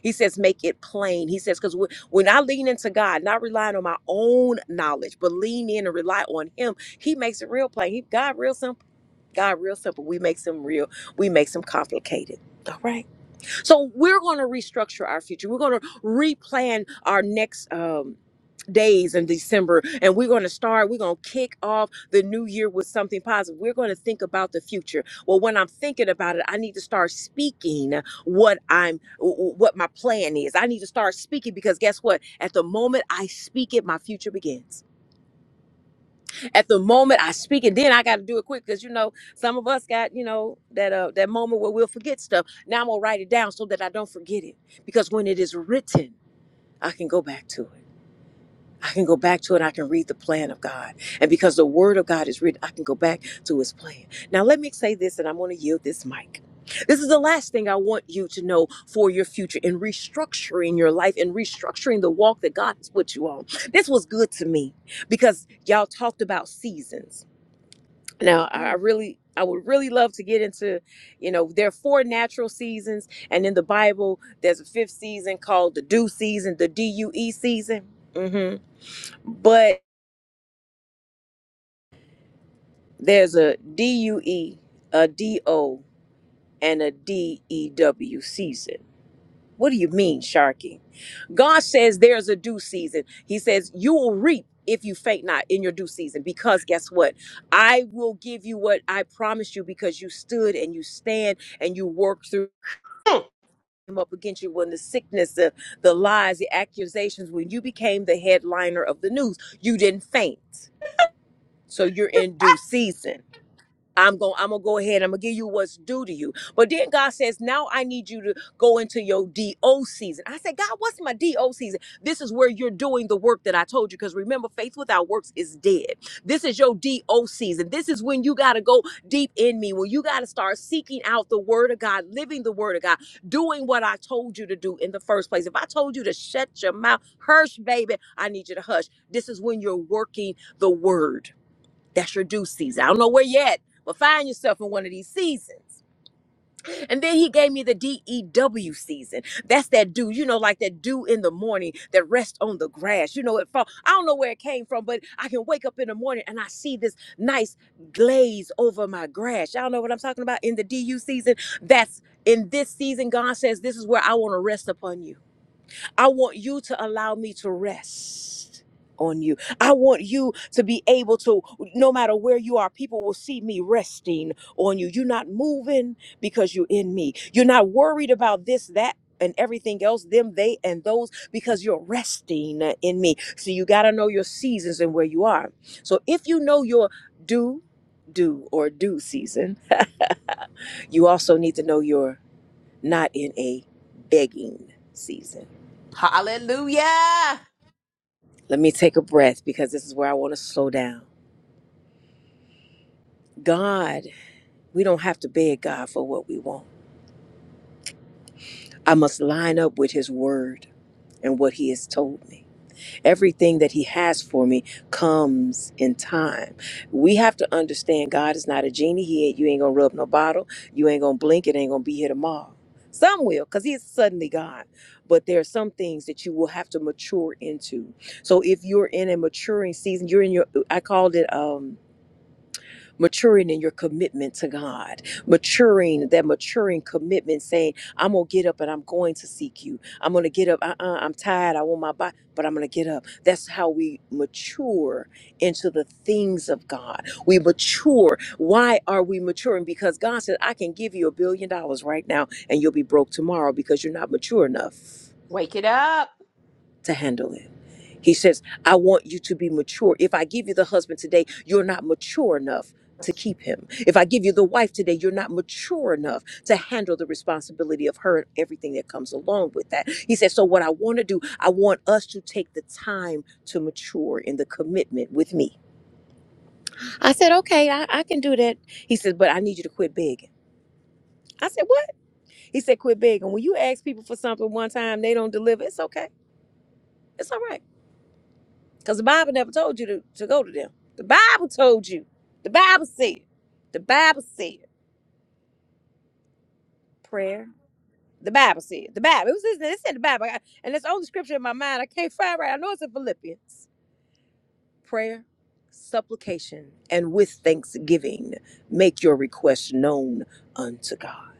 He says, make it plain. He says, because when I lean into God, not relying on my own knowledge, but lean in and rely on Him, He makes it real plain. He, God real simple. God real simple. We make some real, we make some complicated. All right. So we're going to restructure our future. We're going to replan our next um days in December and we're going to start we're going to kick off the new year with something positive. We're going to think about the future. Well, when I'm thinking about it, I need to start speaking what I'm what my plan is. I need to start speaking because guess what? At the moment I speak it, my future begins at the moment I speak, and then I got to do it quick because you know some of us got you know that uh that moment where we'll forget stuff. Now I'm gonna write it down so that I don't forget it because when it is written, I can go back to it. I can go back to it. I can read the plan of God, and because the Word of God is written, I can go back to His plan. Now let me say this, and I'm gonna yield this mic. This is the last thing I want you to know for your future in restructuring your life and restructuring the walk that God has put you on. This was good to me because y'all talked about seasons now, I I really, I would really love to get into, you know, there are four natural seasons, and in the Bible, there's a fifth season called the due season, the D U E season. hmm But there's a D U E, a D O, and a D E W season. What do you mean, Sharky? God says there's a due season. He says you will reap if you faint not in your due season, because guess what? I will give you what I promised you because you stood and you stand and you worked through. Mm. came up against you when the sickness, the, the lies, the accusations, when you became the headliner of the news, you didn't faint. So you're in due season. I'm going I'm going to go ahead. I'm going to give you what's due to you. But then God says, "Now I need you to go into your DO season." I said, "God, what's my DO season?" This is where you're doing the work that I told you because remember faith without works is dead. This is your DO season. This is when you got to go deep in me. When you got to start seeking out the word of God, living the word of God, doing what I told you to do in the first place. If I told you to shut your mouth, hush baby, I need you to hush. This is when you're working the word. That's your due season. I don't know where you're at, but find yourself in one of these seasons. And then he gave me the DEW season. That's that dew, you know, like that dew in the morning that rests on the grass. You know, it fall. I don't know where it came from, but I can wake up in the morning and I see this nice glaze over my grass. Y'all know what I'm talking about in the DU season? That's in this season, God says, This is where I want to rest upon you. I want you to allow me to rest on you. I want you to be able to, no matter where you are, people will see me resting on you. You're not moving because you're in me. You're not worried about this, that. And everything else, them, they, and those, because you're resting in me. So you got to know your seasons and where you are. So if you know your do, do, or do season, you also need to know you're not in a begging season Hallelujah. Let me take a breath because this is where I want to slow down. God, we don't have to beg God for what we want. I must line up with His word and what He has told me. Everything that He has for me comes in time. We have to understand God is not a genie. He ain't, you ain't going to rub no bottle. You ain't going to blink. It ain't going to be here tomorrow. Some will because He is suddenly God. But there are some things that you will have to mature into. So if you're in a maturing season, you're in your, I called it, um, maturing in your commitment to God, maturing that maturing commitment, saying, I'm gonna get up and I'm going to seek you. I'm gonna get up. Uh-uh, I'm tired. I want my body, but I'm gonna get up. That's how we mature into the things of God. We mature. Why are we maturing? Because God said, I can give you a billion dollars right now and you'll be broke tomorrow because you're not mature enough Wake it up. to handle it. He says, I want you to be mature. If I give you the husband today, you're not mature enough to keep him. If I give you the wife today, you're not mature enough to handle the responsibility of her and everything that comes along with that. He says, So, what I want to do, I want us to take the time to mature in the commitment with me. I said, Okay, I, I can do that. He says, But I need you to quit begging. I said, What? He said, Quit begging. When you ask people for something one time, they don't deliver. It's okay. It's all right. Because the Bible never told you to, to go to them. The Bible told you. The Bible said. The Bible said. Prayer. The Bible said. The Bible. It was this. It said the Bible. I- got- and it's the only scripture in my mind. I can't find right. I know it's in Philippians. Prayer, supplication, and with thanksgiving, make your request known unto God.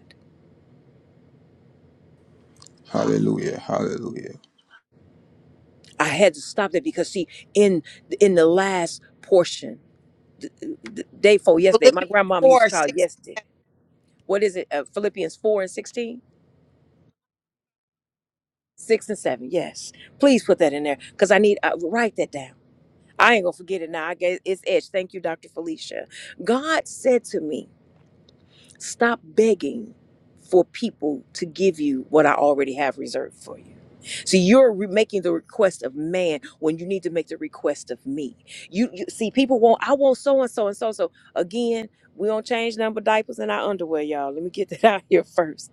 Hallelujah. Hallelujah. I had to stop that because see, in in the last portion, the, the day four yesterday, my Philippians grandmama used to 4, call it 6. yesterday. What is it? Uh, Philippians four and sixteen Six and seven, yes. Please put that in there because I need, uh, write that down. I ain't gonna forget it now. I guess it's etched. Thank you, Dr. Felicia. God said to me, Stop begging for people to give you what I already have reserved for you. See, you're re- making the request of man when you need to make the request of me. You, you see, people want I want so and so and so so. Again, we don't change number diapers and our underwear, y'all. Let me get that out here first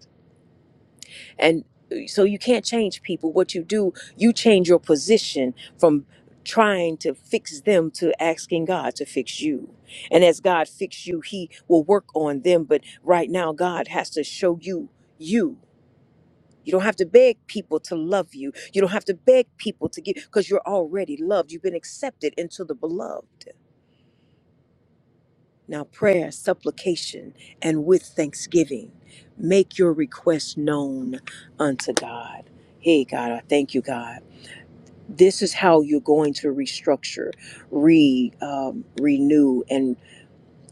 and uh, so you can't change people. What you do, you change your position from trying to fix them to asking God to fix you. And as God fix you, he will work on them, but right now God has to show you you. You don't have to beg people to love you. You don't have to beg people to give because you're already loved. You've been accepted into the beloved. Now, prayer, supplication, and with thanksgiving, make your request known unto God. Hey, God, I thank you, God. This is how you're going to restructure, re um, renew, and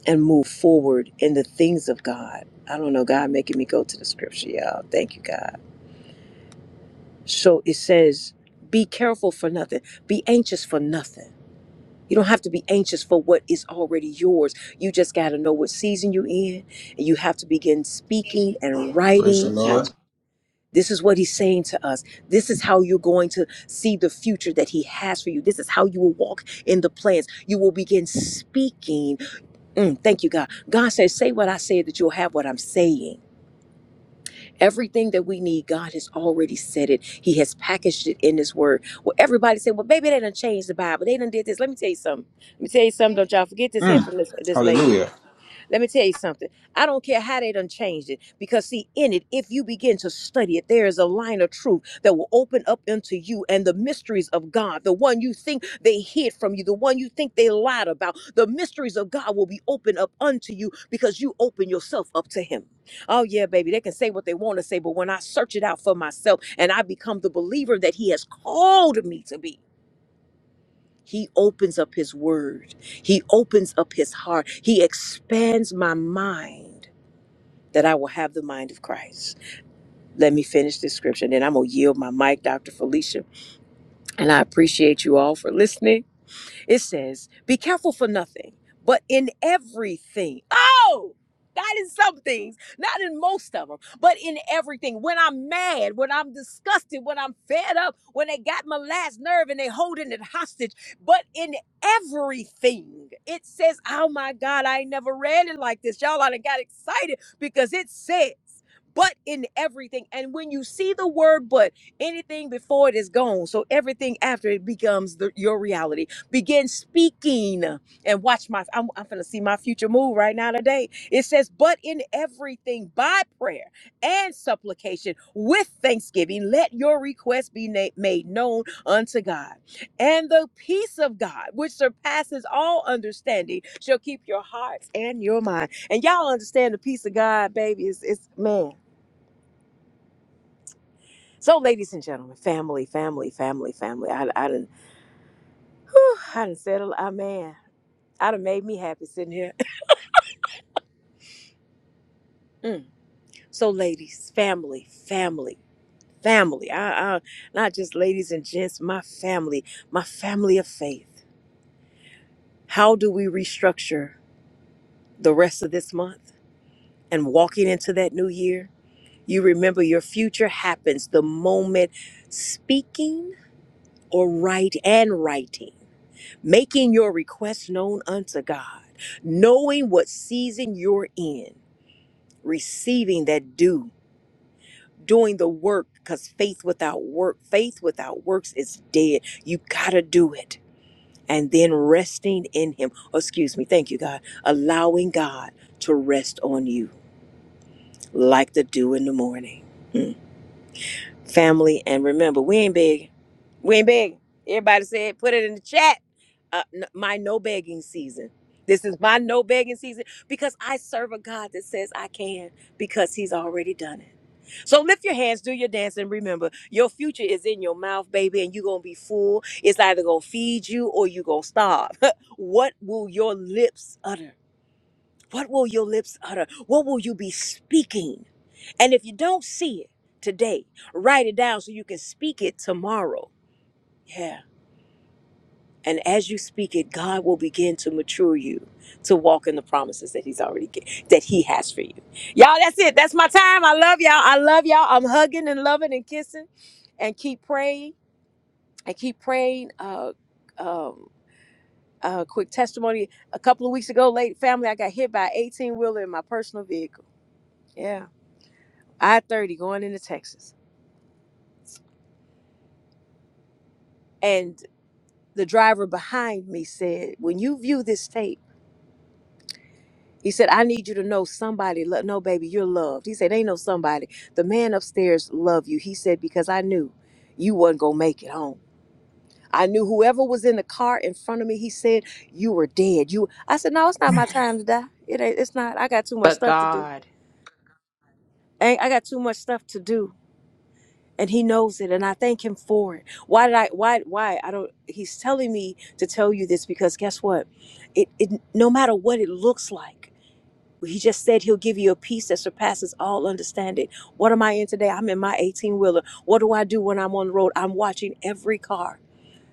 and move forward in the things of God. I don't know, God making me go to the scripture, y'all. Thank you, God. So it says, "Be careful for nothing. Be anxious for nothing." You don't have to be anxious for what is already yours. You just got to know what season you're in, and you have to begin speaking and Praise the Yeah. writing. Lord. This is what he's saying to us. This is how you're going to see the future that he has for you. This is how you will walk in the plans. You will begin speaking. Mm, thank you, God. God says, Say what I said that you'll have what I'm saying. Everything that we need, God has already said it. He has packaged it in His Word. Well, everybody said, "Well, baby, they done changed the Bible. They done did this." Let me tell you something. Let me tell you something. Don't y'all forget this here Mm. from this this lady. Hallelujah. Let me tell you something. I don't care how they done changed it. Because see, in it, if you begin to study it, there is a line of truth that will open up into you and the mysteries of God, the one you think they hid from you, the one you think they lied about, the mysteries of God will be opened up unto you because you open yourself up to Him. Oh, yeah, baby, they can say what they want to say, but when I search it out for myself and I become the believer that He has called me to be, he opens up his word. He opens up his heart. He expands my mind that I will have the mind of Christ. Let me finish this scripture, and then I'm going to yield my mic, Dr. Felicia. And I appreciate you all for listening. It says, Be careful for nothing, but in everything. Oh! Not in some things, not in most of them, but in everything. When I'm mad, when I'm disgusted, when I'm fed up, when they got my last nerve and they holding it hostage, but in everything, it says, "Oh my God, I ain't never read it like this." Y'all, I done got excited because it says, "But in everything." And when you see the word "but," anything before it is gone, so everything after it becomes the, your reality begin speaking and watch my I'm, I'm gonna see my future move right now today it says but in everything by prayer and supplication with thanksgiving let your requests be na- made known unto god and the peace of god which surpasses all understanding shall keep your hearts and your mind and y'all understand the peace of god baby it's, it's man so ladies and gentlemen family family family family i, I didn't i didn't said a lot man I done made me happy sitting here Mm. So, ladies, family, family, family. I, I, not just ladies and gents, my family, my family of faith. How do we restructure the rest of this month and walking into that new year? You remember your future happens the moment speaking or write and writing, making your request known unto God, knowing what season you're in, receiving that due doing the work because faith without work faith without works is dead you gotta do it and then resting in him oh, excuse me thank you god allowing god to rest on you like the dew in the morning Mm. family and remember we ain't begging we ain't begging everybody said put it in the chat uh, n- my no begging season this is my no begging season because i serve a god that says i can because he's already done it so lift your hands, do your dance, and remember your future is in your mouth, baby, and you're gonna be full. It's either gonna feed you or you gonna starve. what will your lips utter? What will your lips utter? What will you be speaking? And if you don't see it today, write it down so you can speak it tomorrow. Yeah. And as you speak it, God will begin to mature you to walk in the promises that He's already gi- that He has for you. Y'all, that's it. That's my time. I love y'all. I love y'all. I'm hugging and loving and kissing, and keep praying and keep praying. Uh, um, uh, quick testimony. A couple of weeks ago, late family, I got hit by an 18 wheeler in my personal vehicle. Yeah, I 30 going into Texas, and the driver behind me said, "When you view this tape." He said, I need you to know somebody. Lo- no, baby, you're loved. He said, ain't no somebody. The man upstairs loved you. He said, because I knew you wasn't going to make it home. I knew whoever was in the car in front of me, he said, you were dead. You, I said, no, it's not my time to die. It ain't, it's not. I got too much But stuff to do. God. I, I got too much stuff to do. And he knows it. And I thank him for it. Why did I, why, why? I don't, he's telling me to tell you this because guess what? It, it, no matter what it looks like, He just said he'll give you a peace that surpasses all understanding. What am I in today? I'm in my 18 wheeler. What do I do when I'm on the road? I'm watching every car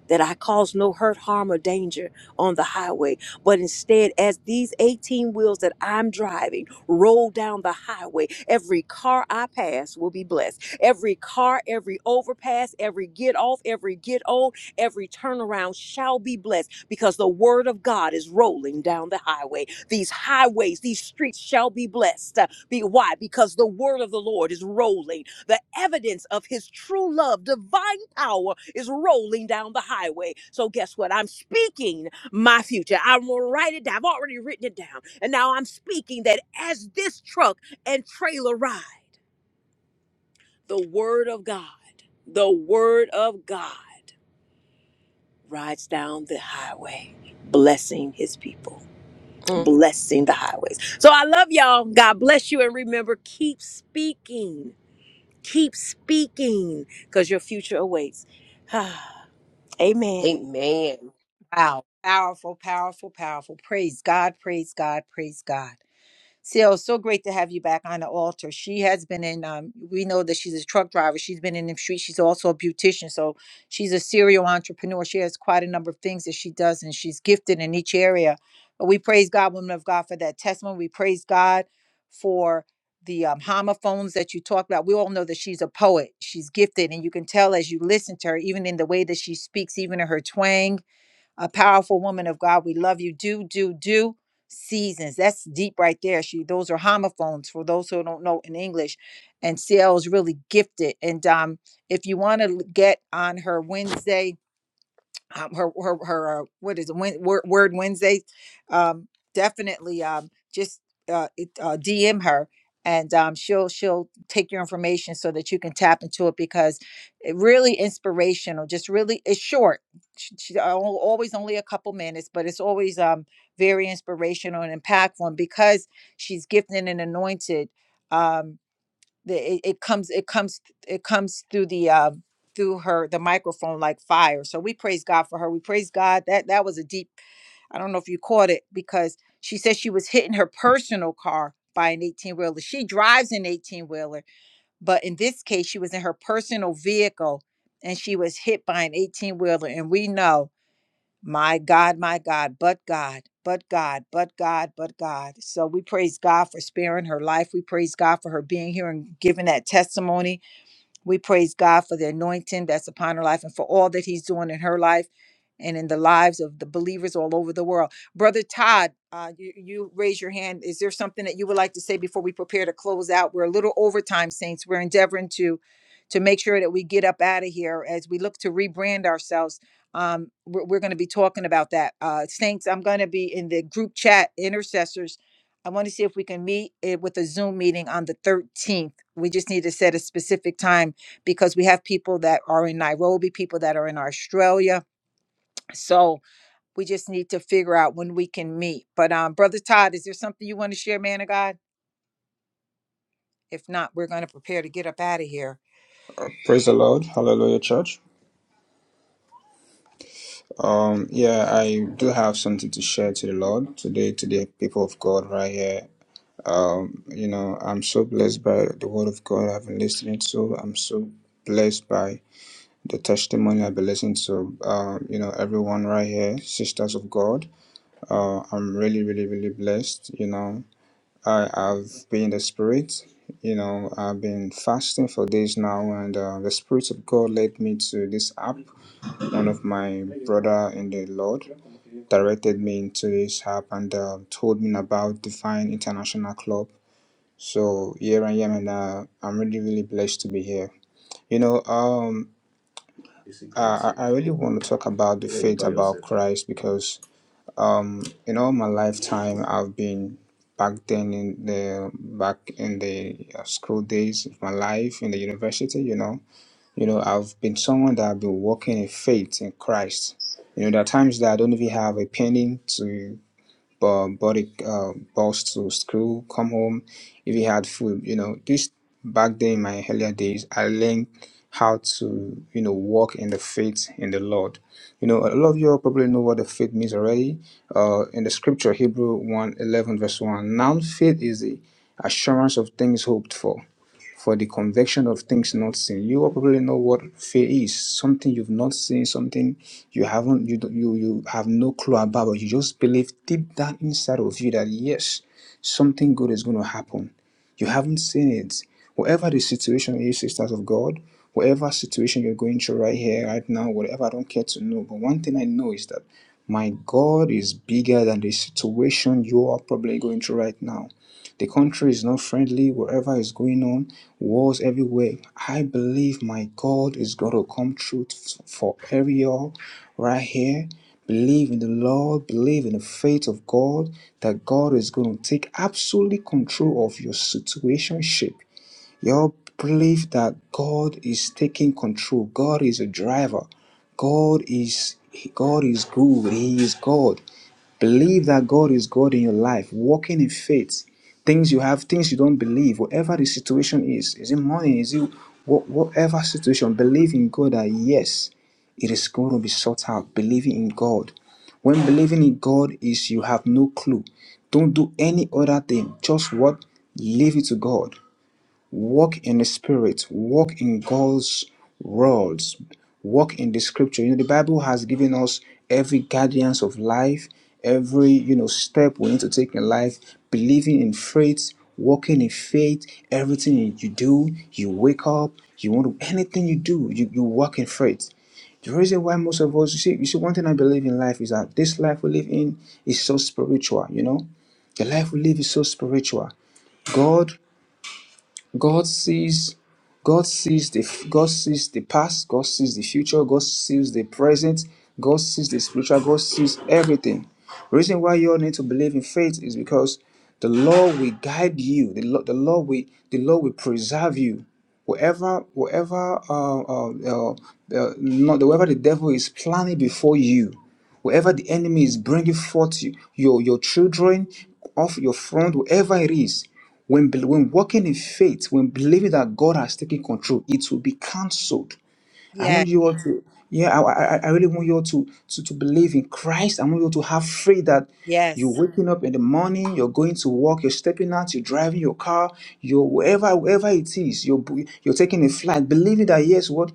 that I cause no hurt, harm, or danger on the highway, but instead, as these 18 wheels that I'm driving roll down the highway, every car I pass will be blessed. Every car, every overpass, every get off, every get on, every turnaround shall be blessed because the word of God is rolling down the highway. These highways, these streets shall be blessed. Uh, Be why? Because the word of the Lord is rolling the evidence of his true love, divine power is rolling down the highway. So guess what? I'm speaking my future. I'm gonna write it down. I've already written it down. And now I'm speaking that as this truck and trailer ride, the word of God, the word of God rides down the highway, blessing his people, Mm. blessing the highways. So I love y'all. God bless you. And remember, keep speaking. Keep speaking because your future awaits. Amen. Amen. Wow. Powerful, powerful, powerful. Praise God, praise God, praise God. Seal, so great to have you back on the altar. She has been in, um, we know that she's a truck driver. She's been in the streets. She's also a beautician. So she's a serial entrepreneur. She has quite a number of things that she does, and she's gifted in each area. But we praise God, women of God, for that testimony. We praise God for the um, homophones that you talked about. We all know that she's a poet. She's gifted, and you can tell as you listen to her, even in the way that she speaks, even in her twang a powerful woman of God. We love you. Do, do, do. Seasons. That's deep right there. She those are homophones for those who don't know in English. And CL is really gifted. And um, if you want to get on her Wednesday, um, her her her uh, what is it Wed- Word, Word Wednesday? Um, definitely um, just uh, it, uh, DM her and um, she'll she'll take your information so that you can tap into it because it really inspirational. Just really it's short. She, she al- always only a couple minutes, but it's always um, very inspirational and impactful. And because she's gifted and anointed. Um, the it, it comes it comes it comes through the uh through her the microphone like fire so we praise god for her we praise god that that was a deep i don't know if you caught it because she said she was hitting her personal car by an 18 wheeler she drives an 18 wheeler but in this case she was in her personal vehicle and she was hit by an 18 wheeler and we know my God, my God, but God, but God, but God, but God. So we praise God for sparing her life. We praise God for her being here and giving that testimony we praise God for the anointing that's upon her life and for all that He's doing in her life and in the lives of the believers all over the world. Brother Todd, uh, you, you raise your hand. Is there something that you would like to say before we prepare to close out? We're a little overtime, saints. We're endeavoring to to make sure that we get up out of here as we look to rebrand ourselves. Um, we're we're going to be talking about that, uh, saints. I'm going to be in the group chat intercessors. I want to see if we can meet it with a Zoom meeting on the 13th. We just need to set a specific time because we have people that are in Nairobi, people that are in Australia. So we just need to figure out when we can meet. But um, Brother Todd, is there something you want to share, man of God? If not, we're going to prepare to get up out of here. Praise the Lord. Hallelujah, church. Um, yeah, I do have something to share to the Lord today, to the people of God right here. Um, you know, I'm so blessed by the word of God I've been listening to. I'm so blessed by the testimony I've been listening to. Um, you know, everyone right here, sisters of God. Uh, I'm really, really, really blessed, you know. I have been in the spirit. You know, I've been fasting for days now, and uh, the spirit of God led me to this app. One of my brother in the Lord directed me into this app and uh, told me about Divine International Club. So here I am, and uh, I'm really, really blessed to be here. You know, um, I, I I really want to talk about the faith about Christ because um in all my lifetime i've been back then in the back in the uh, school days of my life in the university you know you know i've been someone that i've been walking in faith in christ you know there are times that i don't even have a penny to uh, bought a uh, bus to school, come home if he had food. You know, this back then in my earlier days, I learned how to, you know, walk in the faith in the Lord. You know, a lot of you all probably know what the faith means already. Uh, in the scripture, Hebrew one 11 verse 1, now faith is the assurance of things hoped for for the conviction of things not seen. You will probably know what fear is something you've not seen, something you haven't, you, you, you have no clue about, but you just believe deep down inside of you that yes, something good is going to happen. You haven't seen it. Whatever the situation is, sisters of God, whatever situation you're going through right here, right now, whatever, I don't care to know. But one thing I know is that my God is bigger than the situation you are probably going through right now. The country is not friendly, whatever is going on, wars everywhere. I believe my God is going to come true for every all right here. Believe in the Lord, believe in the faith of God that God is going to take absolute control of your situationship. Your believe that God is taking control, God is a driver, God is God is good, He is God. Believe that God is God in your life, walking in faith. Things you have, things you don't believe, whatever the situation is, is it money, is it what, whatever situation, believe in God that yes, it is going to be sought out. Believing in God. When believing in God is you have no clue. Don't do any other thing. Just what? Leave it to God. Walk in the spirit, walk in God's words, walk in the scripture. You know, the Bible has given us every guidance of life, every you know step we need to take in life, believing in faith, walking in faith, everything you do, you wake up, you want to anything you do, you, you walk in faith. The reason why most of us, you see, you see, one thing I believe in life is that this life we live in is so spiritual, you know? The life we live is so spiritual. God God sees God sees the God sees the past, God sees the future, God sees the present, God sees the spiritual, God sees everything. Reason why you all need to believe in faith is because the Lord will guide you. The Lord, the Lord will the Lord will preserve you. Whatever, whatever, uh, uh, uh, uh, not whatever the devil is planning before you, wherever the enemy is bringing forth your, your children off your front, wherever it is, when, when walking in faith, when believing that God has taken control, it will be cancelled I Yes, want you all to, yeah, I, I, I really want you all to, to, to believe in Christ. I want you all to have faith that you're yes, waking up in the morning, you're going to work, you're stepping out, you're driving your car, you're wherever, wherever it is, you're, bu- you're taking a flight, believing that, yes, what?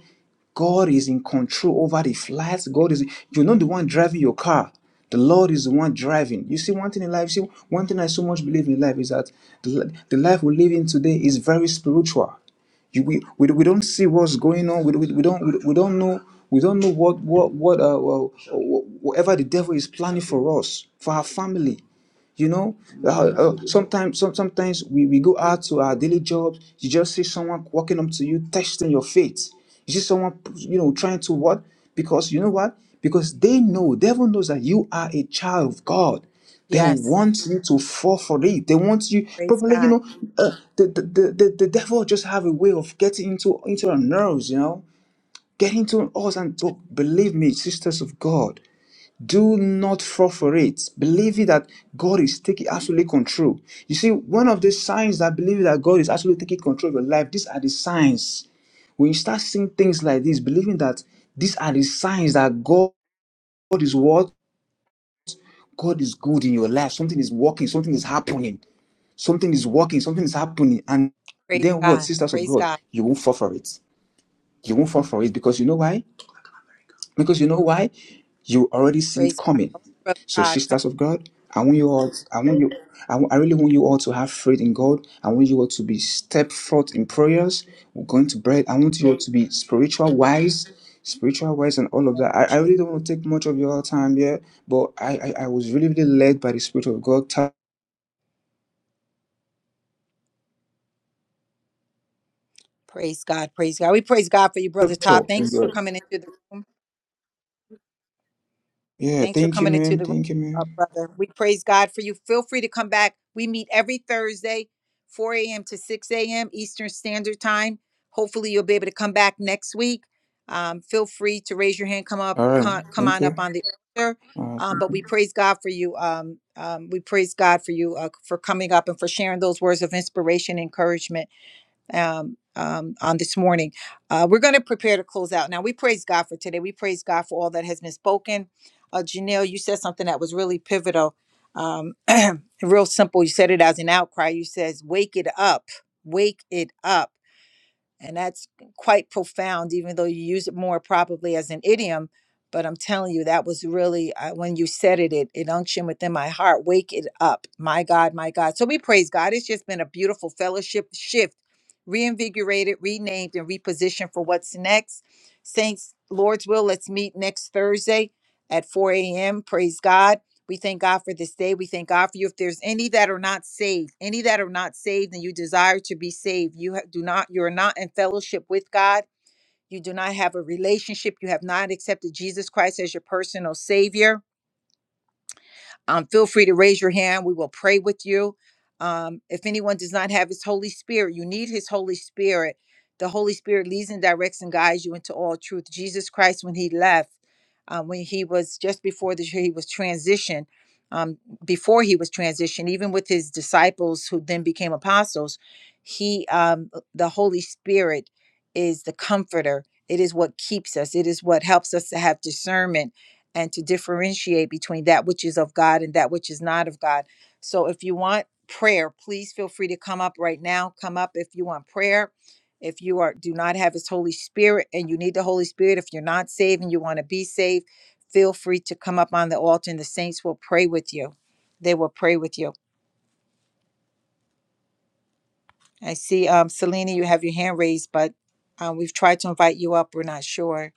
God is in control over the flights. God is, you're not the one driving your car. The Lord is the one driving. You see, one thing in life, see, one thing I so much believe in life is that the, the life we live in today is very spiritual. You, we, we we don't see what's going on. We, we, we don't we, we don't know we don't know what what what uh well, whatever the devil is planning for us for our family. You know, uh, uh, sometimes some, sometimes we, we go out to our daily jobs. You just see someone walking up to you, testing your faith. You see someone, you know, trying to what? Because you know what? Because they know, devil knows that you are a child of God. They yes. want you to fall for it. They want you Praise probably, you God. know, uh, the, the, the, the the devil just have a way of getting into into our nerves, you know, getting to us. And but believe me, sisters of God, do not fall for it. Believing that God is taking absolute control. You see, one of the signs that believe that God is actually taking control of your life, these are the signs. When you start seeing things like this, believing that these are the signs that God is what? God is good in your life. Something is working, something is happening, something is working, something is happening. And Praise then what, God. sisters of Praise God? God. You won't fall for it. You won't fall for it because you know why? Because you know why? You already see it Praise God. coming. All right, brother So, Todd, come sisters on, of God, I want you all, I want you, I, want- I really want you all to have faith in God. I want you all to be step forth in prayers. We're going to pray. I want you all to be spiritual wise, spiritual wise, and all of that. I, I Jesus. really don't want to take much of your time here, but I, I, I was really, really led by the Spirit of God. Tap Praise God. Praise God. We praise God for you, brother Scripture Todd. in Thanks for your- coming into the room. Yeah, Thanks for thank you, coming into ma'am. the room, Thank you, ma'am. uh, brother. We praise God for you. Feel free to come back. We meet every Thursday, 4 a.m. to 6 a.m. Eastern Standard Time. Hopefully, you'll be able to come back next week. Um, feel free to raise your hand, come up, All right, co- come ma'am. Thank on you. up on the altar. All Um, right. but we praise God for you. Um, um, we praise God for you uh, for coming up and for sharing those words of inspiration, encouragement um, um, on this morning. Uh, we're going to prepare to close out. Now, we praise God for today. We praise God for all that has been spoken. Uh, Janelle, you said something that was really pivotal, um, real simple. You said it as an outcry. You says, "Wake it up, wake it up." And that's quite profound, even though you use it more probably as an idiom. But I'm telling you, that was really, uh, when you said it, it, it unctioned within my heart. Wake it up. My God, my God. So we praise God. It's just been a beautiful fellowship shift, reinvigorated, renamed, and repositioned for what's next. Saints, Lord's will, let's meet next Thursday at 4 a.m. Praise God. We thank God for this day. We thank God for you. If there's any that are not saved, any that are not saved and you desire to be saved, you ha- do not, you're not in fellowship with God. You do not have a relationship. You have not accepted Jesus Christ as your personal savior um, feel free to raise your hand. We will pray with you. Um, if anyone does not have his Holy Spirit, you need his Holy Spirit. The Holy Spirit leads and directs and guides you into all truth. Jesus Christ, when he left, uh, when he was just before the he was transitioned, um, before he was transitioned, even with his disciples who then became apostles, he um, the Holy Spirit is the comforter. It is what keeps us. It is what helps us to have discernment and to differentiate between that which is of God and that which is not of God. So if you want prayer, please feel free to come up right now. Come up if you want prayer. If you are do not have his Holy Spirit and you need the Holy Spirit, if you're not saved and you want to be saved, feel free to come up on the altar and the saints will pray with you. They will pray with you. I see um Selena, you have your hand raised, but um, we've tried to invite you up. We're not sure.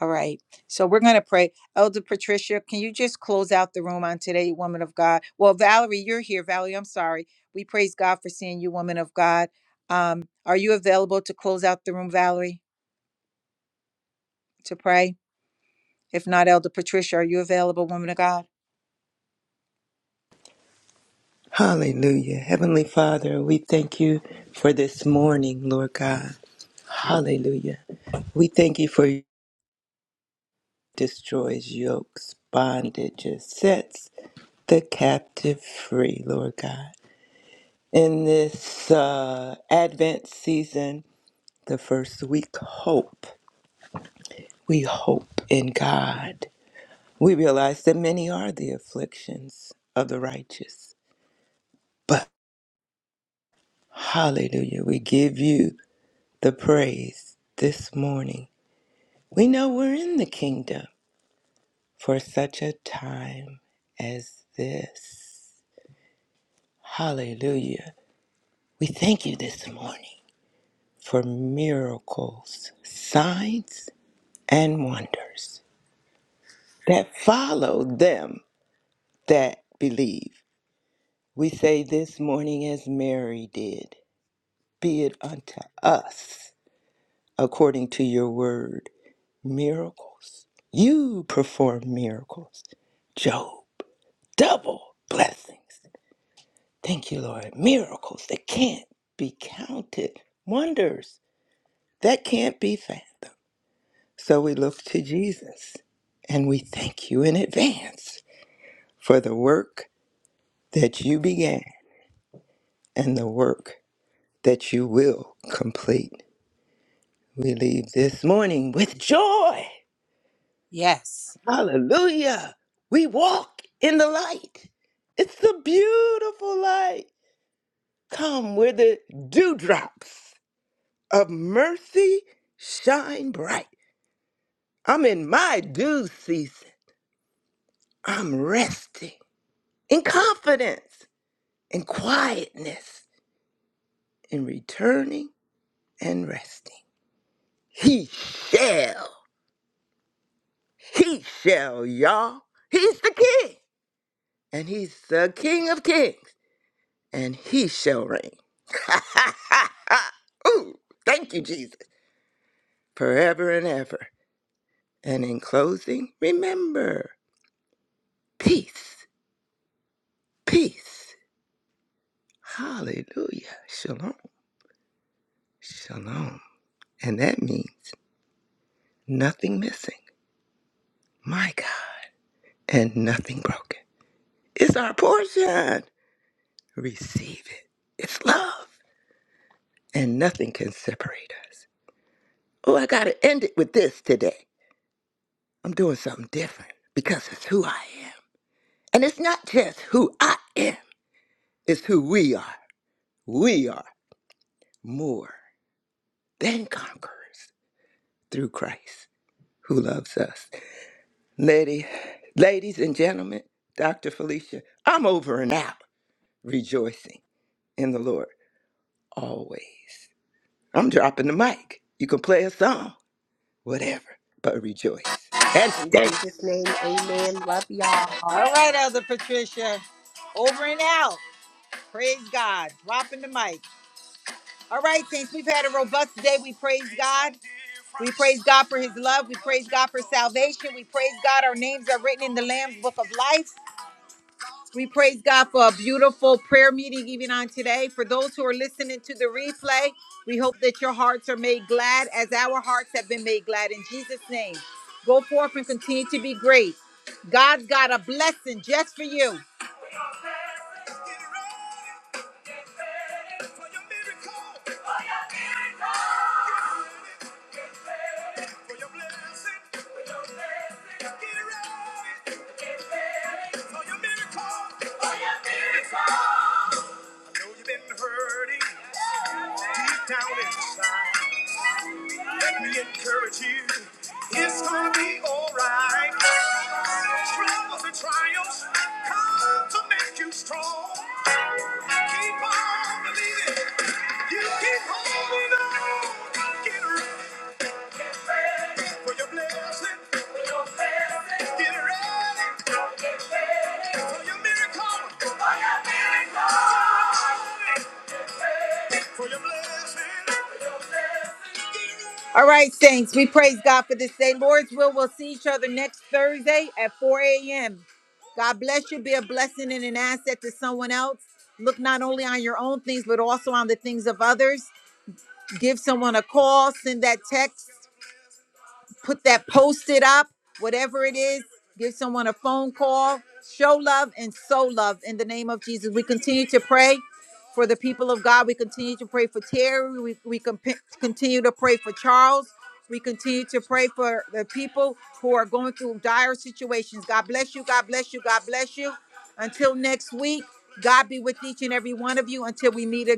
All right. So we're going to pray. Elder Patricia, can you just close out the room on today, woman of God? Well, Valerie, you're here. Valerie, I'm sorry. We praise God for seeing you, woman of God. Um, are you available to close out the room, Valerie, to pray? If not, Elder Patricia, are you available, woman of God? Hallelujah. Heavenly Father, we thank you for this morning, Lord God. Hallelujah. We thank you for your destroys yokes, bondages, sets the captive free, Lord God. in this uh, Advent season, the first week, hope. We hope in God. We realize that many are the afflictions of the righteous, but hallelujah, we give you the praise this morning. We know we're in the kingdom for such a time as this. Hallelujah. We thank you this morning for miracles, signs, and wonders. that follow them that believe. We say this morning as Mary did, be it unto us according to your word. Miracles. You perform miracles. Job, double blessings. Thank you, Lord. Miracles that can't be counted. Wonders that can't be fathomed. So we look to Jesus and we thank you in advance for the work that you began. and the work that you will complete. We leave this morning with joy. Yes. Hallelujah. We walk in the light. It's the beautiful light. Come where the dewdrops of mercy shine bright. I'm in my due season. I'm resting in confidence, in quietness, in returning and resting. He shall. He shall, y'all. He's the king. And he's the king of kings. And he shall reign. Ooh, thank you, Jesus. Forever and ever. And in closing, remember peace, peace. Hallelujah. Shalom, shalom. And that means nothing missing. My God. And nothing broken. It's our portion. Receive it. It's love. And nothing can separate us. Oh, I got to end it with this today. I'm doing something different because it's who I am. And it's not just who I am, it's who we are. We are more than conquerors through Christ who loves us. Lady, ladies and gentlemen, Dr. Felicia, I'm over and out rejoicing in the Lord always. I'm dropping the mic. You can play a song, whatever, but rejoice and In dance. Jesus' name, amen. Love All y'all. right, Elder Patricia. Over and out. Praise God. Dropping the mic. All right, saints, we've had a robust day. We praise God. We praise God for his love. We praise God for salvation. We praise God. Our names are written in the Lamb's book of life. We praise God for a beautiful prayer meeting even on today. For those who are listening to the replay, we hope that your hearts are made glad as our hearts have been made glad in Jesus' name. Go forth and continue to be great. God's got a blessing just for you you've Let me encourage you, It's gonna be alright. Struggles and triumphs come to make you strong. Keep on believing. You keep holding on. Get ready for your blessing. All right, Saints, we praise God for this day. Lord's will, we'll see each other next Thursday at 4 a.m. God bless you. Be a blessing and an asset to someone else. Look not only on your own things, but also on the things of others. Give someone a call, send that text. put that post-it up, whatever it is, give someone a phone call, show love and sow love in the name of Jesus. We continue to pray for the people of God. We continue to pray for Terry. We, we comp- continue to pray for Charles. We continue to pray for the people who are going through dire situations. God bless you. God bless you. God bless you. Until next week, God be with each and every one of you until we meet again.